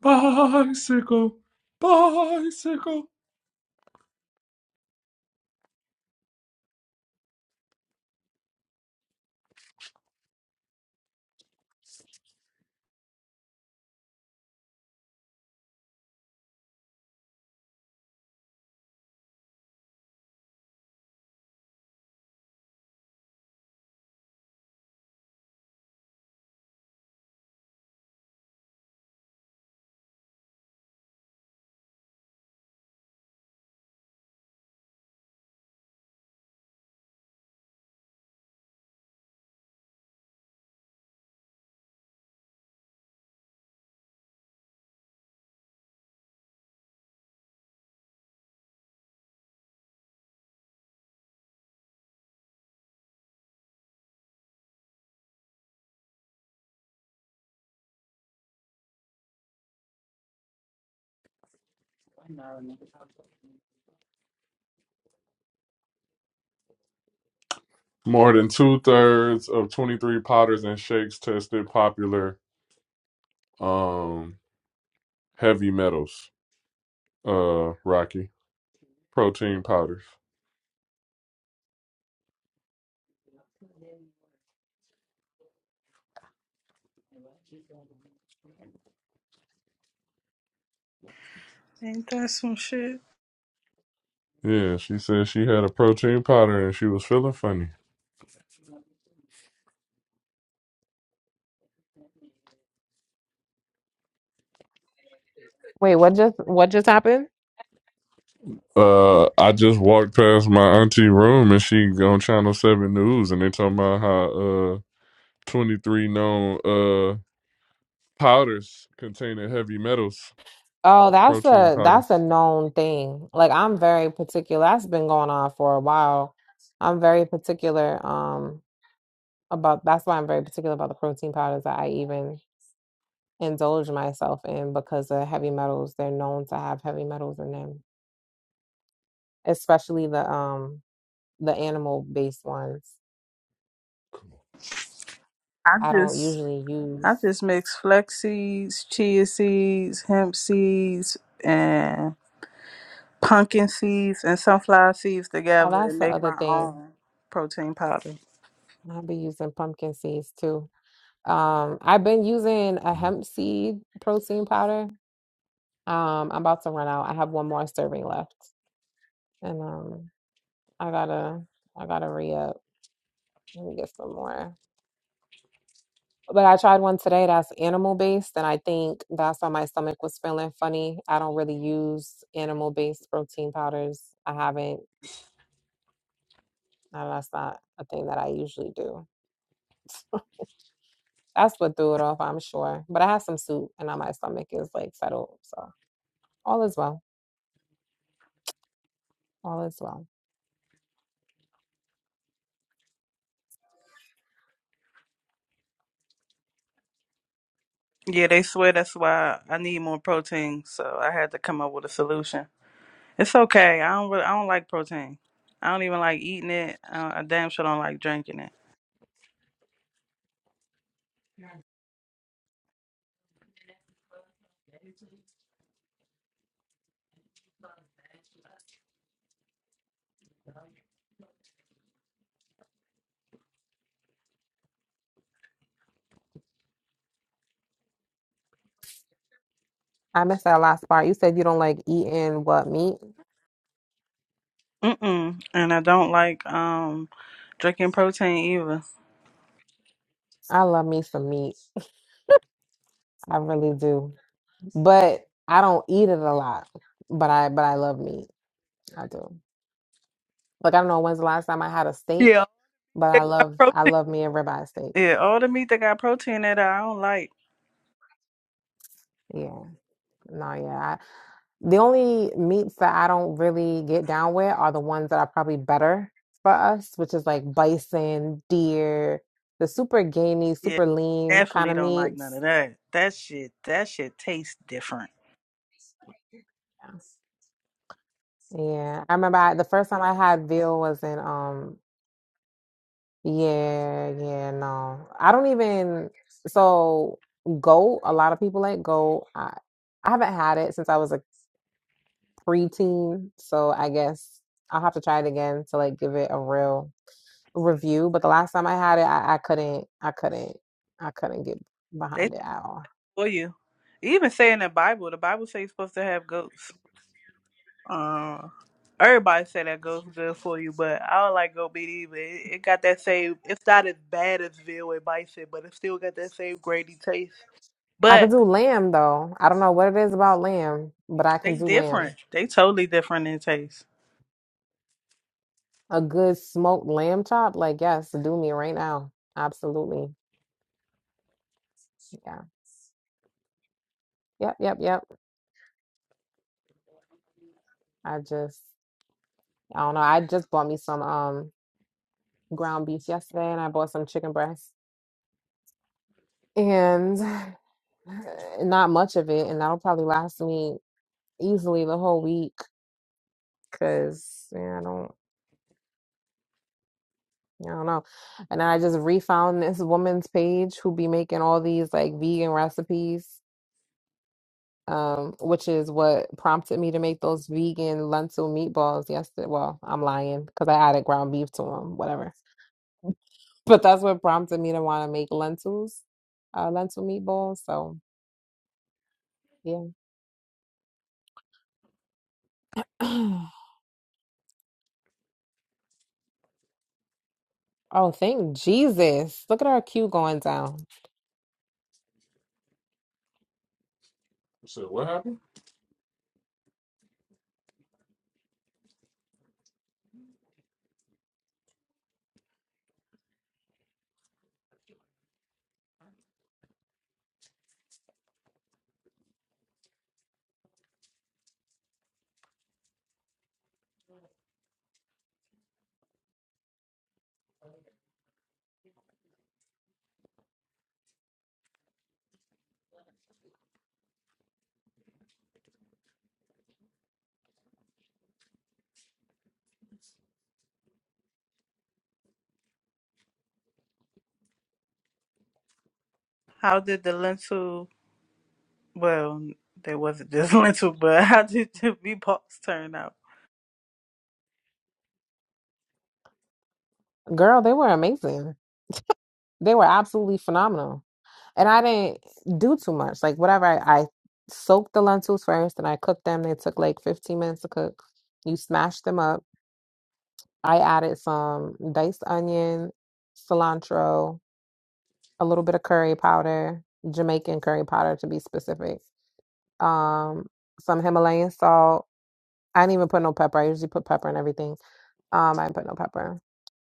Bicycle, bicycle. More than two thirds of 23 powders and shakes tested popular um, heavy metals, uh, Rocky. Protein powders. ain't that some shit? Yeah, she said she had a protein powder and she was feeling funny. Wait, what just what just happened? Uh, I just walked past my auntie room and she on Channel 7 News and they talking about how uh 23 known uh powders containing heavy metals, Oh, that's protein a powder. that's a known thing. Like I'm very particular. That's been going on for a while. I'm very particular um about that's why I'm very particular about the protein powders that I even indulge myself in because the heavy metals, they're known to have heavy metals in them, especially the um the animal based ones. I I don't just usually use I just mix flax seeds, chia seeds, hemp seeds, and pumpkin seeds and sunflower seeds Oh, together that's and the make other my thing. own protein powder. I'll be using pumpkin seeds too. Um, I've been using a hemp seed protein powder Um, I'm about to run out. I have one more serving left, and um, I gotta, I gotta re up and get some more. But I tried one today that's animal based, and I think that's why my stomach was feeling funny. I don't really use animal based protein powders. I haven't. and That's not a thing that I usually do. That's what threw it off, I'm sure. But I had some soup, and now my stomach is like settled. So all is well. All is well. Yeah, they swear that's why I need more protein, so I had to come up with a solution. It's okay. I don't. Really, I don't like protein. I don't even like eating it. Uh, I damn sure don't like drinking it. I missed that last part. You said you don't like eating what meat? Mm-mm. And I don't like um drinking protein either. I love me some meat. I really do. But I don't eat it a lot. But I but I love meat. I do. Like I don't know when's the last time I had a steak, Yeah, but they I got love I protein. love me a ribeye steak. Yeah, all the meat that got protein in it, I don't like. Yeah. No, yeah. I, the only meats that I don't really get down with are the ones that are probably better for us, which is like bison, deer, the super gamey, Yeah, super lean kind definitely of don't like none meats. of that. That shit. That shit tastes different. Yeah. Yeah. I remember I, the first time I had veal was in um Yeah, yeah, no. I don't even so goat, a lot of people like goat. I I haven't had it since I was a preteen, so I guess I'll have to try it again to like give it a real review. But the last time I had it, I, I couldn't I couldn't I couldn't get They behind it at all. for you. Even say in the Bible, the Bible says you're supposed to have goats. Uh, everybody say that goats good for you, but I don't like goat meat either. It, it got that same. It's not as bad as veal and bison, but it still got that same grainy taste. I could But do lamb though. I don't know what it is about lamb, but I can they do different. lamb. They totally different in taste. A good smoked lamb chop, like yes, do me right now. Absolutely. Yeah. Yep, yep, yep. I just I don't know. I just bought me some um ground beef yesterday and I bought some chicken breast and not much of it. And that'll probably last me easily the whole week because yeah, I don't. I don't know. And I just refound this woman's page who be making all these like vegan recipes, um, which is what prompted me to make those vegan lentil meatballs yesterday. Well, I'm lying because I added ground beef to them, whatever. but that's what prompted me to want to make lentils, uh, lentil meatballs. So yeah. Oh, thank Jesus. Look at our queue going down. How did the lentil? Well, there wasn't just lentil, but how did the meatballs turn out? Girl, they were amazing. They were absolutely phenomenal. And I didn't do too much. Like, whatever, I, I soaked the lentils first and I cooked them. They took like 15 minutes to cook. You smash them up. I added some diced onion, cilantro, a little bit of curry powder, Jamaican curry powder to be specific. um, some Himalayan salt. I didn't even put no pepper. I usually put pepper and everything. Um, I didn't put no pepper.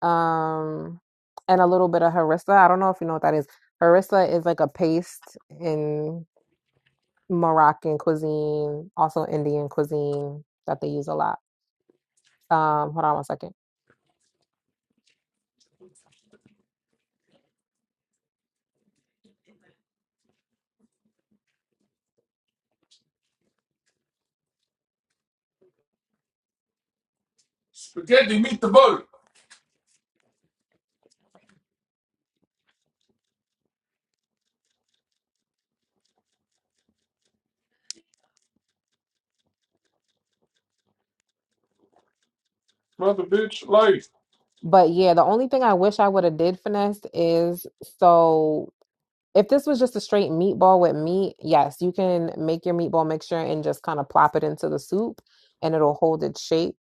Um, and a little bit of harissa. I don't know if you know what that is. Harissa is like a paste in Moroccan cuisine, also Indian cuisine that they use a lot. Um, hold on one second. Spaghetti meet the boat. Mother bitch, like But yeah, the only thing I wish I would have did finesse is so If this was just a straight meatball with meat, yes, you can make your meatball mixture and just kind of plop it into the soup and it'll hold its shape.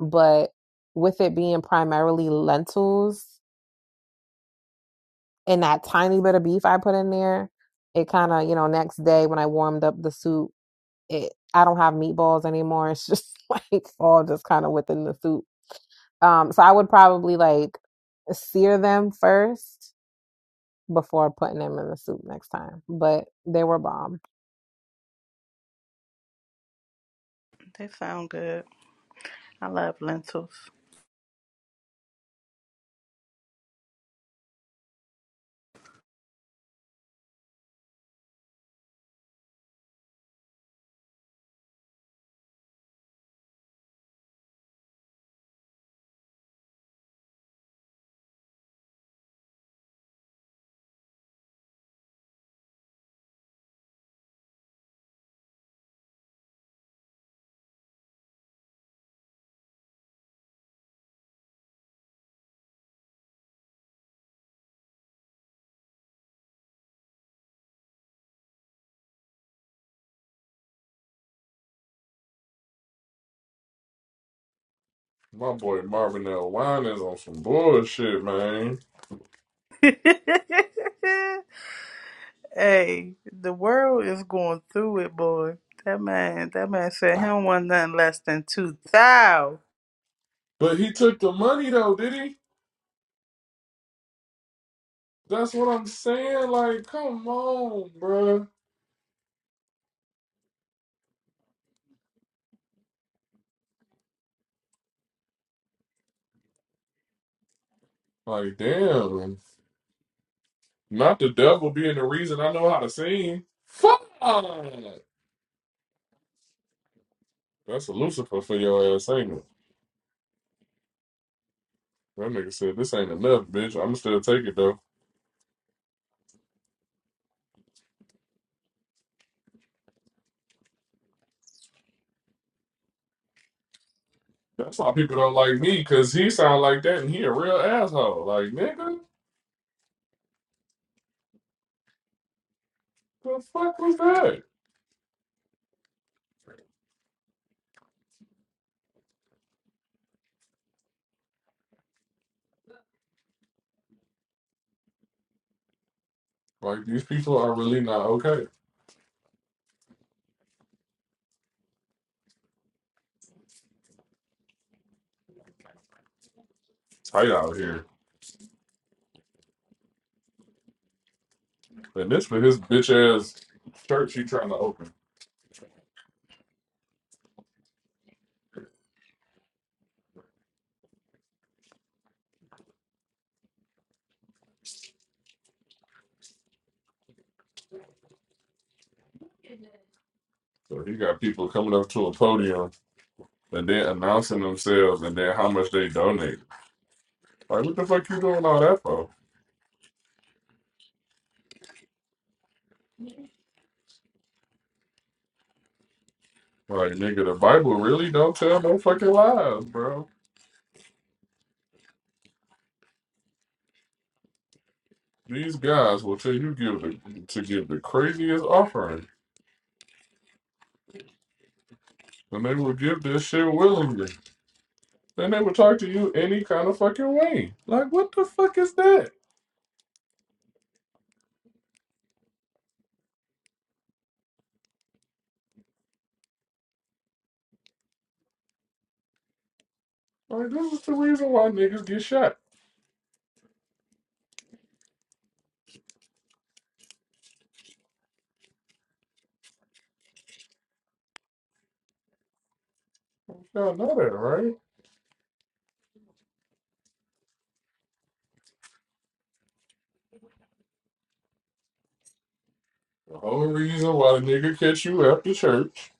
But with it being primarily lentils and that tiny bit of beef I put in there, it kind of, you know, next day when I warmed up the soup, it I don't have meatballs anymore. It's just like all just kind of within the soup. Um, so I would probably like sear them first before putting them in the soup next time. But they were bomb. They sound good. I love lentils. my boy Marvin L. Wine is on some bullshit, man. Hey, the world is going through it, boy. That man, that man said he don't want nothing less than two thousand. But he took the money though, did he? That's what I'm saying. Like, come on, bruh. Like, damn. Not the devil being the reason I know how to sing. Fuck. That's a Lucifer for your ass, ain't it? That nigga said this ain't enough, bitch. I'm still take it though. That's why people don't like me, cause he sound like that and he a real asshole. Like, nigga, the fuck was that? Like these people are really not okay. Tight out here. And this for his bitch ass church he trying to open. So he got people coming up to a podium and then announcing themselves and then how much they donate. Like what the fuck you doing all that for? Like nigga, the Bible really don't tell no fucking lies, bro. These guys will tell you give the, to give the craziest offering, and they will give this shit willingly. Then they would talk to you any kind of fucking way. Like, what the fuck is that? Like, this is the reason why niggas get shot. Y'all know that, right? The whole reason why the nigga catch you after church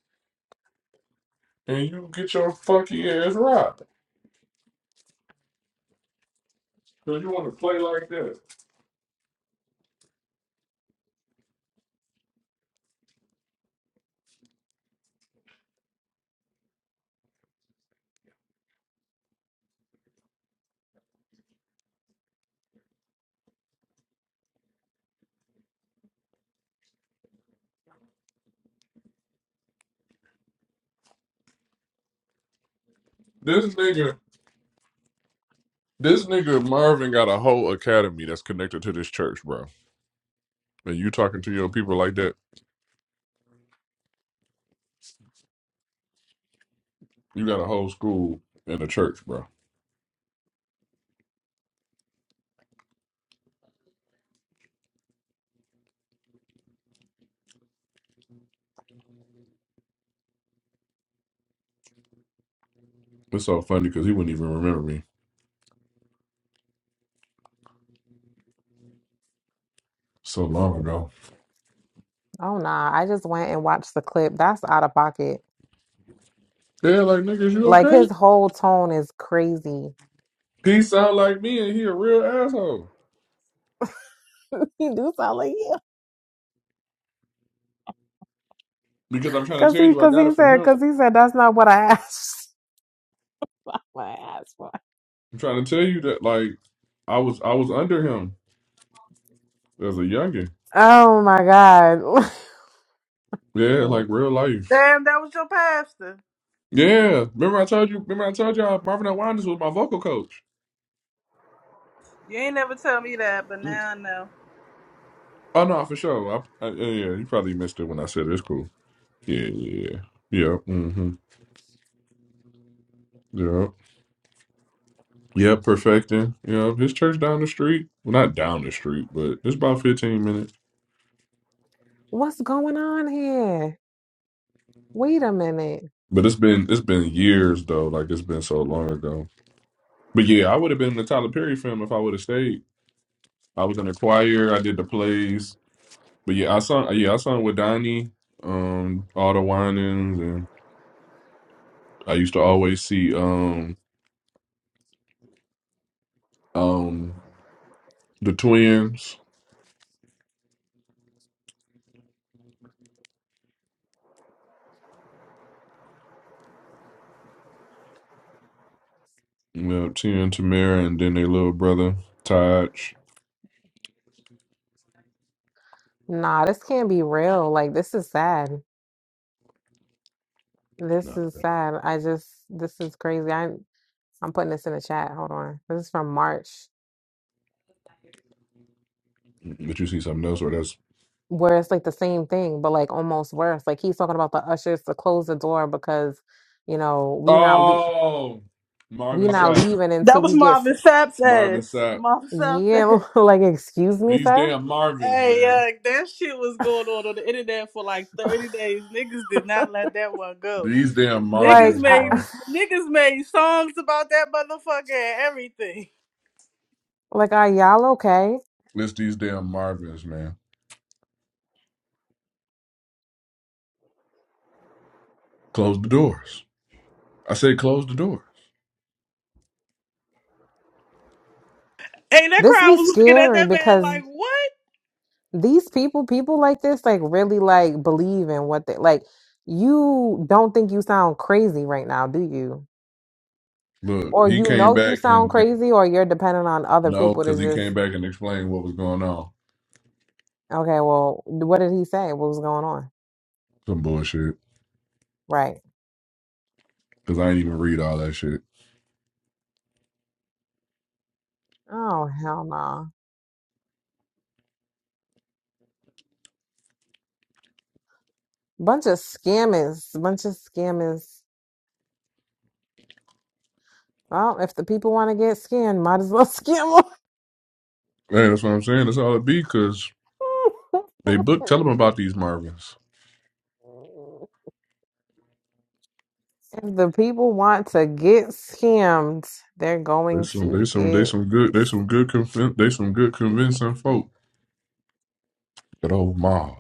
and you get your funky ass robbed. Cause you want to play like that. This nigga, this nigga Marvin got a whole academy that's connected to this church, bro. And you talking to your people like that? You got a whole school and a church, bro. It's so funny because he wouldn't even remember me so long ago. Oh nah, I just went and watched the clip. That's out of pocket. Yeah, like niggas, you Like okay? his whole tone is crazy. He sound like me, and he a real asshole. he do sound like yeah, Because I'm trying to cause tell he you, I cause got he it from said him. cause he said that's not what I asked. What I asked for. I'm trying to tell you that, like, I was I was under him as a youngin. Oh my god, Yeah, like Cool. real life. Damn, that was your pastor. Yeah, remember I told you. Remember I told y'all Marvin L. Wanders was my vocal coach. You ain't never tell me that, but Mm. now I know. Oh no, for sure. I, I, yeah, yeah, you probably missed it when I said it. it's cool. Yeah, yeah, yeah. Yep. Mm-hmm. Yep. Yep. Perfecting. Yep. His church down the street. Well, not down the street, but it's about fifteen minutes. what's going on here? Wait a minute. But it's been it's been years though. Like it's been so long ago. But yeah, I would have been in the Tyler Perry film if I would have stayed. I was in the choir. I did the plays. But yeah, I sung. Yeah, I sung with Donnie, um, all the whinings, and I used to always see um, um, the twins, you know, Tia and Tamara, and then their little brother Taj. Nah, this can't be real. Like this is sad. This No, is sad. I just this is crazy. I I'm putting this in the chat. Hold on. This is from March. but you see something else, or that's where it's like the same thing, but like almost worse. Like he's talking about the ushers to close the door because you know we not le- oh, we Marvin not Sapp, leaving That until was we get f- Marvin Sapp's Marvin ass. Sapp. Marvin Sapp's yeah. ass. Like excuse me, These sir. damn Marvins, Hey, man. uh, that shit was going on on the internet for like thirty days. Niggas did not let that one go. These damn Niggas Like Marvins, made I, bro. niggas made songs about that motherfucker and everything. like are y'all okay? List these damn Marvins, man. Close the doors. I said, close the doors. Hey, that This crowd be was looking at scary that man because like, what? these people, people like this, like really like believe in what they like. You don't think you sound crazy right now, do you? Look, Or he you came know you back sound and, and crazy, or you're dependent on other no, people to because he came just back and explained what was going on. okay. Well, what did he say? What was going on? Some bullshit. Right. Because I ain't even read all that shit. Oh, hell no. Bunch of scammers. Bunch of scammers. Well, if the people want to get scammed, might as well scam Man, that's what I'm saying. That's all it be. Because them. they book. Tell them about these Marvins. if the people want to get scammed, they're They going some. to They some. They get. some good. They s- some good. Conv- they some good convincing folk. That old Marvin.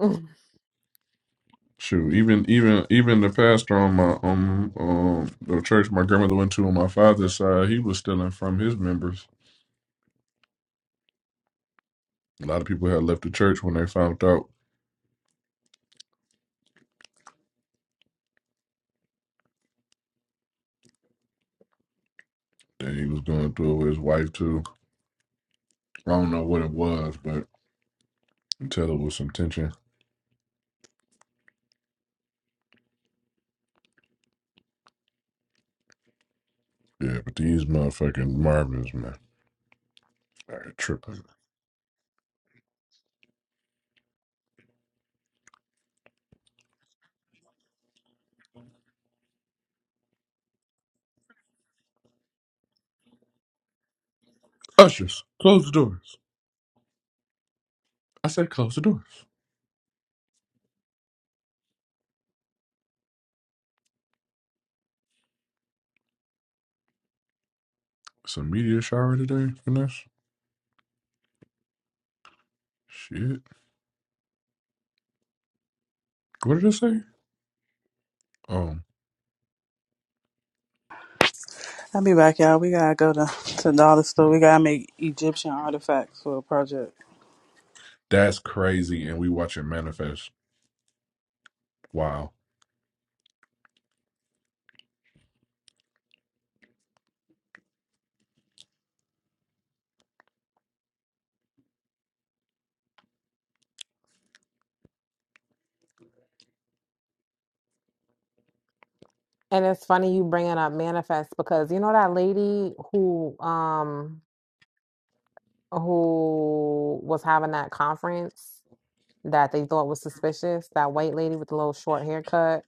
Shoot, even even even the pastor on my um um the church my grandmother went to on my father's side, he was stealing from his members. A lot of people had left the church when they found out that he was going through with his wife too. I don't know what it was, but you tell it was some tension. Yeah, but these motherfucking Marvins, man, are tripping. Ushers, close the doors. I said close the doors. It's a media shower today, Finesse. Shit. What did I say? Oh, I'll be back, y'all. We gotta go to, to the dollar store. We gotta make Egyptian artifacts for a project. that's crazy. And we watching Manifest. Wow. And it's funny you bringing up manifest because you know that lady who um who was having that conference that they thought was suspicious. That white lady with the little short haircut,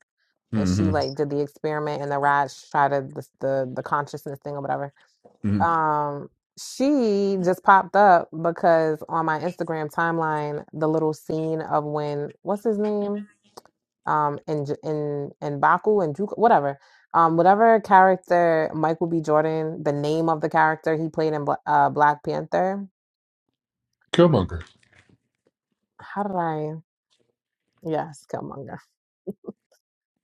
and she Mm-hmm. like did the experiment and the Raj tried to the the, the consciousness thing or whatever. mm-hmm. Um, she just popped up because on my Instagram timeline, the little scene of when what's his name, um, in J- in in Baku and Juke, whatever. Um, whatever character Michael B. Jordan, the name of the character he played in Bla- uh, Black Panther, Killmonger. how did I? Yes, Killmonger.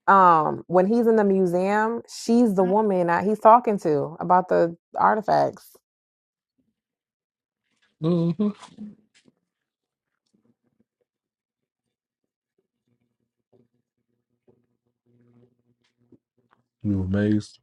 Um, when he's in the museum, she's the woman that he's talking to about the artifacts. Mm-hmm. You amazed?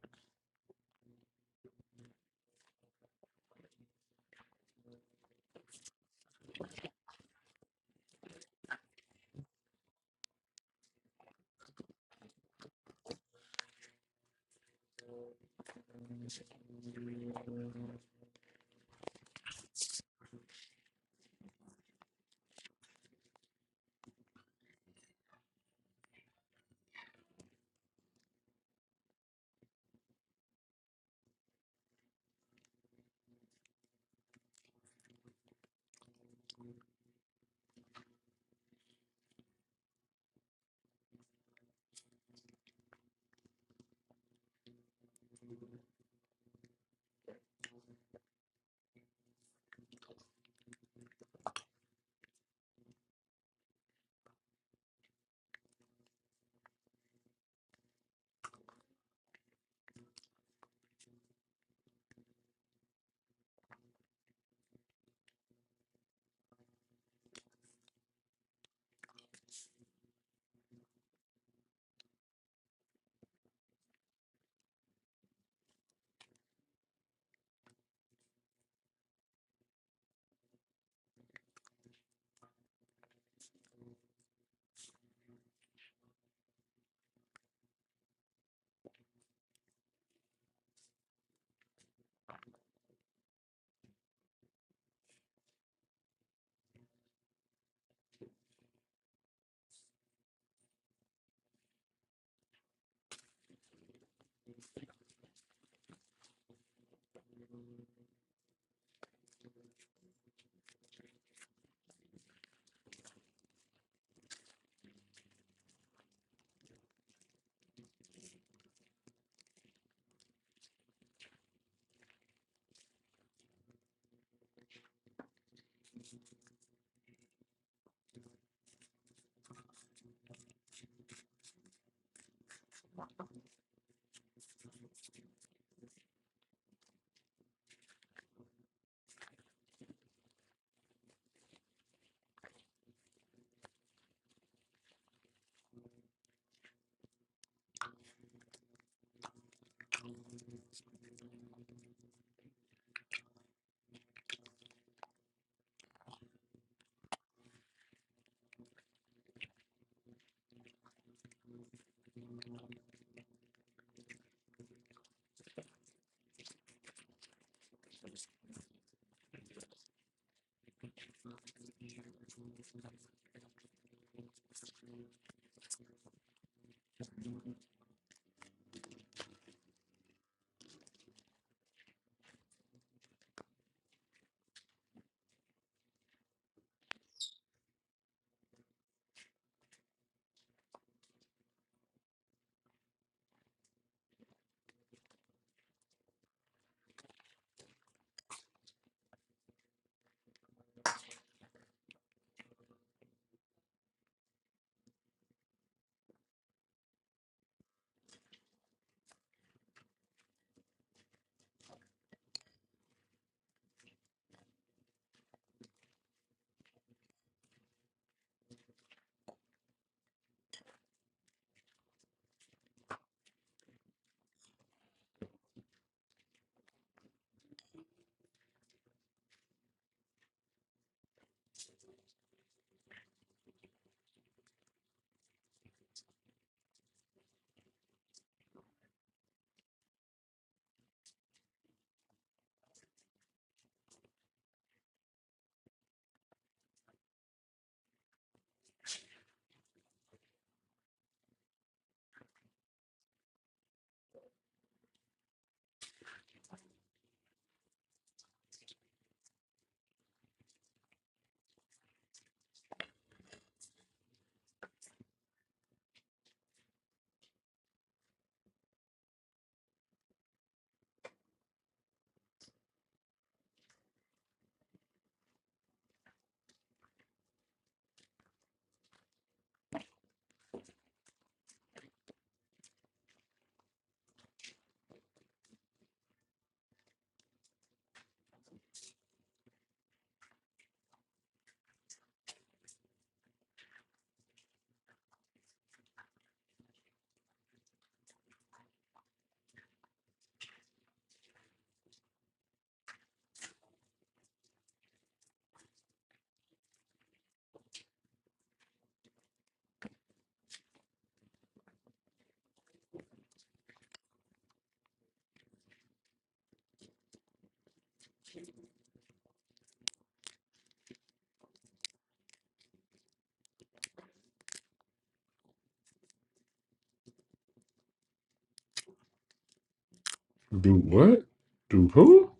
Do what? Do who?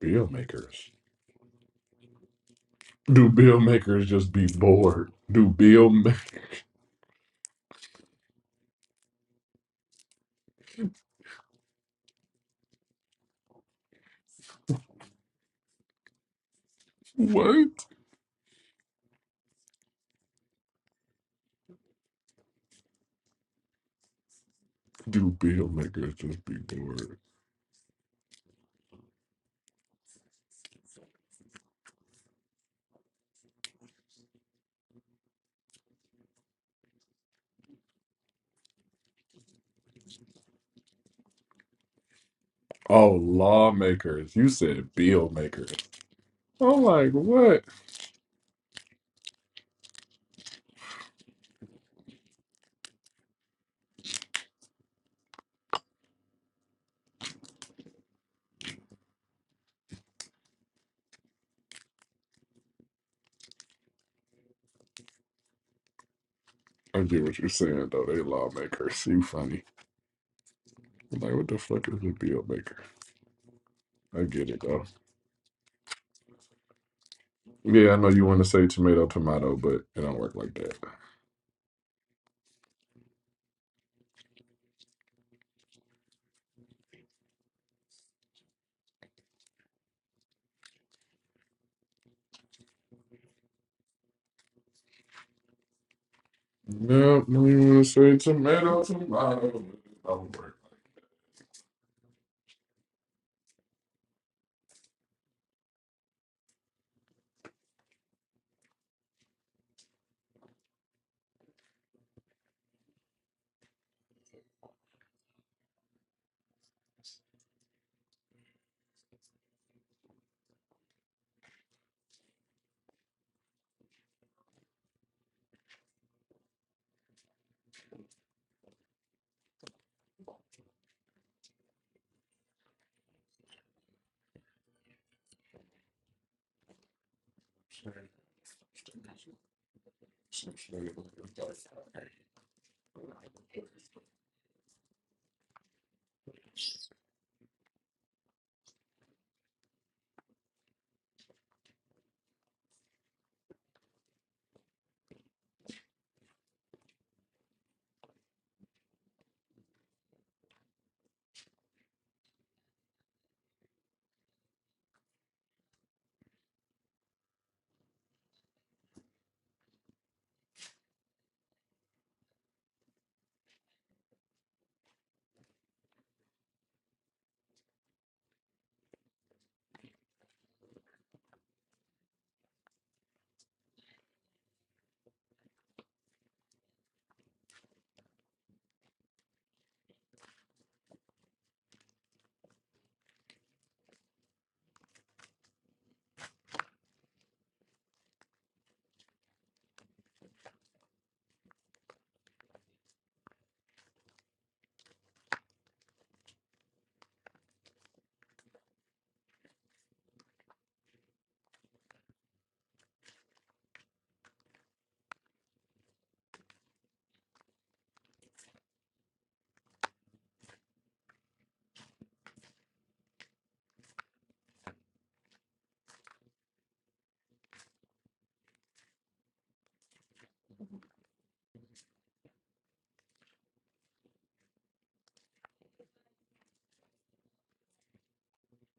Bill makers. Do bill makers just be bored? Do bill? ma- What do bill makers just be bored? Oh, lawmakers. You said bill makers. I'm like, what? I get what you're saying, though. They lawmakers. You funny. I'm like, what the fuck is a bill maker? I get it, though. Yeah, I know you want to say tomato, tomato, but it don't work like that. No, no, you want to say tomato, tomato. but It don't work.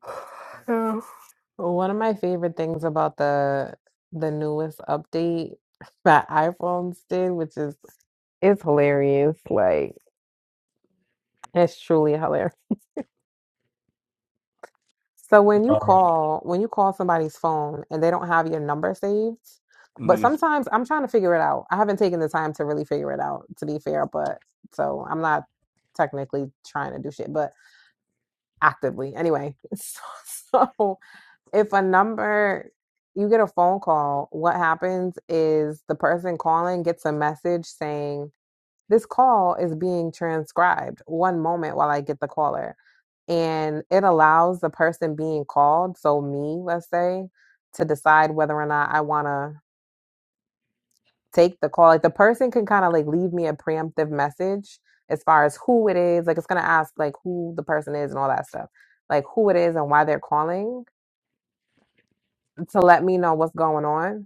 Yeah. One of my favorite things about the the newest update that iPhones did, which is it's hilarious. Like it's truly hilarious. So when you call, when you call somebody's phone and they don't have your number saved, but Mhm. sometimes I'm trying to figure it out. I haven't taken the time to really figure it out, to be fair, but so I'm not technically trying to do shit, but actively. Anyway, so, so if a number you get a phone call, what happens is the person calling gets a message saying this call is being transcribed one moment while I get the caller. And it allows the person being called, so me, let's say, to decide whether or not I want to take the call. Like the person can kind of like leave me a preemptive message as far as who it is. Like it's going to ask like who the person is and all that stuff, like who it is and why they're calling to let me know what's going on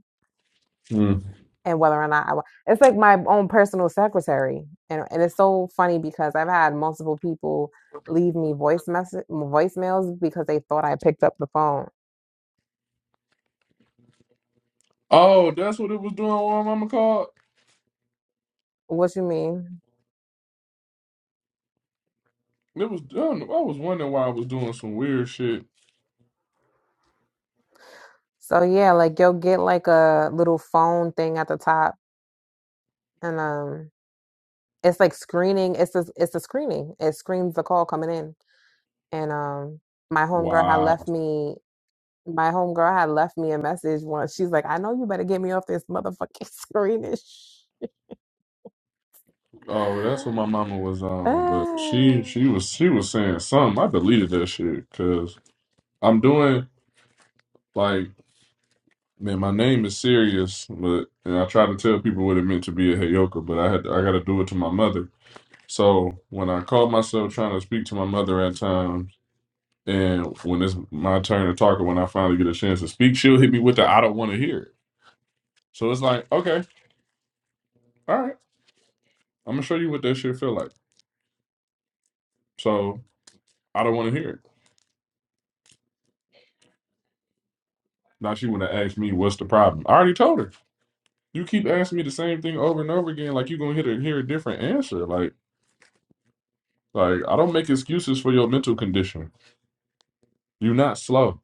Mm. and whether or not I want. It's like my own personal secretary, and and it's so funny because I've had multiple people leave me voice message voicemails because they thought I picked up the phone. Oh, that's what it was doing while Mama called? What you mean? It was done. I was wondering why I was doing some weird shit. So yeah, like you'll get like a little phone thing at the top, and um, it's like screening. It's a, it's a screening. It screens the call coming in, and um, my homegirl had Wow. left me. My homegirl had left me a message once. She's like, "I know you better get me off this motherfucking screen." and shit." Oh, well, that's what my mama was on, but Uh, she she was she was saying something. I deleted that shit because I'm doing like man, my name is serious, but and I try to tell people what it meant to be a Heyoka, but I had I got to do it to my mother. So when I called myself trying to speak to my mother at times, and when it's my turn to talk, or when I finally get a chance to speak, she'll hit me with the I don't want to hear it. So it's like okay, all right, I'm gonna show you what that shit feel like. So I don't want to hear it. Now she want to ask me what's the problem. I already told her. You keep asking me the same thing over and over again, like you're gonna hear a, hear a different answer. Like, like I don't make excuses for your mental condition. You're not slow.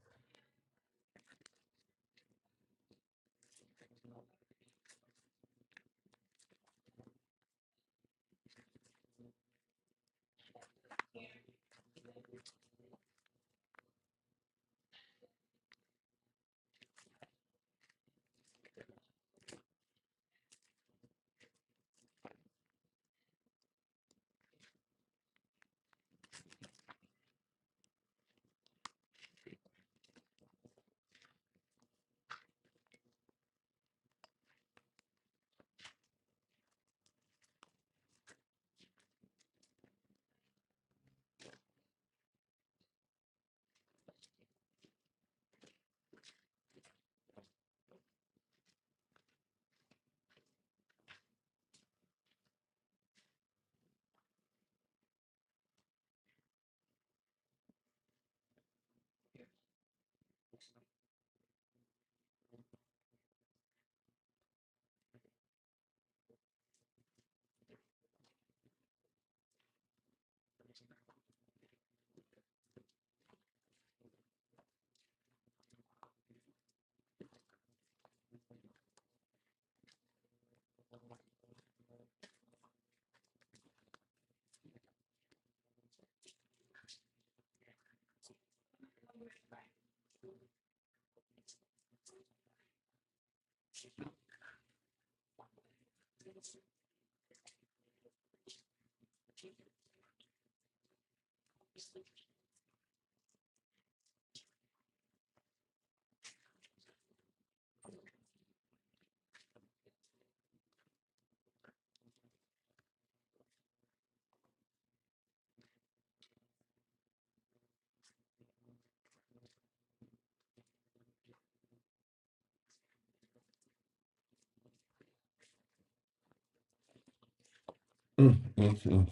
Mm, mm, mm.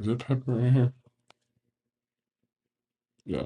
Is it pepper in here? Yeah.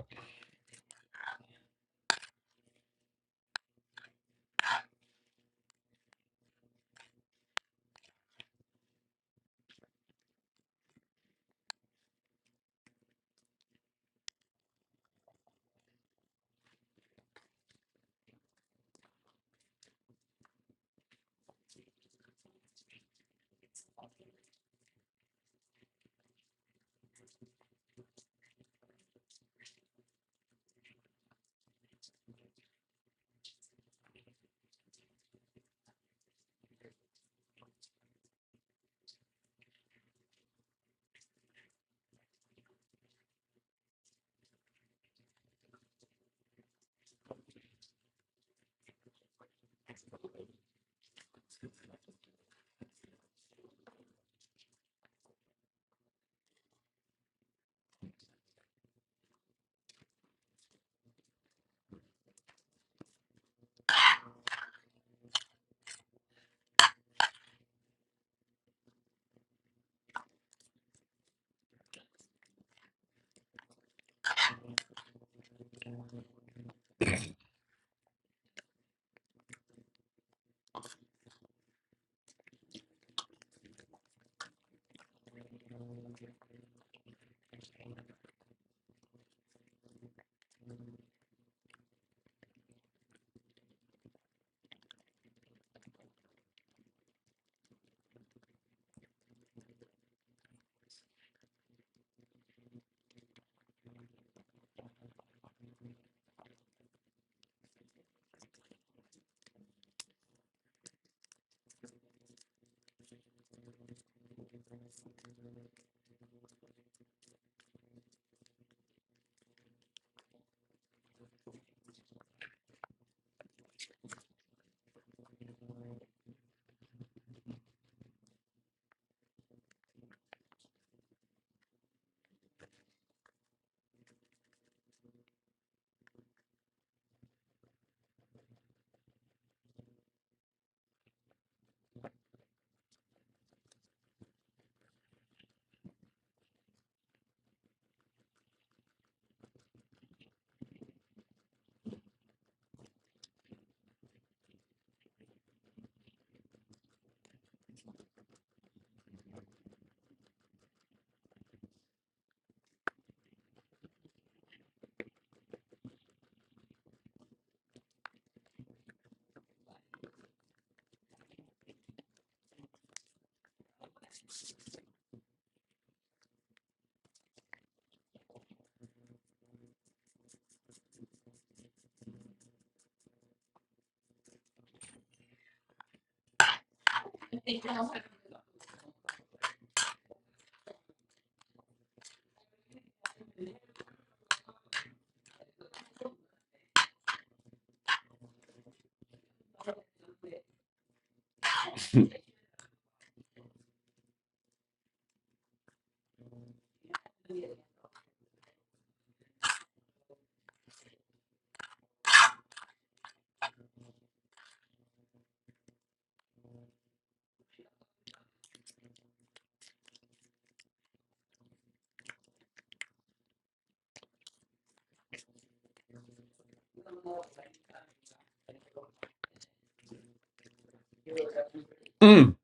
Mm.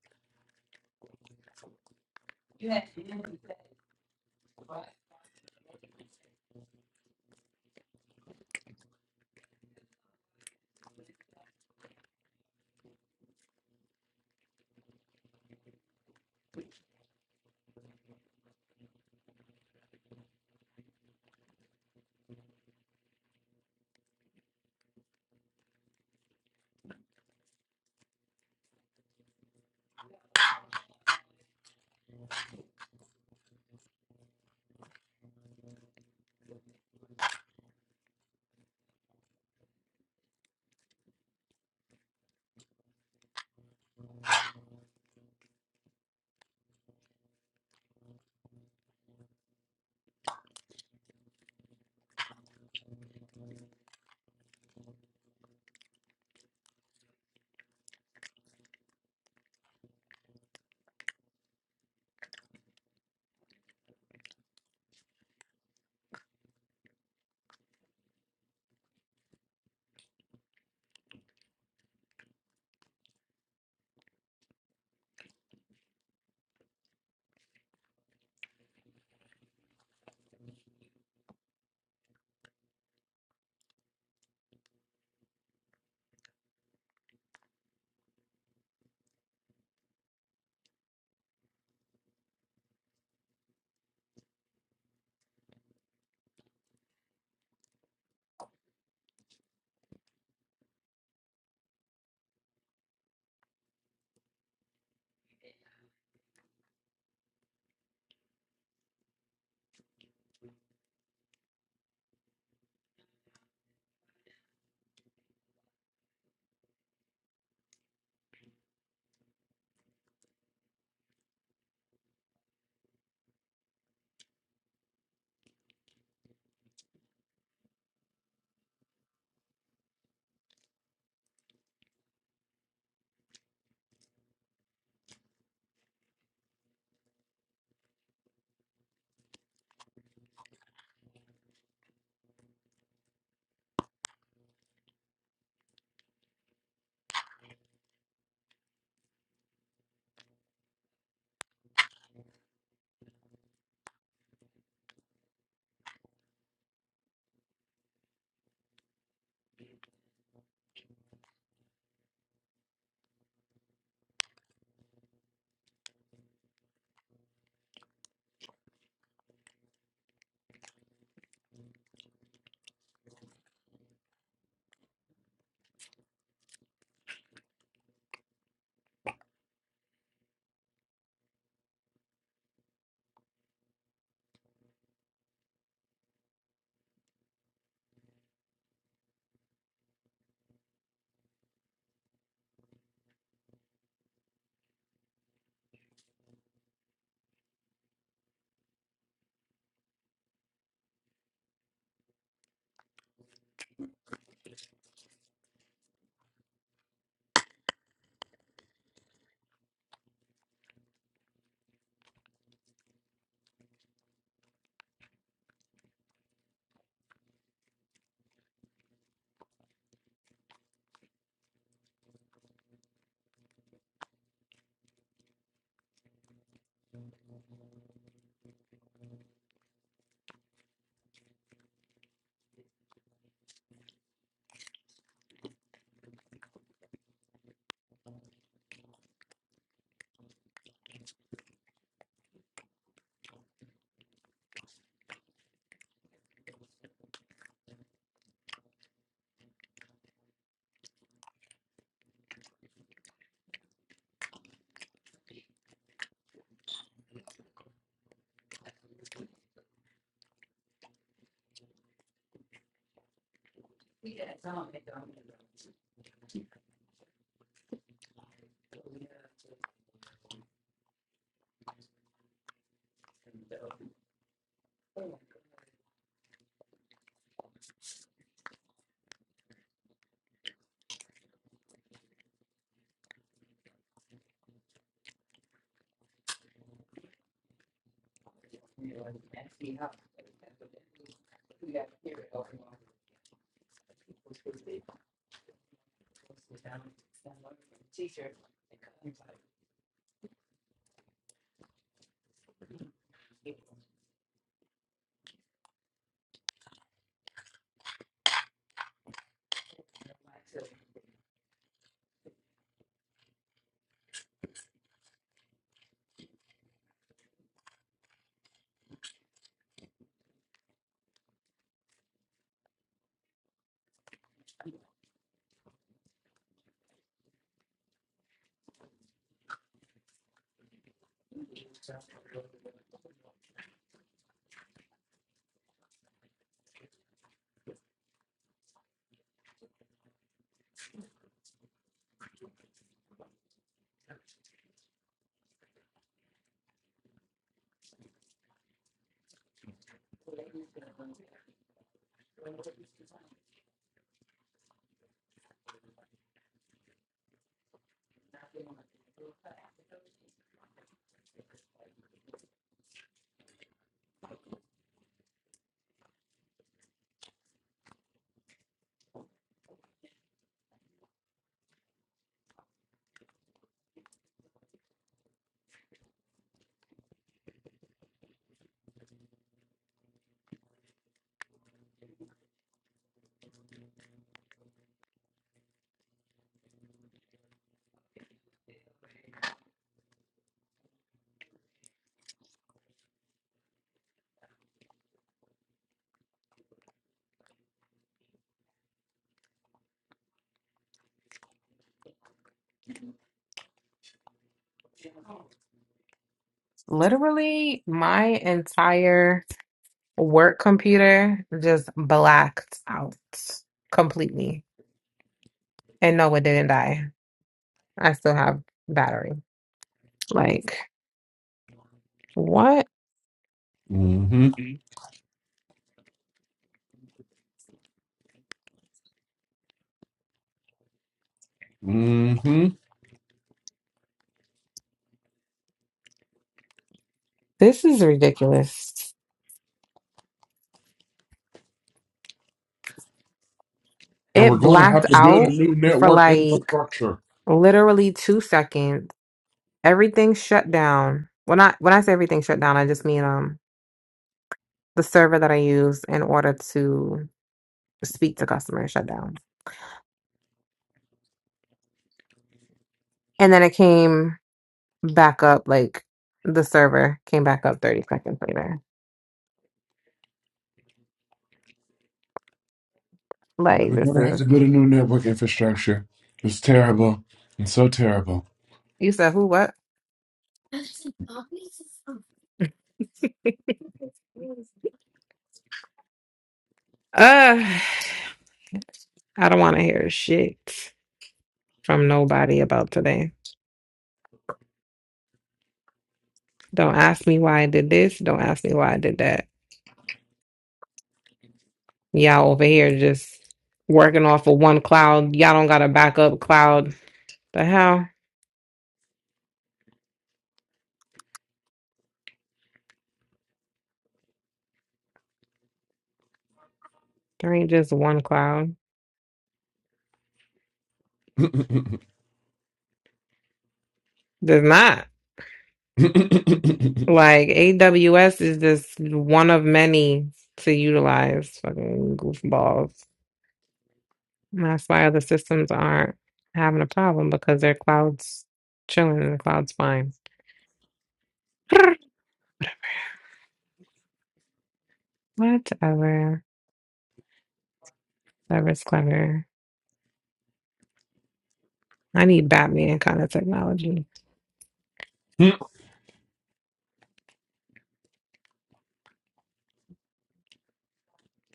literally, my entire work computer just blacked out completely. And no, it didn't die. I still have battery. Like, what? Mm-hmm. Mm-hmm. This is ridiculous. And we're It going to blacked have to build a out new for network like infrastructure. literally two seconds. Everything shut down. When I when I say everything shut down, I just mean um the server that I use in order to speak to customers shut down. And then it came back up, like the server came back up 30 seconds later. And Like, we're this going to have is, to build a new network infrastructure. It's terrible. It's so terrible. you said who, what? Uh, I don't want to hear shit from nobody about today. Don't ask me why I did this. Don't ask me why I did that. Y'all over here just working off of one cloud. Y'all don't got a backup cloud. The hell? There ain't just one cloud. now There's not. Like AWS is just one of many to utilize fucking goofballs. And that's why other systems aren't having a problem because their cloud's chilling and the cloud's fine. Whatever. Clever's clever. I need Batman kind of technology.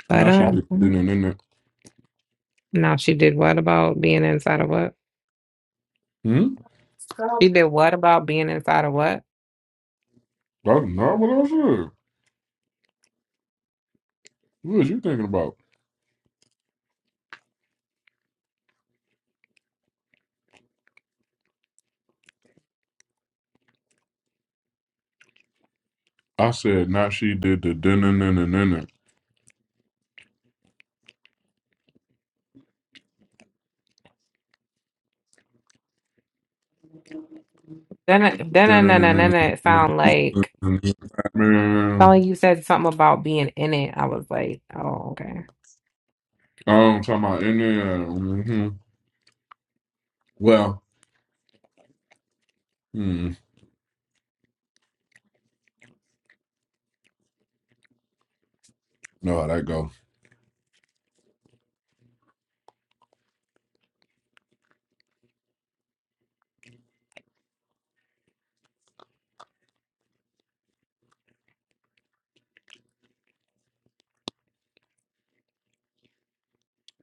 But she did did um it in it. now she did what about being inside of what? Hmm? She did what about being inside of what? Oh, no, what else? is What was you thinking about? I said, not she did the dun-dun-dun-dun-dun-dun, Then, it- then, then, then, then then it sound like dun-dun-dun-dun-dun-dun-dun-dun-dun-dun-dun-dun-dun-dun-dun-dun-dun-dun-dun-dun-dun-dun-dun-dun-dun-dun. something you said something about being in it. I was like, oh, okay. Um, talking about mm-hmm. Well, hmm, no, that go.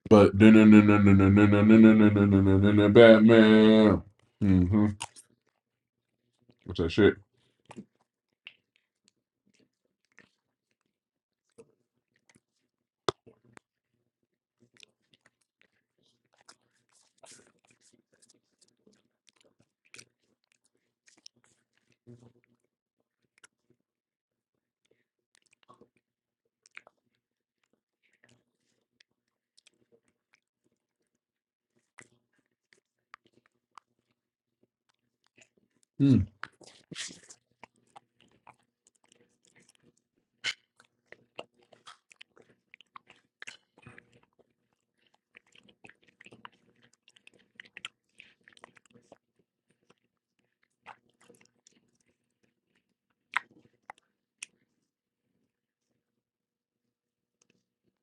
But dun-dun-dun-dun-dun-dun-dun-dun-dun-dun-dun-dun-dun-dun-dun-dun-dun, Batman. Mm-hmm. What's that shit? Hmm.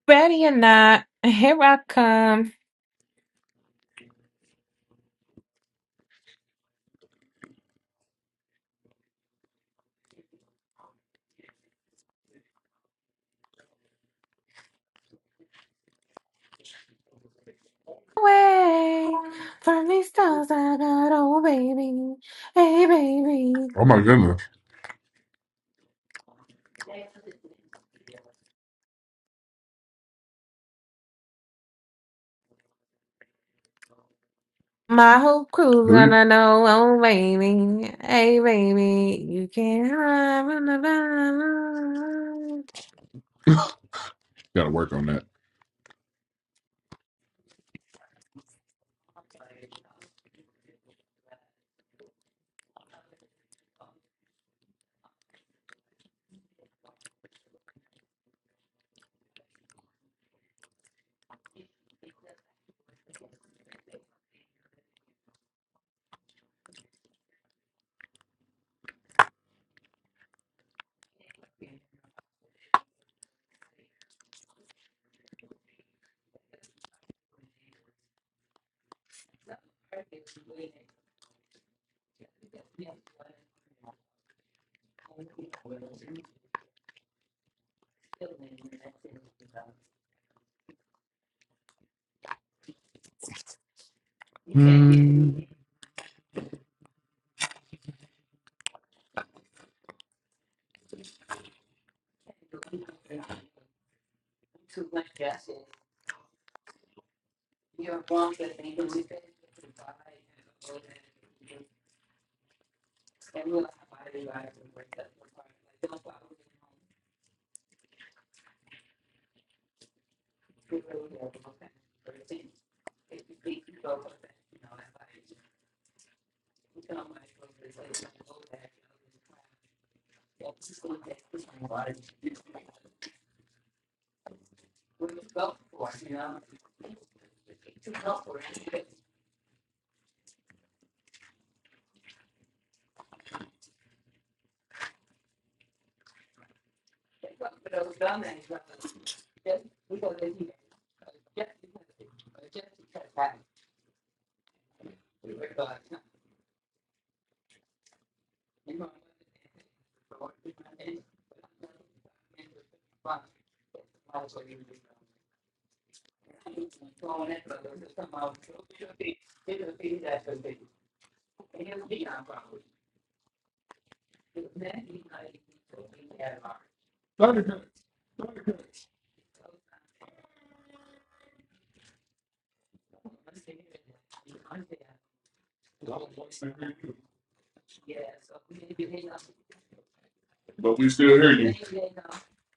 Ready or not, here I come. Away from these stars I got, oh baby, hey baby. Oh my goodness. My whole crew's Do you gonna know, oh baby, hey baby, you can't hide. gotta work on that?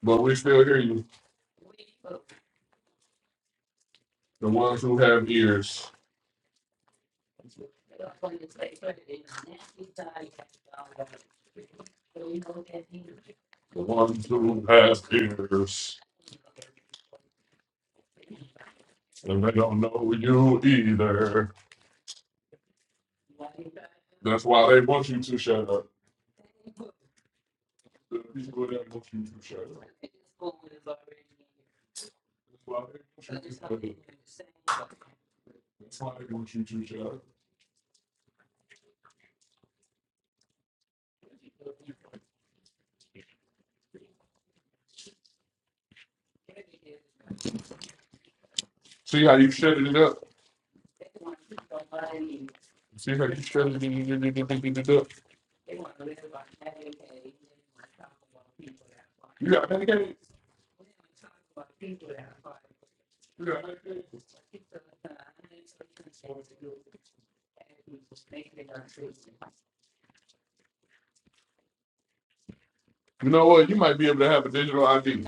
But you- the ones who has ears and they don't know you either. That's why they want you to shut up. The people that want you to shut up. See how you shutting it up. See how you up. you got medicaid. You got medicaid. You know what? You might be able to have a digital ID.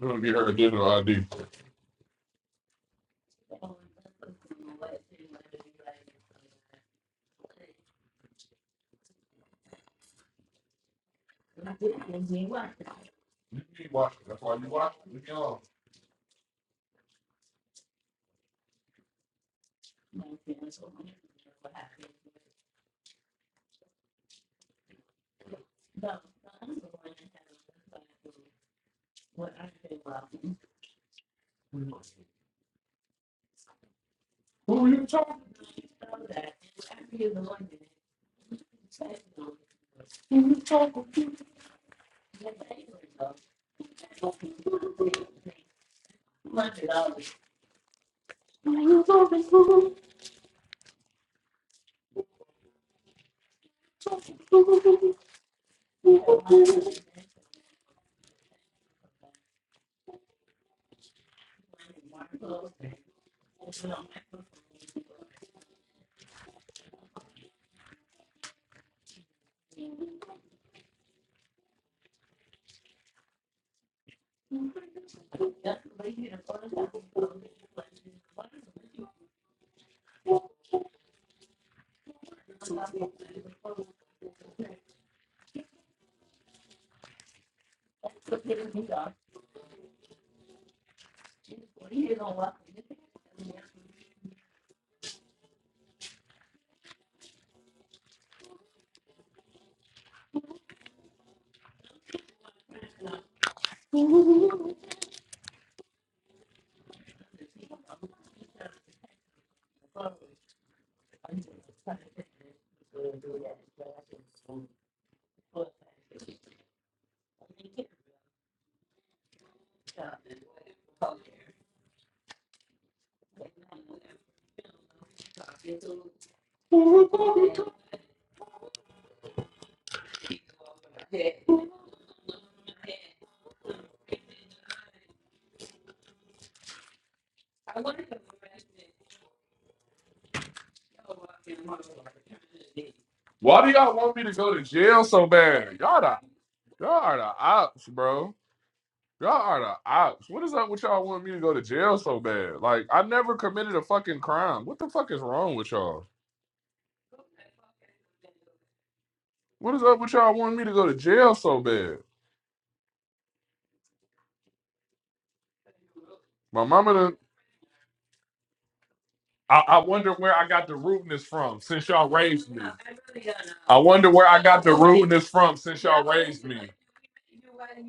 We're gonna get her a digital ID. You keep watching. That's why you watch. Leave me alone. Why do y'all want me to go to jail so bad? Y'all the y'all are the ops, bro. Y'all are the ops. What is up with y'all want me to go to jail so bad? Like I never committed a fucking crime. What the fuck is wrong with y'all? What is up with y'all wanting me to go to jail so bad? My mama done. I, I wonder where I got the rudeness from since y'all raised me. I wonder where I got the rudeness from since y'all raised me.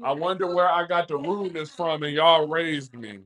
I wonder where I got the rudeness from and y'all raised me.